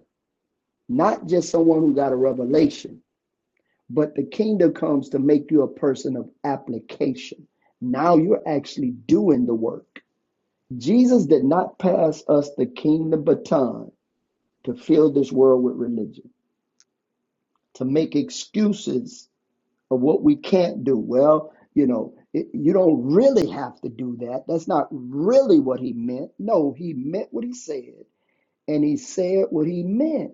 C: not just someone who got a revelation But the kingdom comes to make you a person of application. Now you're actually doing the work. Jesus did not pass us the kingdom baton to fill this world with religion, to make excuses of what we can't do. Well, you know, it, you don't really have to do that. That's not really what he meant. No, he meant what he said, and he said what he meant.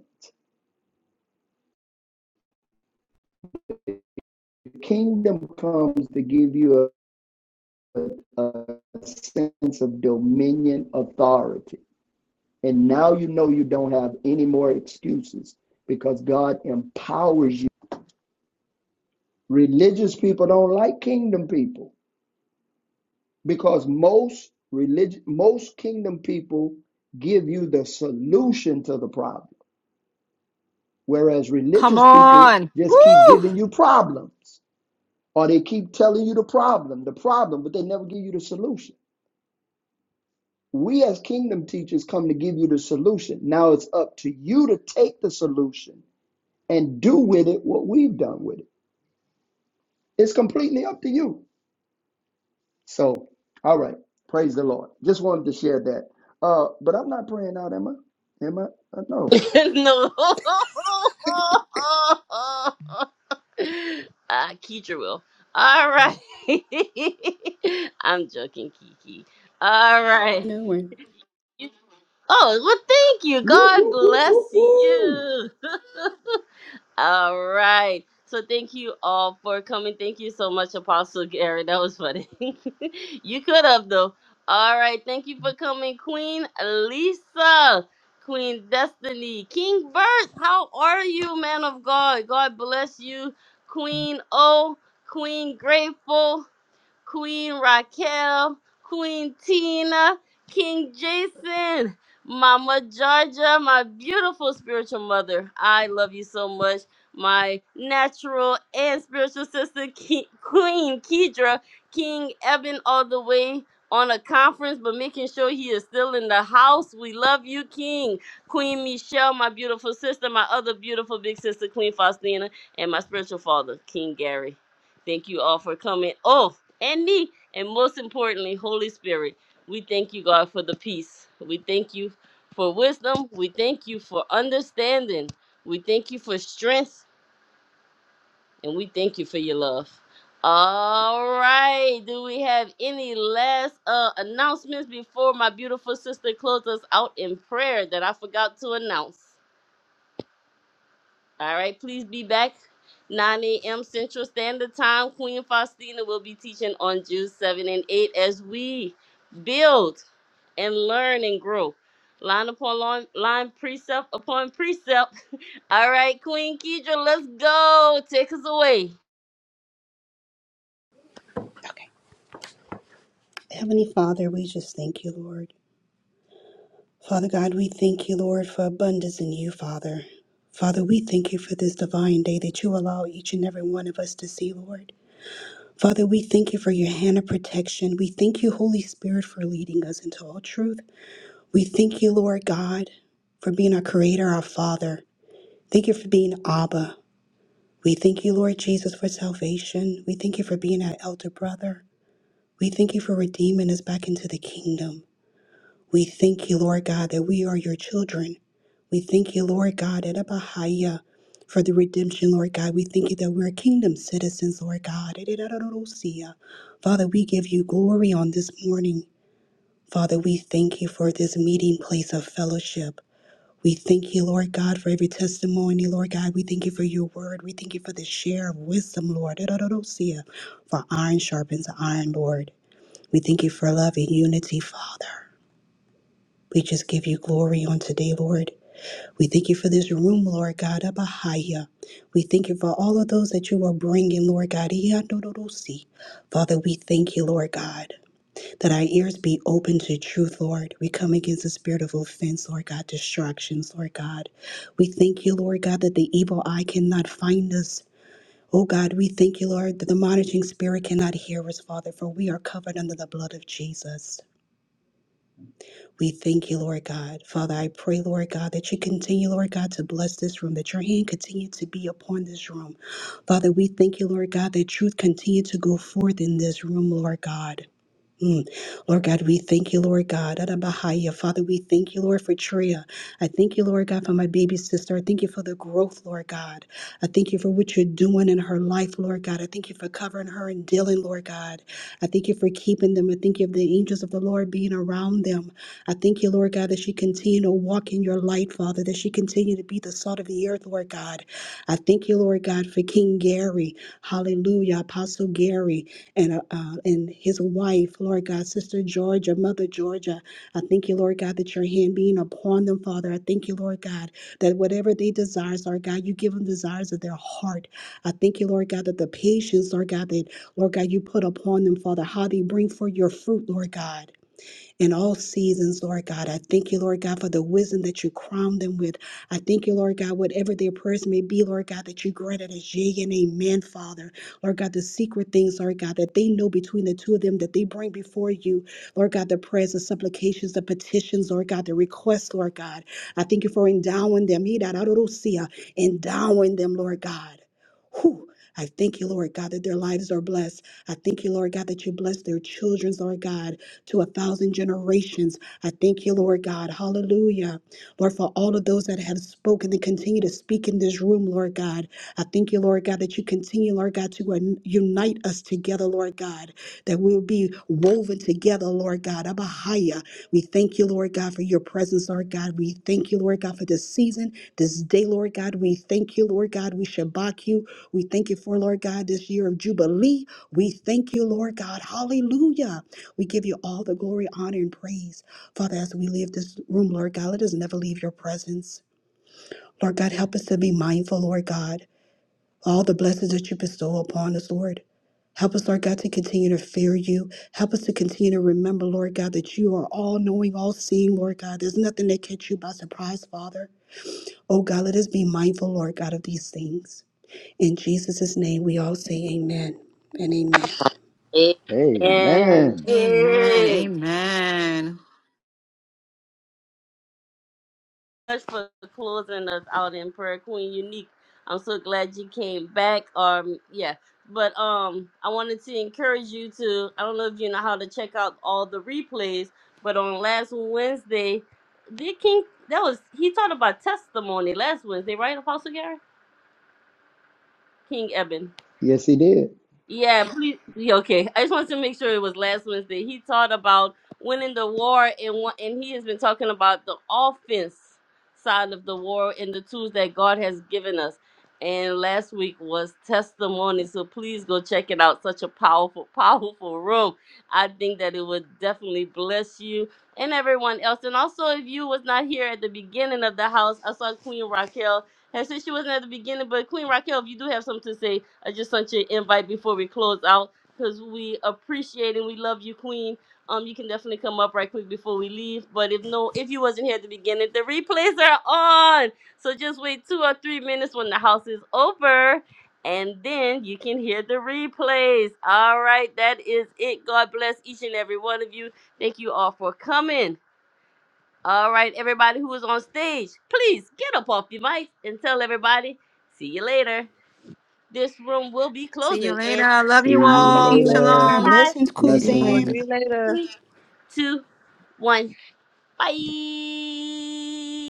C: The kingdom comes to give you a a sense of dominion authority. And now you know you don't have any more excuses because God empowers you. Religious people don't like kingdom people because most religion most kingdom people give you the solution to the problem. Whereas
B: Come
C: religious people
B: on.
C: just keep
B: Woo.
C: giving you problems or they keep telling you the problem, the problem, but they never give you the solution. We as kingdom teachers come to give you the solution. Now it's up to you to take the solution and do with it what we've done with it. It's completely up to you. So, all right. Praise the Lord. Just wanted to share that. Uh, but I'm not praying out, am I? Am I? Uh, no.
A: no. Ah, Keitra will. All right. I'm joking, Kiki. All right.
J: No, we're-
A: Oh, well, thank you.
C: Woo,
A: God
C: woo, woo, woo,
A: bless
C: woo.
A: you. All right. So thank you all for coming. Thank you so much, Apostle Gary. That was funny. you could have though. All right. Thank you for coming, Queen Lisa, Queen Destiny, King Bert. How are you, man of God? God bless you, Queen O, Queen Grateful. Queen Raquel, Queen Tina, King Jason, Mama Georgia, my beautiful spiritual mother. I love you so much. My natural and spiritual sister, Ke- Queen Kedra, King Eben, all the way on a conference, but making sure he is still in the house. We love you, King. Queen Michelle, my beautiful sister, my other beautiful big sister, Queen Faustina, and my spiritual father, King Gary. Thank you all for coming. Oh, and me. And most importantly, Holy Spirit, we thank you, God, for the peace. We thank you for wisdom. We thank you for understanding. We thank you for strength. And we thank you for your love. All right. Do we have any last uh, announcements before my beautiful sister closes us out in prayer that I forgot to announce? All right, please be back 9 a.m. Central Standard Time. Queen Faustina will be teaching on June 7 and 8 as we build and learn and grow. Line upon line, line precept upon precept. All right, Queen Kedra, let's go. Take us away.
J: Heavenly Father, we just thank you, Lord. Father God, we thank you, Lord, for abundance in you, Father. Father, we thank you for this divine day that you allow each and every one of us to see, Lord. Father, we thank you for your hand of protection. We thank you, Holy Spirit, for leading us into all truth. We thank you, Lord God, for being our creator, our Father. Thank you for being Abba. We thank you, Lord Jesus, for salvation. We thank you for being our elder brother. We thank you for redeeming us back into the kingdom. We thank you, Lord God, that we are your children. We thank you, Lord God, at Abahaya for the redemption, Lord God. We thank you that we're kingdom citizens, Lord God. Edidadorosia. Father, we give you glory on this morning. Father, we thank you for this meeting place of fellowship. We thank you, Lord God, for every testimony, Lord God. We thank you for your word. We thank you for the share of wisdom, Lord. Edidadorosia. For iron sharpens iron, Lord. We thank you for love and unity, Father. We just give you glory on today, Lord. We thank you for this room, Lord God, Abahaya. We thank you for all of those that you are bringing, Lord God. Iyandorosi. Father, we thank you, Lord God, that our ears be open to truth, Lord. We come against the spirit of offense, Lord God, distractions, Lord God. We thank you, Lord God, that the evil eye cannot find us. Oh God, we thank you, Lord, that the monitoring spirit cannot hear us, Father, for we are covered under the blood of Jesus. We thank you, Lord God. Father, I pray, Lord God, that you continue, Lord God, to bless this room, that your hand continue to be upon this room. Father, we thank you, Lord God, that truth continue to go forth in this room, Lord God. Mm. Lord God, we thank you, Lord God. Adabahaya. Father, we thank you, Lord, for Tria. I thank you, Lord God, for my baby sister. I thank you for the growth, Lord God. I thank you for what you're doing in her life, Lord God. I thank you for covering her and dealing, Lord God. I thank you for keeping them. I thank you for the angels of the Lord being around them. I thank you, Lord God, that she continue to walk in your light, Father, that she continue to be the salt of the earth, Lord God. I thank you, Lord God, for King Gary. Hallelujah. Apostle Gary and uh, uh, and his wife, Lord God, Sister Georgia, Mother Georgia. I thank you, Lord God, that your hand being upon them, Father. I thank you, Lord God, that whatever they desires, Lord God, you give them desires of their heart. I thank you, Lord God, that the patience, Lord God, that Lord God, you put upon them, Father, how they bring forth your fruit, Lord God in all seasons, Lord God. I thank you, Lord God, for the wisdom that you crown them with. I thank you, Lord God, whatever their prayers may be, Lord God, that you grant it as yea and amen, Father. Lord God, the secret things, Lord God, that they know between the two of them that they bring before you, Lord God, the prayers, the supplications, the petitions, Lord God, the requests, Lord God. I thank you for endowing them, I don't see, uh, endowing them, Lord God. Whew. I thank you, Lord God, that their lives are blessed. I thank you, Lord God, that you bless their children's, Lord God to a thousand generations. I thank you, Lord God. Hallelujah. Lord, for all of those that have spoken and continue to speak in this room, Lord God. I thank you, Lord God, that you continue, Lord God, to un- unite us together, Lord God, that we will be woven together, Lord God. Abahaya. We thank you, Lord God, for your presence, Lord God. We thank you, Lord God, for this season, this day, Lord God. We thank you, Lord God. We shabak you. We thank you for, Lord God, this year of Jubilee. We thank you, Lord God. Hallelujah. We give you all the glory, honor, and praise. Father, as we leave this room, Lord God, let us never leave your presence. Lord God, help us to be mindful, Lord God, all the blessings that you bestow upon us, Lord. Help us, Lord God, to continue to fear you. Help us to continue to remember, Lord God, that you are all knowing, all seeing, Lord God. There's nothing that catch you by surprise, Father. Oh God, let us be mindful, Lord God, of these things. In Jesus' name, we all say amen and amen.
A: And
C: Amen.
B: Amen.
A: give
B: Amen.
A: much for closing us out in prayer, Queen Unique. I'm so glad you came back. Um, yeah, but um, I wanted to encourage you to. I don't know if you know how to check out all the replays, but on last Wednesday, did King that was he talked about testimony last Wednesday, right, Apostle Gary? King Eben.
C: Yes, he did.
A: Yeah, please. yeah, Okay, I just wanted to make sure it was last Wednesday. He taught about winning the war, and one, and he has been talking about the offense side of the war and the tools that God has given us. And last week was testimony, so please go check it out. Such a powerful, powerful room. I think that it would definitely bless you and everyone else. And also, if you was not here at the beginning of the house, I saw Queen Raquel. And since she wasn't at the beginning, but Queen Raquel, if you do have something to say, I just sent you an invite before we close out because we appreciate and we love you, Queen. Um, you can definitely come up right quick before we leave. But if no, if you wasn't here at the beginning, the replays are on. So just wait two or three minutes when the house is over, and then you can hear the replays. All right, that is it. God bless each and every one of you. Thank you all for coming. All right, everybody who is on stage, please get up off your mic and tell everybody, see you later. This room will be
B: See you
A: closing in
B: later. Love
C: See
B: you
A: five
C: you
J: Love
L: See
B: all.
L: you
A: seconds.
J: you all.
C: later.
L: later.
B: Shalom.
A: Five,
J: Blessings,
K: See you
A: four,
J: Kuzan.
K: later.
L: See
C: Blessings.
L: you later.
A: three, two, one. Bye.